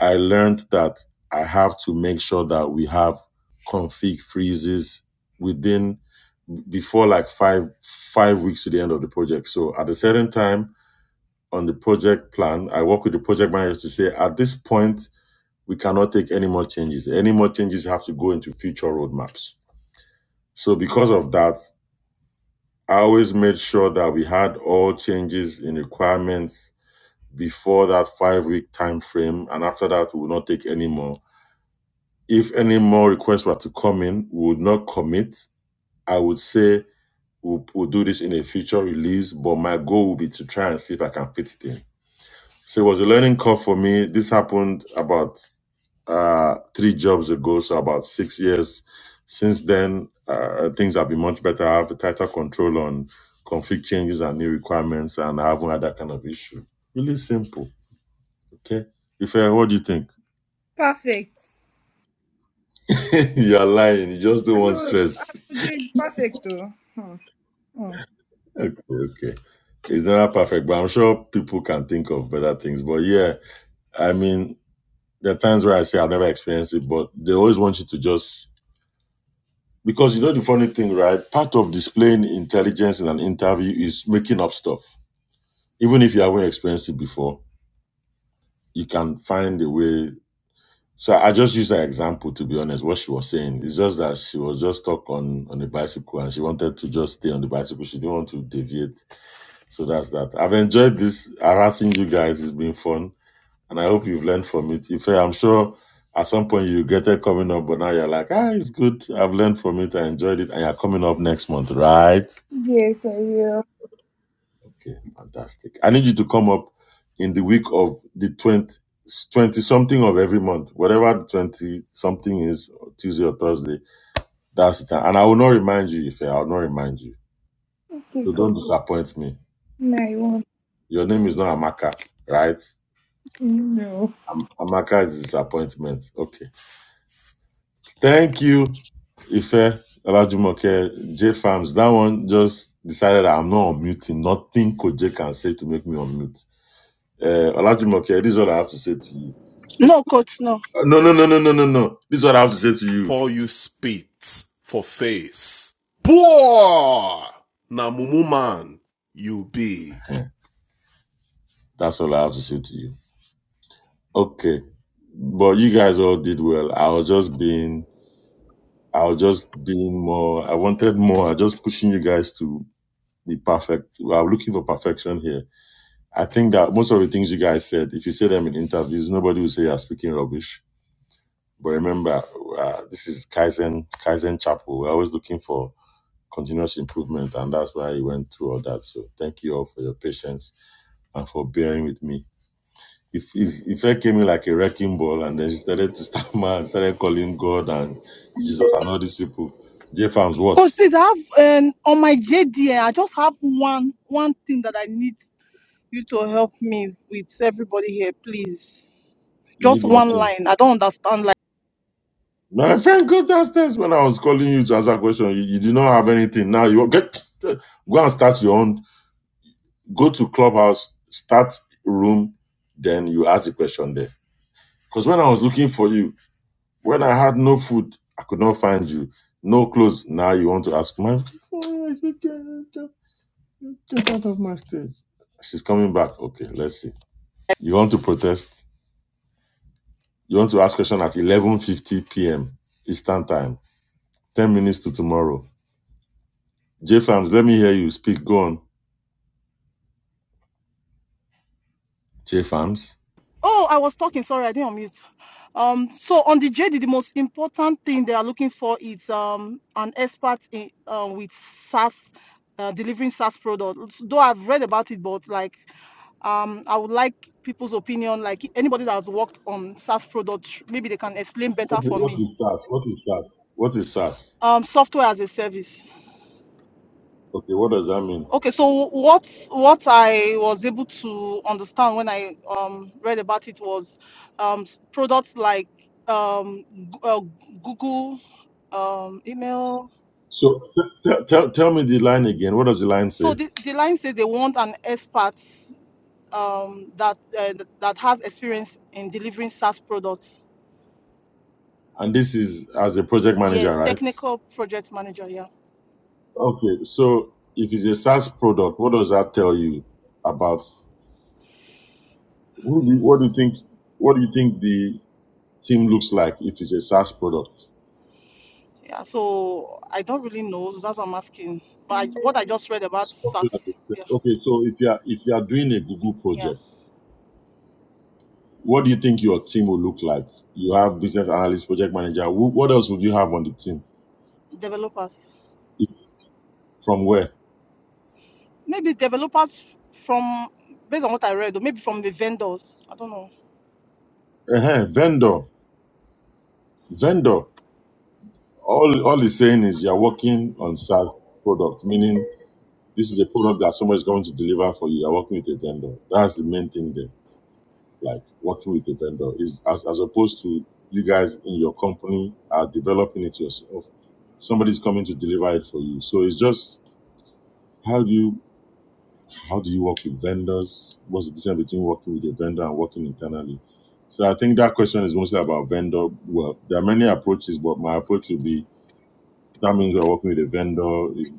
I learned that I have to make sure that we have config freezes within before like five five weeks to the end of the project. So at a certain time on the project plan, I work with the project manager to say at this point we cannot take any more changes. Any more changes have to go into future roadmaps. So because of that, I always made sure that we had all changes in requirements before that five week time frame. And after that, we will not take any more. If any more requests were to come in, we would not commit. I would say we'll, we'll do this in a future release, but my goal would be to try and see if I can fit it in. So it was a learning curve for me. This happened about uh, three jobs ago, so about six years. Since then, uh, things have been much better. I have a tighter control on config changes and new requirements, and I haven't had that kind of issue. Really simple. Okay. If I, what do you think?
Perfect.
You're lying. You just don't
I
want
know
stress.
OJ is perfect though. Hmm. Hmm.
Okay. Okay. It's not perfect, but I'm sure people can think of better things. But yeah, I mean, there are times where I say I've never experienced it, but they always want you to just Because you know the funny thing, right? Part of displaying intelligence in an interview is making up stuff. Even if you haven't experienced it before, you can find a way. So I just used that example to be honest. What she was saying is just that she was just stuck on on the bicycle and she wanted to just stay on the bicycle. She didn't want to deviate. So that's that. I've enjoyed this harassing you guys. It's been fun, and I hope you've learned from it. If I'm sure at some point you regretted coming up, but now you're like, ah, it's good. I've learned from it. I enjoyed it. And you're coming up next month, right?
Yes, I will.
Okay, fantastic. I need you to come up in the week of the 20 20 something of every month, whatever the 20 something is, Tuesday or Thursday. That's the time. And I will not remind you, Ife. I will not remind you.
Okay,
So
cool.
don't disappoint me.
Now you want.
Your name is not Amaka, right?
No.
Am- Amaka is disappointment. Okay. Thank you, Ife. Olajumoke, J Farms, that one just decided I'm not unmuting. Nothing Koje can say to make me unmute. Uh, Olajumoke, this is what I have to say to you.
No, coach, no.
No, no, no, no, no, no, no. This is what I have to say to you.
spit for face. Poor! Na mumu man, you be.
That's all I have to say to you. Okay. But you guys all did well. I was just being, I was just being more, I wanted more. I just pushing you guys to be perfect. I'm looking for perfection here. I think that most of the things you guys said, if you say them in interviews, nobody will say you're speaking rubbish. But remember, uh, this is Kaizen, Kaizen Chapel. We're always looking for continuous improvement. And that's why I went through all that. So thank you all for your patience and for bearing with me. If if I came in like a wrecking ball and then she started to stammer and started calling God and Jesus and all these people. J Farms, what?
Coach, please, I have um, on my JD, I just have one one thing that I need you to help me with everybody here, please.
You need
Just
one
one
thing.
line. I don't understand
My friend, go downstairs when I was calling you to answer a question. You, you do not have anything. Now you get go and start your own. Go to clubhouse, start room, then you ask the question there. Because when I was looking for you, when I had no food, I could not find you. No clothes. Now you want to ask my Get out of my stage. She's coming back. Okay, let's see. You want to protest? You want to ask question at 11.50 p.m. Eastern Time. 10 minutes to tomorrow. J Farms, let me hear you speak. Go on. J Farms?
Oh, I was talking. Sorry, I didn't unmute. Um, so on the JD, the most important thing they are looking for is um an expert in uh, with SaaS, uh, delivering SaaS products. Though I've read about it, but like um, I would like people's opinion. Like anybody that has worked on SaaS products, maybe they can explain
What
better
is,
for
what
me.
is SAS? What is SAS? What is SAS?
Um, software as a service.
Okay, what does that mean?
Okay, so what what I was able to understand when I um, read about it was um, s- products like um, G- uh, Google um, email.
So t- t- tell tell me the line again. What does the line
So
say?
the, the line says they want an expert um, that uh, that has experience in delivering SaaS products.
And this is as a project manager,
Yes,
right?
technical project manager. Yeah,
Okay, so if it's a SaaS product, what does that tell you about? Who do you, what do you think? What do you think the team looks like if it's a SaaS product?
yeah. So I don't really know. so That's what I'm asking. But I, what I just read about
Something like a-
SaaS. Yeah,
service. Okay, so if you are if you are doing a Google
yeah.
project, what do you think your team will look like? You have business analyst, project manager. Who, what else would you have on the team?
Developers.
If- From where?
Maybe developers from, based on what I read, or maybe from the vendors. I don't know.
uh Vendor, vendor. All all he's saying is you are working on SaaS product, meaning this is a product that someone is going to deliver for you. You are working with a vendor. That's the main thing there. like working with the vendor is as, as opposed to you guys in your company are developing it yourself somebody's coming to deliver it for you so it's just how do you how do you work with vendors what's the difference between working with a vendor and working internally so i think that question is mostly about vendor well there are many approaches but my approach would be that means we're working with a vendor if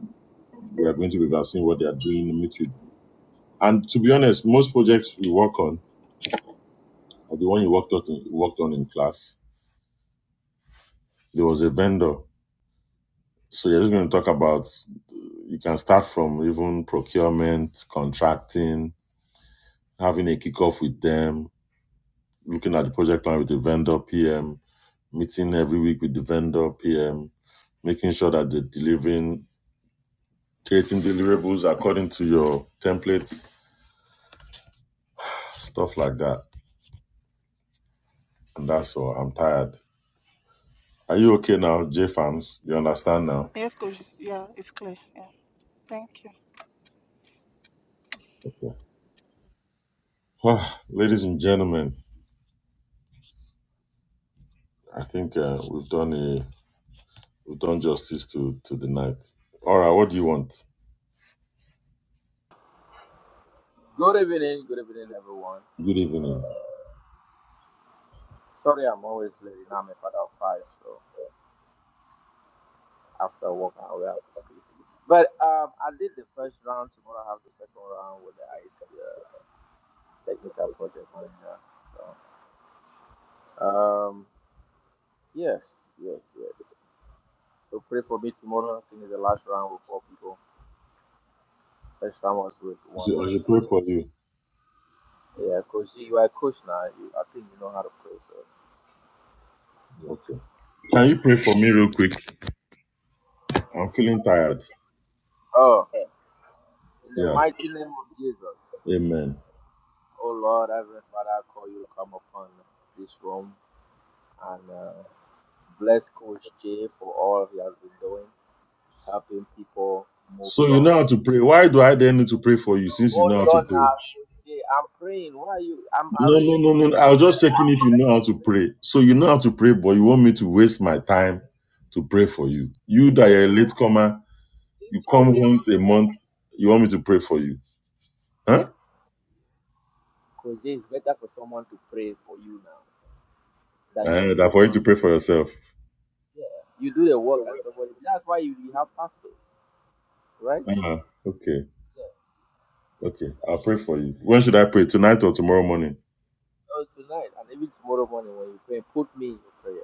we are going to be reversing what they are doing meet with and to be honest most projects we work on are the one you worked on worked on in class there was a vendor So you're just going to talk about you can start from even procurement, contracting, having a kickoff with them, looking at the project plan with the vendor PM, meeting every week with the vendor PM, making sure that they're delivering, creating deliverables according to your templates, stuff like that. And that's all. I'm tired. Are you okay now, J fans? You understand now?
Yes, coach. Yeah, it's clear. Yeah. Thank you.
Okay. Well, ladies and gentlemen, I think uh, we've done a we've done justice to to the night. All right, what do you want?
Good evening, good evening, everyone.
Good evening.
Uh, sorry, I'm always late. Now I'm a father of five, so after work, I will have to squeeze it. But um, I did the first round. Tomorrow, I have the second round with the IT uh, technical project manager. So, um, yes, yes, yes. So pray for me tomorrow. I think it's the last round with four people. First round was with one
So I should
person.
pray for you.
Yeah, coach, you are a coach now. You, I think you know how to play. So,
Okay. Can you pray for me real quick? I'm feeling tired.
oh, in the
Yeah.
mighty name of Jesus.
Amen.
Oh Lord, Heavenly Father, I call you to come upon this room and uh, bless Coach Jay for all he has been doing, helping people move
So you
from.
know how to pray. Why do I then need to pray for you since you know
Hold
how to
on now,
pray?
Coach Jay. I'm praying. Why are you? I'm
No,
already
no, no, no. I
connecting
was
to the.
just checking
I'm
if you know how
connecting to
to
the.
pray. So you know how to pray, but you want me to waste my time to pray for you. You that
It's
you're a
no,
latecomer, you
it's no
come once
wasting
a
time.
month, you want me to pray for you. Huh?
Coach Jay, it's better for someone to pray for you now than you
Uh,
should
that
pray
for
for
you
you.
to pray for yourself.
Yeah. You do the work and somebody. That's why you, you have pastors, right?
uh Okay.
Yeah.
Okay. I'll pray for you. When should I pray? Tonight or tomorrow morning?
So tonight and even tomorrow morning when you pray, put me in your prayer.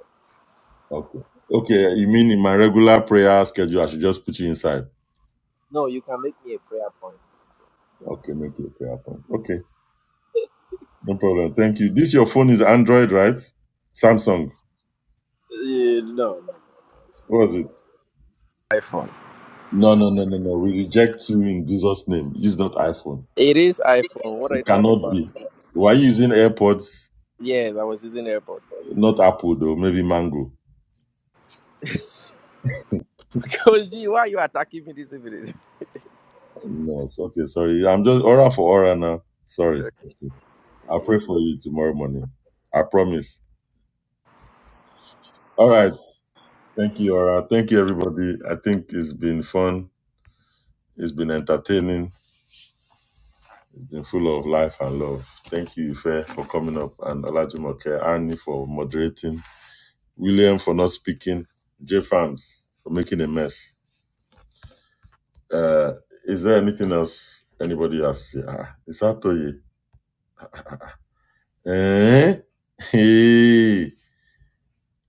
Okay. Okay. You mean in my regular prayer schedule, I should just put you inside?
No, you can make me a prayer point.
Okay. Make it a prayer point. Okay. No problem. Thank you. This your phone is Android, right? Samsung.
Uh, no, no, no, no. It's
What
not
was it?
iPhone.
No, no, no, no, no. We reject you in Jesus' name. It's not iPhone.
It is iPhone. What are you
It
talking
cannot
about?
be. Why you using AirPods?
Yes, I was using AirPod.
Not Apple though. Maybe Mango.
Coach G, why are you attacking me this evening?
No. It's okay. Sorry. I'm just aura for aura now. Sorry. Okay. I'll
Yeah.
pray for you tomorrow morning. I promise. All right. Thank you, Aura. Thank you, everybody. I think it's been fun. It's been entertaining. It's been full of life and love. Thank you, Ife, for coming up, and Olajumoke, Annie for moderating, William for not speaking, J Farms for making a mess. Uh, is there anything else anybody has to say? Ah, is that Toye? Eh? Hey.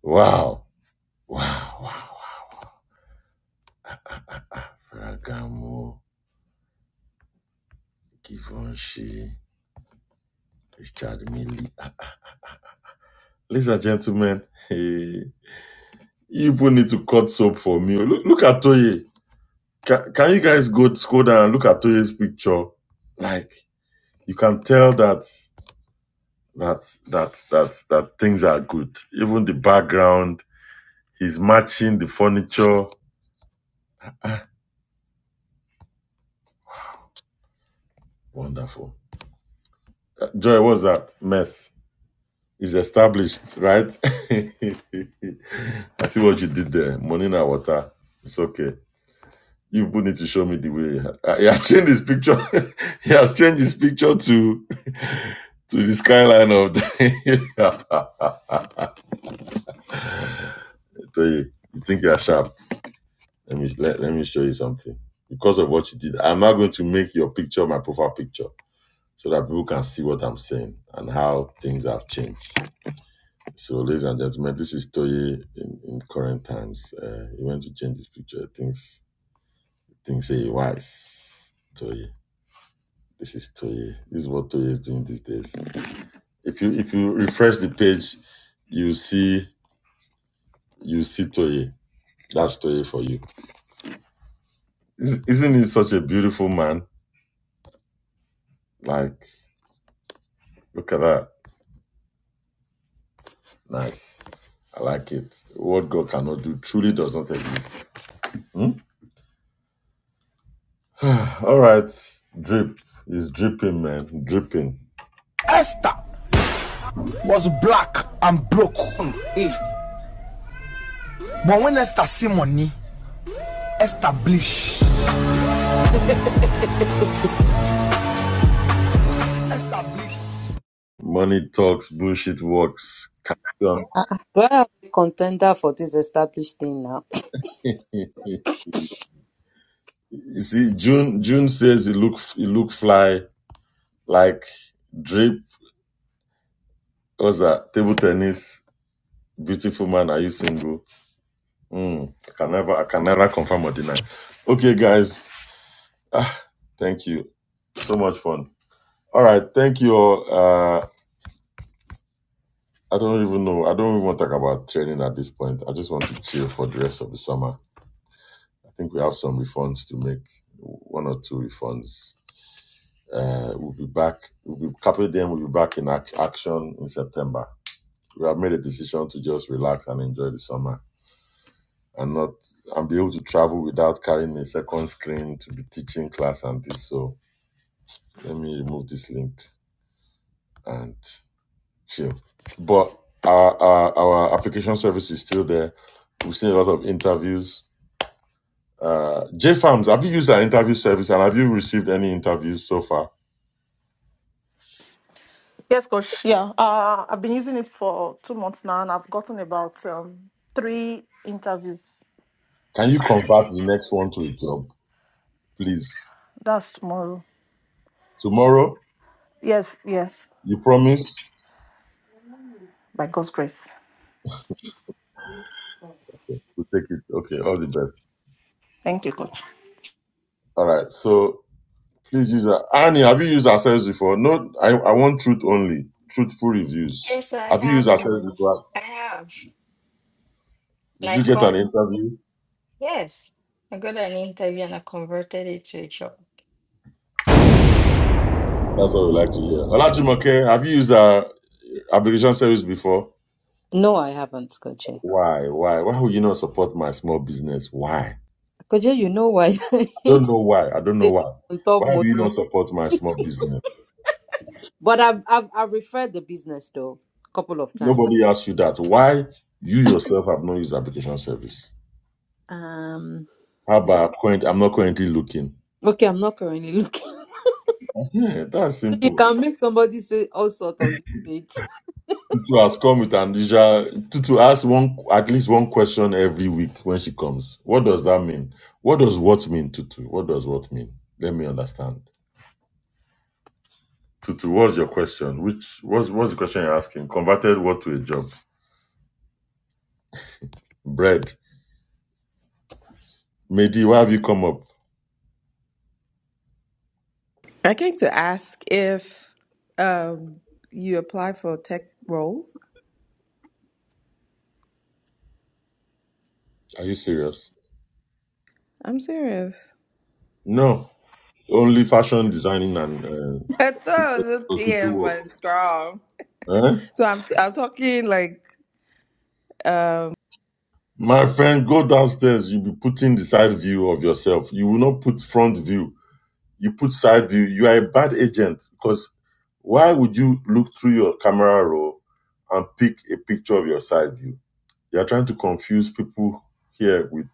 Wow. Wow, wow, wow. Ah, Ferragamo, Givenchy, Richard Mille. Ladies and gentlemen, eh, you people need to cut soap for me. Oh, Look, look at Toye. Can, can you guys go scroll down and look at Toye's picture? Like you can tell that that that that that things are good. Even the background, he's matching the furniture. Ah, wonderful. Uh, Joy, what's that mess? Is established, right? I see what you did there. Money na water. It's okay. You people need to show me the way. Uh, He has changed his picture. he has changed his picture to to the skyline of the. I tell you, you think you are sharp? Let me let, let me show you something. Because of what you did, I'm not going to make your picture my profile picture so that people can see what I'm saying and how things have changed. So, ladies and gentlemen, this is Toye in, in current times. Uh, he went to change his picture. Things things say wise Toye. This is Toye. This is what Toye is doing these days. If you if you refresh the page, you see you see Toye. That's Toye for you. Is- Isn't he such a beautiful man? Like, look at that. Nice. I like it. What God cannot do truly does not exist. Hmm? All right. Drip. It's dripping, man. Dripping.
I'm broke. But when Esther see money, establish. Establish.
Money talks, bullshit works. Captain.
Ah, ah, well, I'm a contender for this established thing now.
you see, June June says he look he look fly like drip. What's that? Table tennis. Beautiful man, are you single? Mm, I can never, I can never confirm or deny. Okay, guys, ah, thank you. So much fun. All right, thank you all. Uh, I don't even know. I don't even want to talk about training at this point. I just want to chill for the rest of the summer. I think we have some refunds to make, one or two refunds. Uh, we'll be back. We'll be couple them. We'll be back in ac- action in September. We have made a decision to just relax and enjoy the summer and not and be able to travel without carrying a second screen to be teaching class and this. So let me remove this link and chill. But our our, our application service is still there. We've seen a lot of interviews. Uh, J Farms, have you used our interview service and have you received any interviews so far?
Yes, coach. Yeah, uh, I've been using it for two months now, and I've gotten about um, three interviews.
Can you convert the next one to a job, please?
That's tomorrow.
Tomorrow,
Yes, yes,
you promise?
by God's grace.
We'll take it. Okay, all the best.
Thank you, coach.
All right. So Please use that. Annie, have you used ourselves before? No, I, I want truth only. Truthful reviews.
Yes, I
Have you used
have.
ourselves
oh,
before?
I have, and
Did you
I
get an
come.
interview?
Yes, I got an interview and I converted it to a job.
That's what we like to hear. Olajumoke, have you used our application service before?
No, I haven't, Koje.
Why? Why? Why would you not support my small business? Why?
Koje, you know why
I don't know why. I don't know
they
why.
talk on top
Why do you not
Moyo.
support my small business?
But I've, I've I've referred the business though a couple of times.
Nobody asked you that. Why you yourself have not used application service?
Um,
How about current? I'm not currently looking.
okay, I'm not currently looking.
Yeah, that's
you
simple.
can make somebody say all sort on this page.
Tutu has come with Andija. Tutu asks one at least one question every week when she comes. What does that mean? What does what mean, Tutu? What does what mean? Let me understand. Tutu, what's your question? Which what's what's the question you're asking? Converted what to a job? Bread. Mehdi, why have you come up?
I came to ask if um, you apply for tech roles.
Are you serious?
I'm serious.
No. Only fashion designing and uh,
I thought I was just being my
hospital
strong.
work. Eh?
So I'm I'm talking like
My friend, go downstairs. You'll be putting the side view of yourself. You will not put front view you put side view, you are a bad agent because why would you look through your camera roll and pick a picture of your side view? You are trying to confuse people here with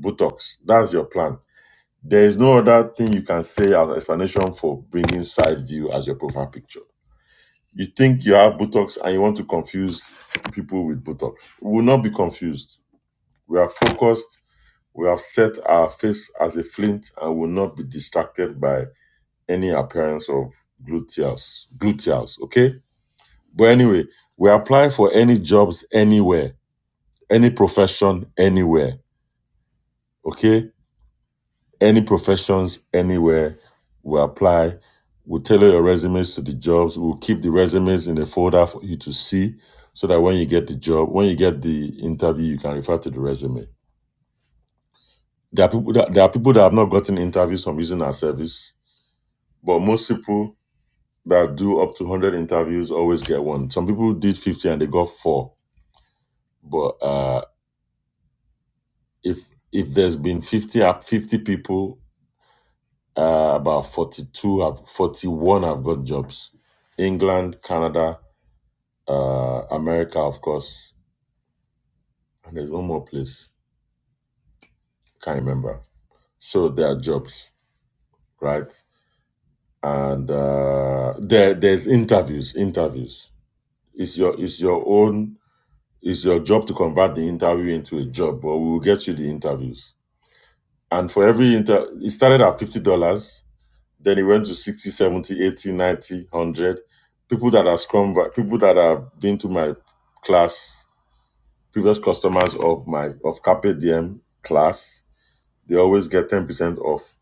Botox. That's your plan. There is no other thing you can say as an explanation for bringing side view as your profile picture. You think you have Botox and you want to confuse people with Botox. We will not be confused. We are focused. We have set our face as a flint and will not be distracted by any appearance of gluteus gluteus okay but anyway we apply for any jobs anywhere any profession anywhere okay any professions anywhere we apply we'll tailor your resumes to the jobs we'll keep the resumes in a folder for you to see so that when you get the job when you get the interview you can refer to the resume there are people that there are people that have not gotten interviews from using our service but most people that do up to 100 interviews always get one. Some people did 50 and they got four. But uh, if if there's been 50 up 50 people, uh, about 42 have 41 have got jobs. England, Canada, uh, America, of course, and there's one more place can't remember. So there are jobs, right? And uh, there there's interviews. Interviews. It's your it's your own. It's your job to convert the interview into a job, but we will get you the interviews. And for every inter, it started at $50, then it went to 60, seventy, eighty, ninety, one hundred. People that are scrum, people that have been to my class, previous customers of my, of Carpe Diem class, they always get 10% off.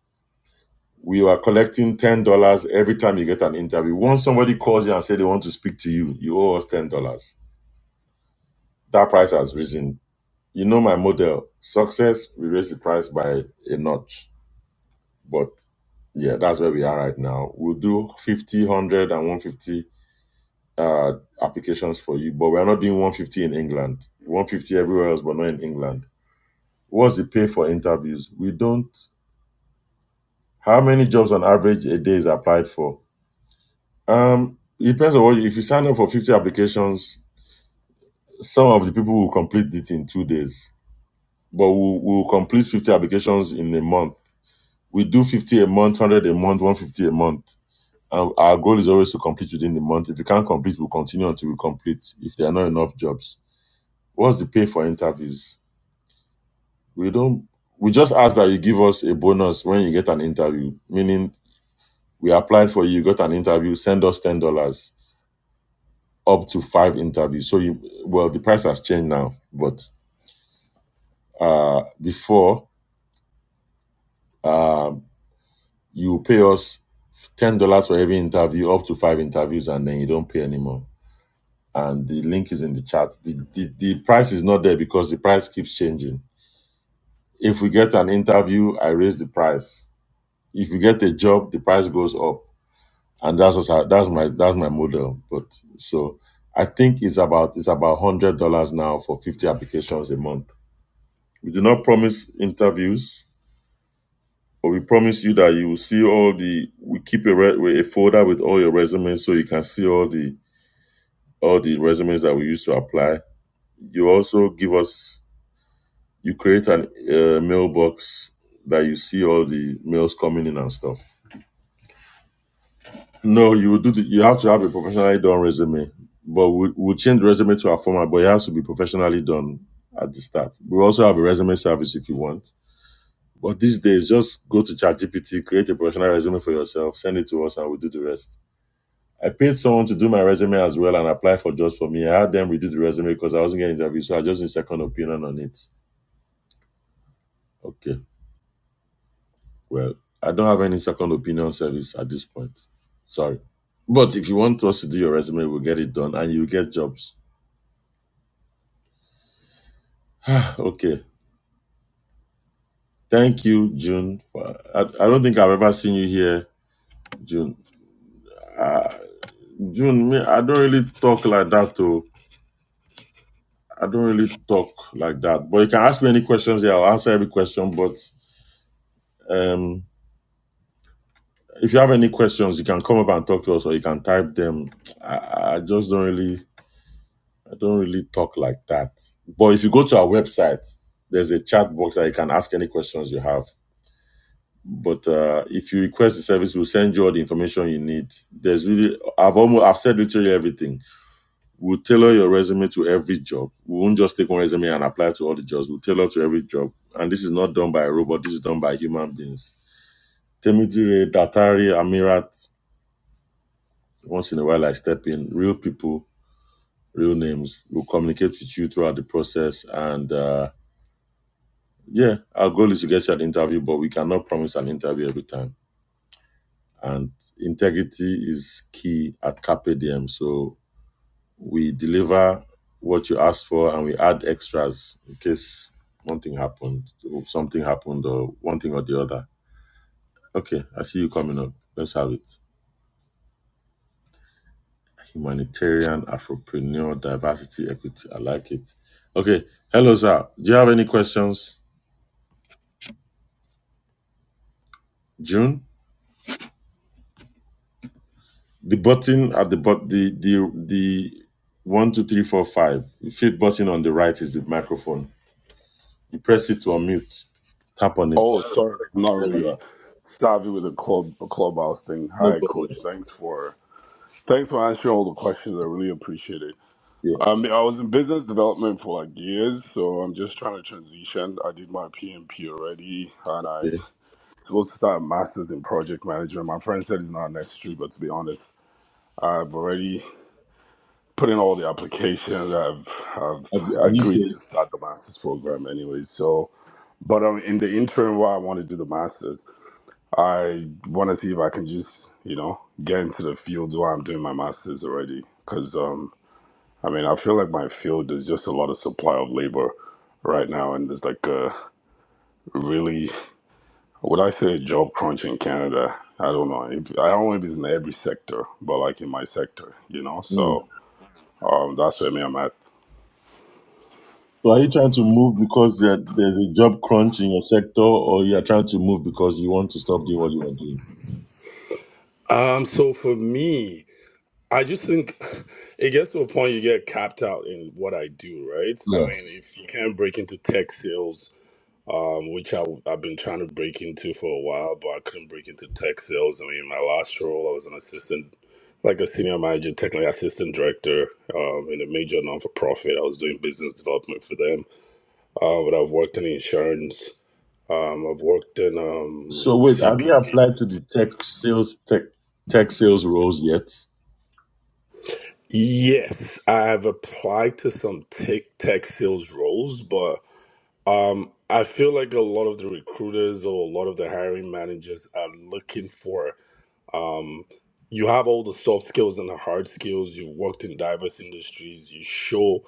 We are collecting $10 every time you get an interview. Once somebody calls you and say they want to speak to you, you owe us $10. That price has risen You know my model. Success, we raise the price by a notch. But yeah, that's where we are right now. We'll do 50, one hundred, and one hundred fifty uh, applications for you, but we're not doing 150 in England. 150 everywhere else, but not in England. What's the pay for interviews? We don't. How many jobs on average a day is applied for? Um, it depends on what you, if you sign up for 50 applications, some of the people will complete it in two days, but we'll, we'll complete 50 applications in a month we do 50 a month, 100 a month, 150 a month. Um, our goal is always to complete within the month. If we can't complete, we'll continue until we complete if there are not enough jobs. What's the pay for interviews? We don't, we just ask that you give us a bonus when you get an interview, meaning we applied for you, you got an interview, send us $10 up to five interviews. So you, well, the price has changed now, but uh, before, um, you pay us $10 for every interview, up to five interviews, and then you don't pay anymore and the link is in the chat. The, the the price is not there because the price keeps changing. If we get an interview, I raise the price. If we get a job, the price goes up, and that's what's, how- that's my that's my model. But so I think it's about it's about hundred dollars now for fifty applications a month. We do not promise interviews, but we promise you that you will see all the. We keep a re, a folder with all your resumes so you can see all the all the resumes that we use to apply. You also give us you create an uh, mailbox that you see all the mails coming in and stuff. No, you will do. The, you have to have a professionally done resume, but we, we'll change the resume to our format. But it has to be professionally done at the start. We also have a resume service if you want. But these days, just go to ChatGPT, create a professional resume for yourself, send it to us, and we'll do the rest. I paid someone to do my resume as well and apply for jobs for me. I had them redo the resume because I wasn't getting interviewed, so I just need a second opinion on it. Okay. Well, I don't have any second opinion service at this point. Sorry. But if you want us to do your resume, we'll get it done and you'll get jobs. Okay. Thank you, June. For, I, I don't think I've ever seen you here, June. Uh, June, me, I don't really talk like that, though. I don't really talk like that. But you can ask me any questions here. I'll answer every question. But um, if you have any questions, you can come up and talk to us or you can type them. I, I just don't really I don't really talk like that. But if you go to our website, there's a chat box that you can ask any questions you have. But uh, if you request the service, we'll send you all the information you need. There's really, I've almost, I've said literally everything. We'll tailor your resume to every job. We won't just take one resume and apply to all the jobs. We'll tailor to every job. And this is not done by a robot. This is done by human beings. Temidire, Datari, Amirat. Once in a while, I step in. Real people, real names. We'll communicate with you throughout the process and. Uh, Yeah, our goal is to get you an interview, but we cannot promise an interview every time. And integrity is key at Carpe Diem. So we deliver what you asked for and we add extras in case one thing happened, or something happened, or one thing or the other. Okay, I see you coming up. Let's have it. Humanitarian, Afropreneur, diversity, equity. I like it. Okay. Hello, sir. Do you have any questions? June? The button at the but the the the one two three four five. The fifth button on the right is the microphone. You press it to unmute. Tap on it.
Oh,
There
sorry, I'm not
you
really
are.
savvy with the club clubhouse thing.
No
Hi,
problem.
Coach. Thanks for thanks for answering all the questions. I really appreciate it.
Yeah.
I mean, I was in business development for like years, so I'm just trying to transition. I did my PMP already, and I
Yeah.
supposed to start a master's in project management. My friend said it's not necessary, but to be honest, I've already put in all the applications. I've I've
Have you, have you
agreed to
paid?
start the master's program anyway. So, but um, in the interim, while I want to do the master's. I want to see if I can just, you know, get into the field while I'm doing my master's already. Because, um, I mean, I feel like my field there's just a lot of supply of labor right now. And there's like a really, would I say a job crunch in Canada? I don't know. If, I don't know if it's in every sector, but like in my sector, you know?
Mm.
So um, that's where me I'm at.
So are you trying to move because there, there's a job crunch in your sector, or you are trying to move because you want to stop doing what you are doing?
Um, so for me, I just think it gets to a point you get capped out in what I do, right? I
Yeah.
mean, if you can't break into tech sales, um, which I, I've been trying to break into for a while, but I couldn't break into tech sales. I mean, my last role, I was an assistant, like a senior manager, technically assistant director um, in a major non for profit. I was doing business development for them, uh, but I've worked in insurance. Um, I've worked in um,
So wait, have you
CPG.
applied to the tech sales tech tech sales roles yet?
Yes, I've applied to some tech tech sales roles, but um, I feel like a lot of the recruiters or a lot of the hiring managers are looking for. Um, you have all the soft skills and the hard skills. You've worked in diverse industries. You show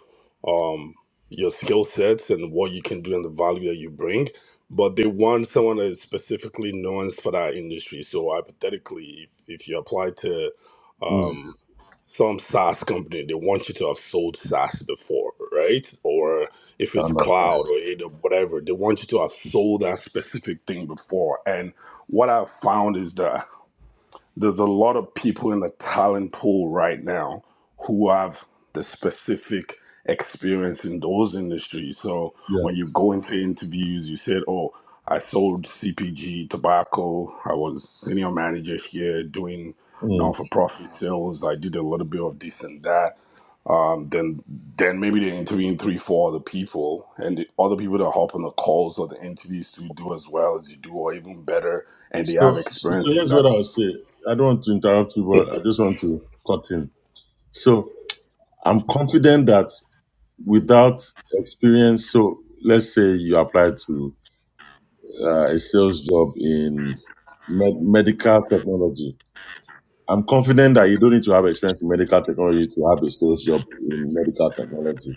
um, your skill sets and what you can do and the value that you bring. But they want someone that is specifically nuanced for that industry. So hypothetically, if, if you apply to
Mm.
um, some SaaS company, they want you to have sold SaaS before, right? Or if
I
it's
understand.
cloud or AWS, whatever, they want you to have sold that specific thing before. And what I've found is that there's a lot of people in the talent pool right now who have the specific experience in those industries. So
Yeah.
when you go into interviews, you said, "Oh, I sold CPG tobacco. I was senior manager here doing
Mm.
non-for-profit sales. I did a little bit of this and that." Um, then, then maybe they're interviewing three, four other people, and the other people that hop on the calls or the interviews to do as well as you do, or even better, and they have
So, so
experience in
here's
that
what I'll say. I don't want to interrupt you, but I just want to cut in. So I'm confident that without experience, so let's say you apply to uh, a sales job in med- medical technology. I'm confident that you don't need to have experience in medical technology to have a sales job in medical technology.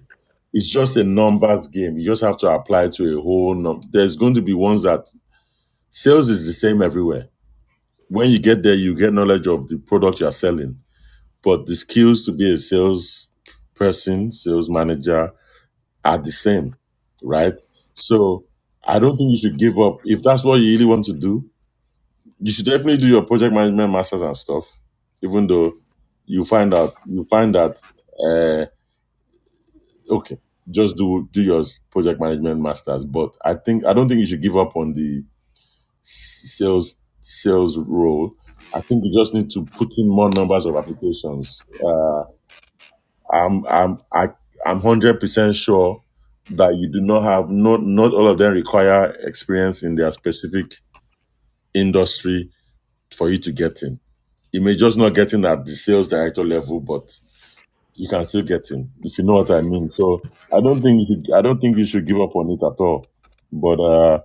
It's just a numbers game. You just have to apply to a whole number. There's going to be ones that sales is the same everywhere When you get there, you get knowledge of the product you are selling, but the skills to be a sales person, sales manager are the same, right? So I don't think you should give up. If that's what you really want to do, you should definitely do your project management masters and stuff, even though you find out, you find that, uh, okay, just do, do your project management masters. But I think, I don't think you should give up on the s- sales sales role. I think you just need to put in more numbers of applications. Uh, I'm I'm I, I'm hundred percent sure that you do not have not not all of them require experience in their specific industry for you to get in. You may just not get in at the sales director level, but you can still get in if you know what I mean. So I don't think you should, I don't think you should give up on it at all. But uh,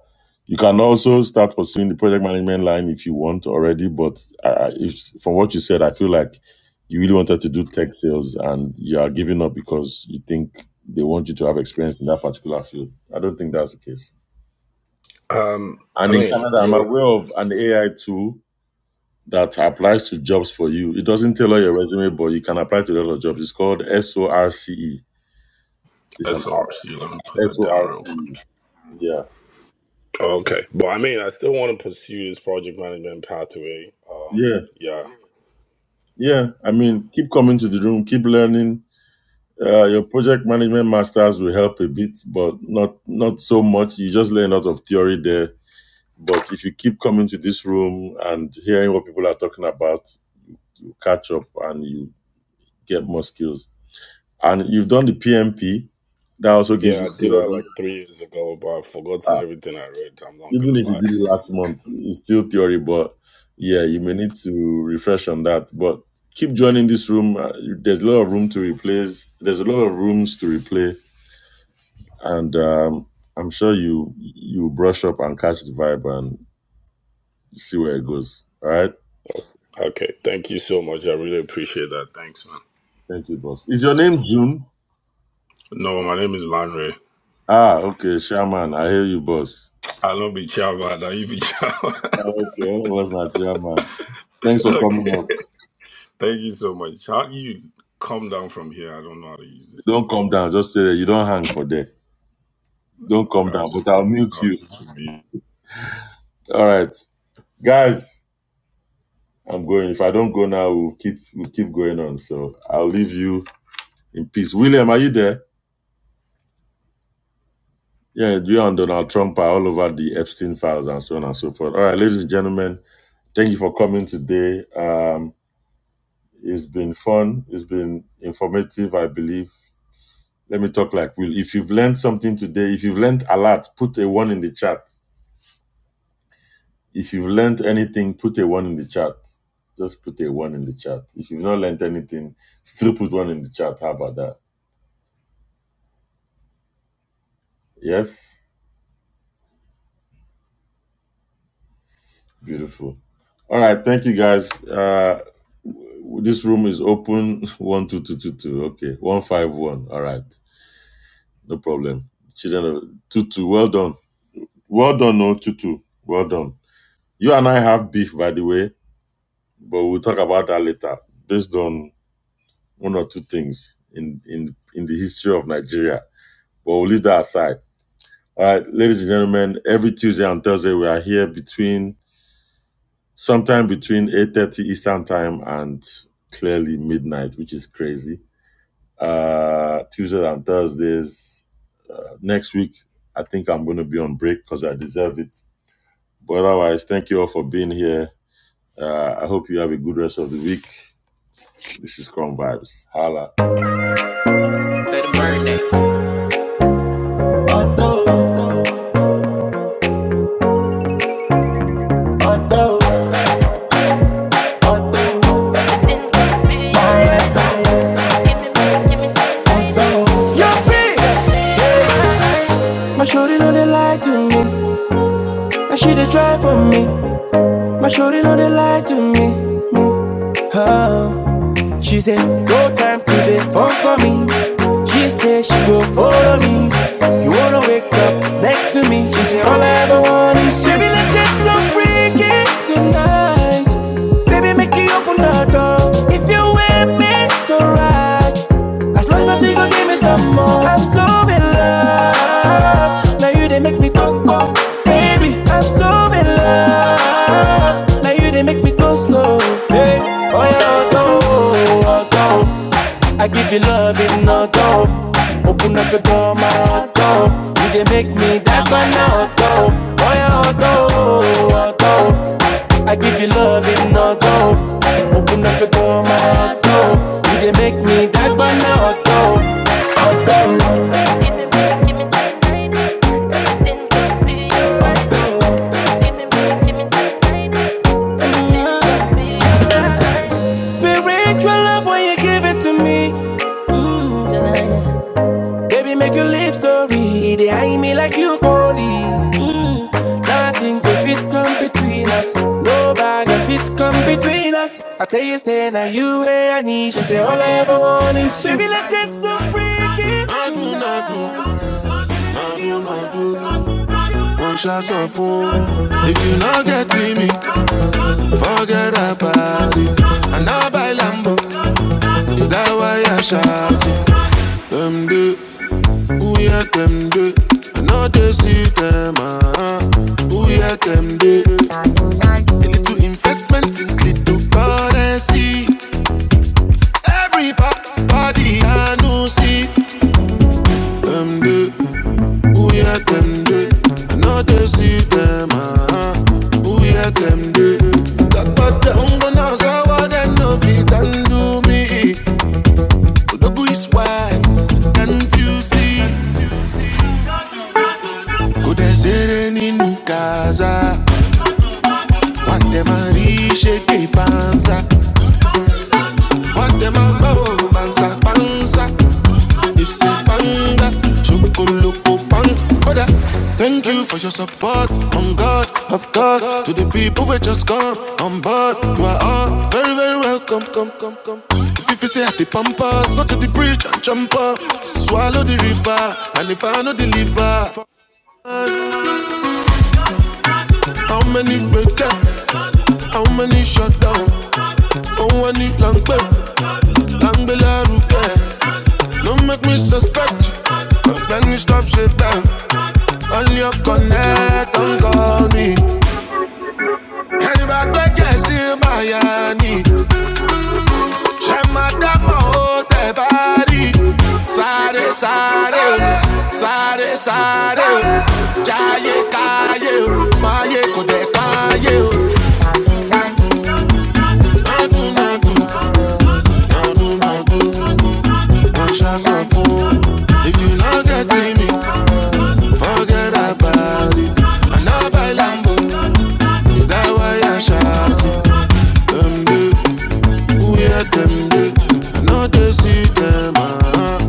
you can also start pursuing the project management line if you want already. But uh, if from what you said, I feel like you really wanted to do tech sales and you are giving up because you think they want you to have experience in that particular field. I don't think that's the case.
Um, I
And in
mean,
Canada, I'm
you're
aware of an AI tool that applies to jobs for you. It doesn't tailor your resume, but you can apply to a lot of jobs. It's called SORCE. It's an
SRC. Let me put
S
that
O
down
R
real quick.
P. Yeah,
Okay, but I mean, I still want to pursue this project management pathway. Um,
yeah,
yeah,
yeah. I mean, keep coming to the room, keep learning. Uh, your project management masters will help a bit, but not not so much. You just learn a lot of theory there. But if you keep coming to this room and hearing what people are talking about, you catch up and you get more skills. And you've done the PMP, that also gives
yeah, I
you
did that
theory.
like three years ago, but I've forgotten everything I read. I'm not
Even
gonna
if you
lie.
did it last month, it's still theory, but yeah, you may need to refresh on that. But keep joining this room. Uh, There's a lot of room to replace. There's a lot of rooms to replay, and um, I'm sure you you brush up and catch the vibe and see where it goes. All right.
Okay, thank you so much. I really appreciate that. Thanks, man.
Thank you, boss. Is your name June?
No, my name is Lanre.
Ah, okay, Shaman. I hear you, boss.
I love be Chava. Now you be Chava.
Ah, Okay, was not Shaman. Thanks for
okay,
coming up.
thank you so much. How do you come down from here? I don't know how to use this
Don't
thing.
come down. Just say that you don't hang for there. Don't come
Okay, I'll
down, but
just,
I'll mute
I'll
you.
just mute.
All right. Guys, I'm going. If I don't go now, we'll keep we'll keep going on. So I'll leave you in peace. William, are you there? Yeah, you and Donald Trump are all over the Epstein files and so on and so forth. All right, ladies and gentlemen, thank you for coming today. Um, it's been fun. It's been informative, I believe. Let me talk like Will. If you've learned something today, if you've learned a lot, put a one in the chat. If you've learned anything, put a one in the chat. Just put a one in the chat. If you've not learned anything, still put one in the chat. How about that? Yes, beautiful. All right, thank you guys. Uh, w- this room is open one two two two two. Okay, one five one. All right, no problem. Children of two. two. well done, well done, no Tutu, well done. You and I have beef, by the way, but we'll talk about that later, based on one or two things in in in the history of Nigeria. But we'll leave that aside. All right, ladies and gentlemen, every Tuesday and Thursday we are here between sometime between 8.30 Eastern time and clearly midnight, which is crazy. Uh, Tuesdays and Thursdays. Uh, next week, I think I'm going to be on break because I deserve it. But otherwise, thank you all for being here. Uh, I hope you have a good rest of the week. This is Chrome Vibes. Holla.
My shorty know they lie to me. Now she they try for me. My shorty know they lie to me. Me, oh. She said, no time today, fun for me. She said she go follow me. You wanna wake up next to me. She said, all I ever want is you. Baby, let's get so freaky tonight. Baby, make you open the door. If you with me, so right. As long as you gon' give me some more, I'm so in love. Now you they make me go go, baby. I'm so in love. Now you they make me go slow, hey. Oh yeah, oh, oh, oh, oh, oh. I give you love in knock off. Open up the door, my heart go. You dey make me that one out go. Boy, out go, out go. I give you love in knock go. Open up the door, my heart go. You dey make me that one out go. Spiritual love when you give it to me. Mm, yeah. Baby, make your live story. They hide me like you only. Nothing can fit come between us. No bag can fit come between us. I tell you, say now you where I need you. Say all I ever want is you. Baby, let's get so freaky. Nadu, nadu, nadu, do I do not do. One shot so full. If you not get to me, forget about it. And I buy Lambo, is that why I shout it? Them do, Who yet them do? I know they see them. Ah. Who yet them do? Into investment in cryptocurrency. Everybody I know see. Who yet them do? I know they see them. Ah. Who yet them do? That but the hunger now so what them no fit and do me. Odogu is wise, can't you see? Could I say any new And them a rich shake What them a bow, bansa, bansa. It's a panda, chocoloko pan. Oda. Thank you for your support, on God, of course. To the people who just come on board, you are all very, very welcome. Come, come, come. If you say at the pampas, so to the bridge and jump up, swallow the river, and if I know the liver, how many breakers? Maye kode kaye, conscious of food. If you not getting me, forget about it. And I now buy Lambos, that why I shouting. They who hear them, I know they see them. Ah,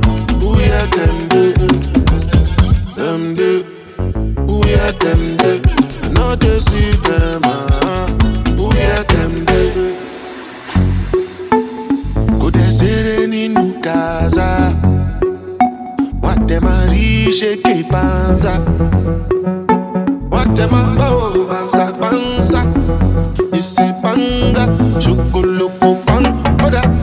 who hear them, who hear them, I know they see them. Ah, who hear them, they go they sereni nukaza. What them a riche que panza? What them a bow panza panza? You say panga, chocolate pan. Oh, that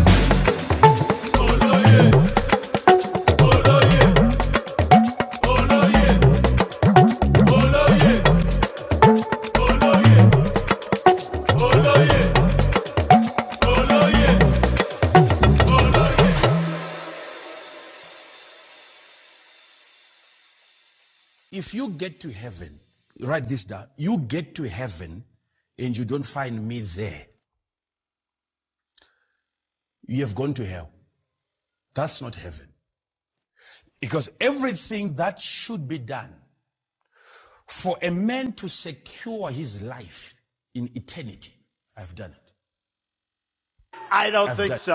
and you don't find me there, you have gone to hell. That's not heaven. Because everything that should be done for a man to secure his life in eternity, I've done it. I don't I've done it.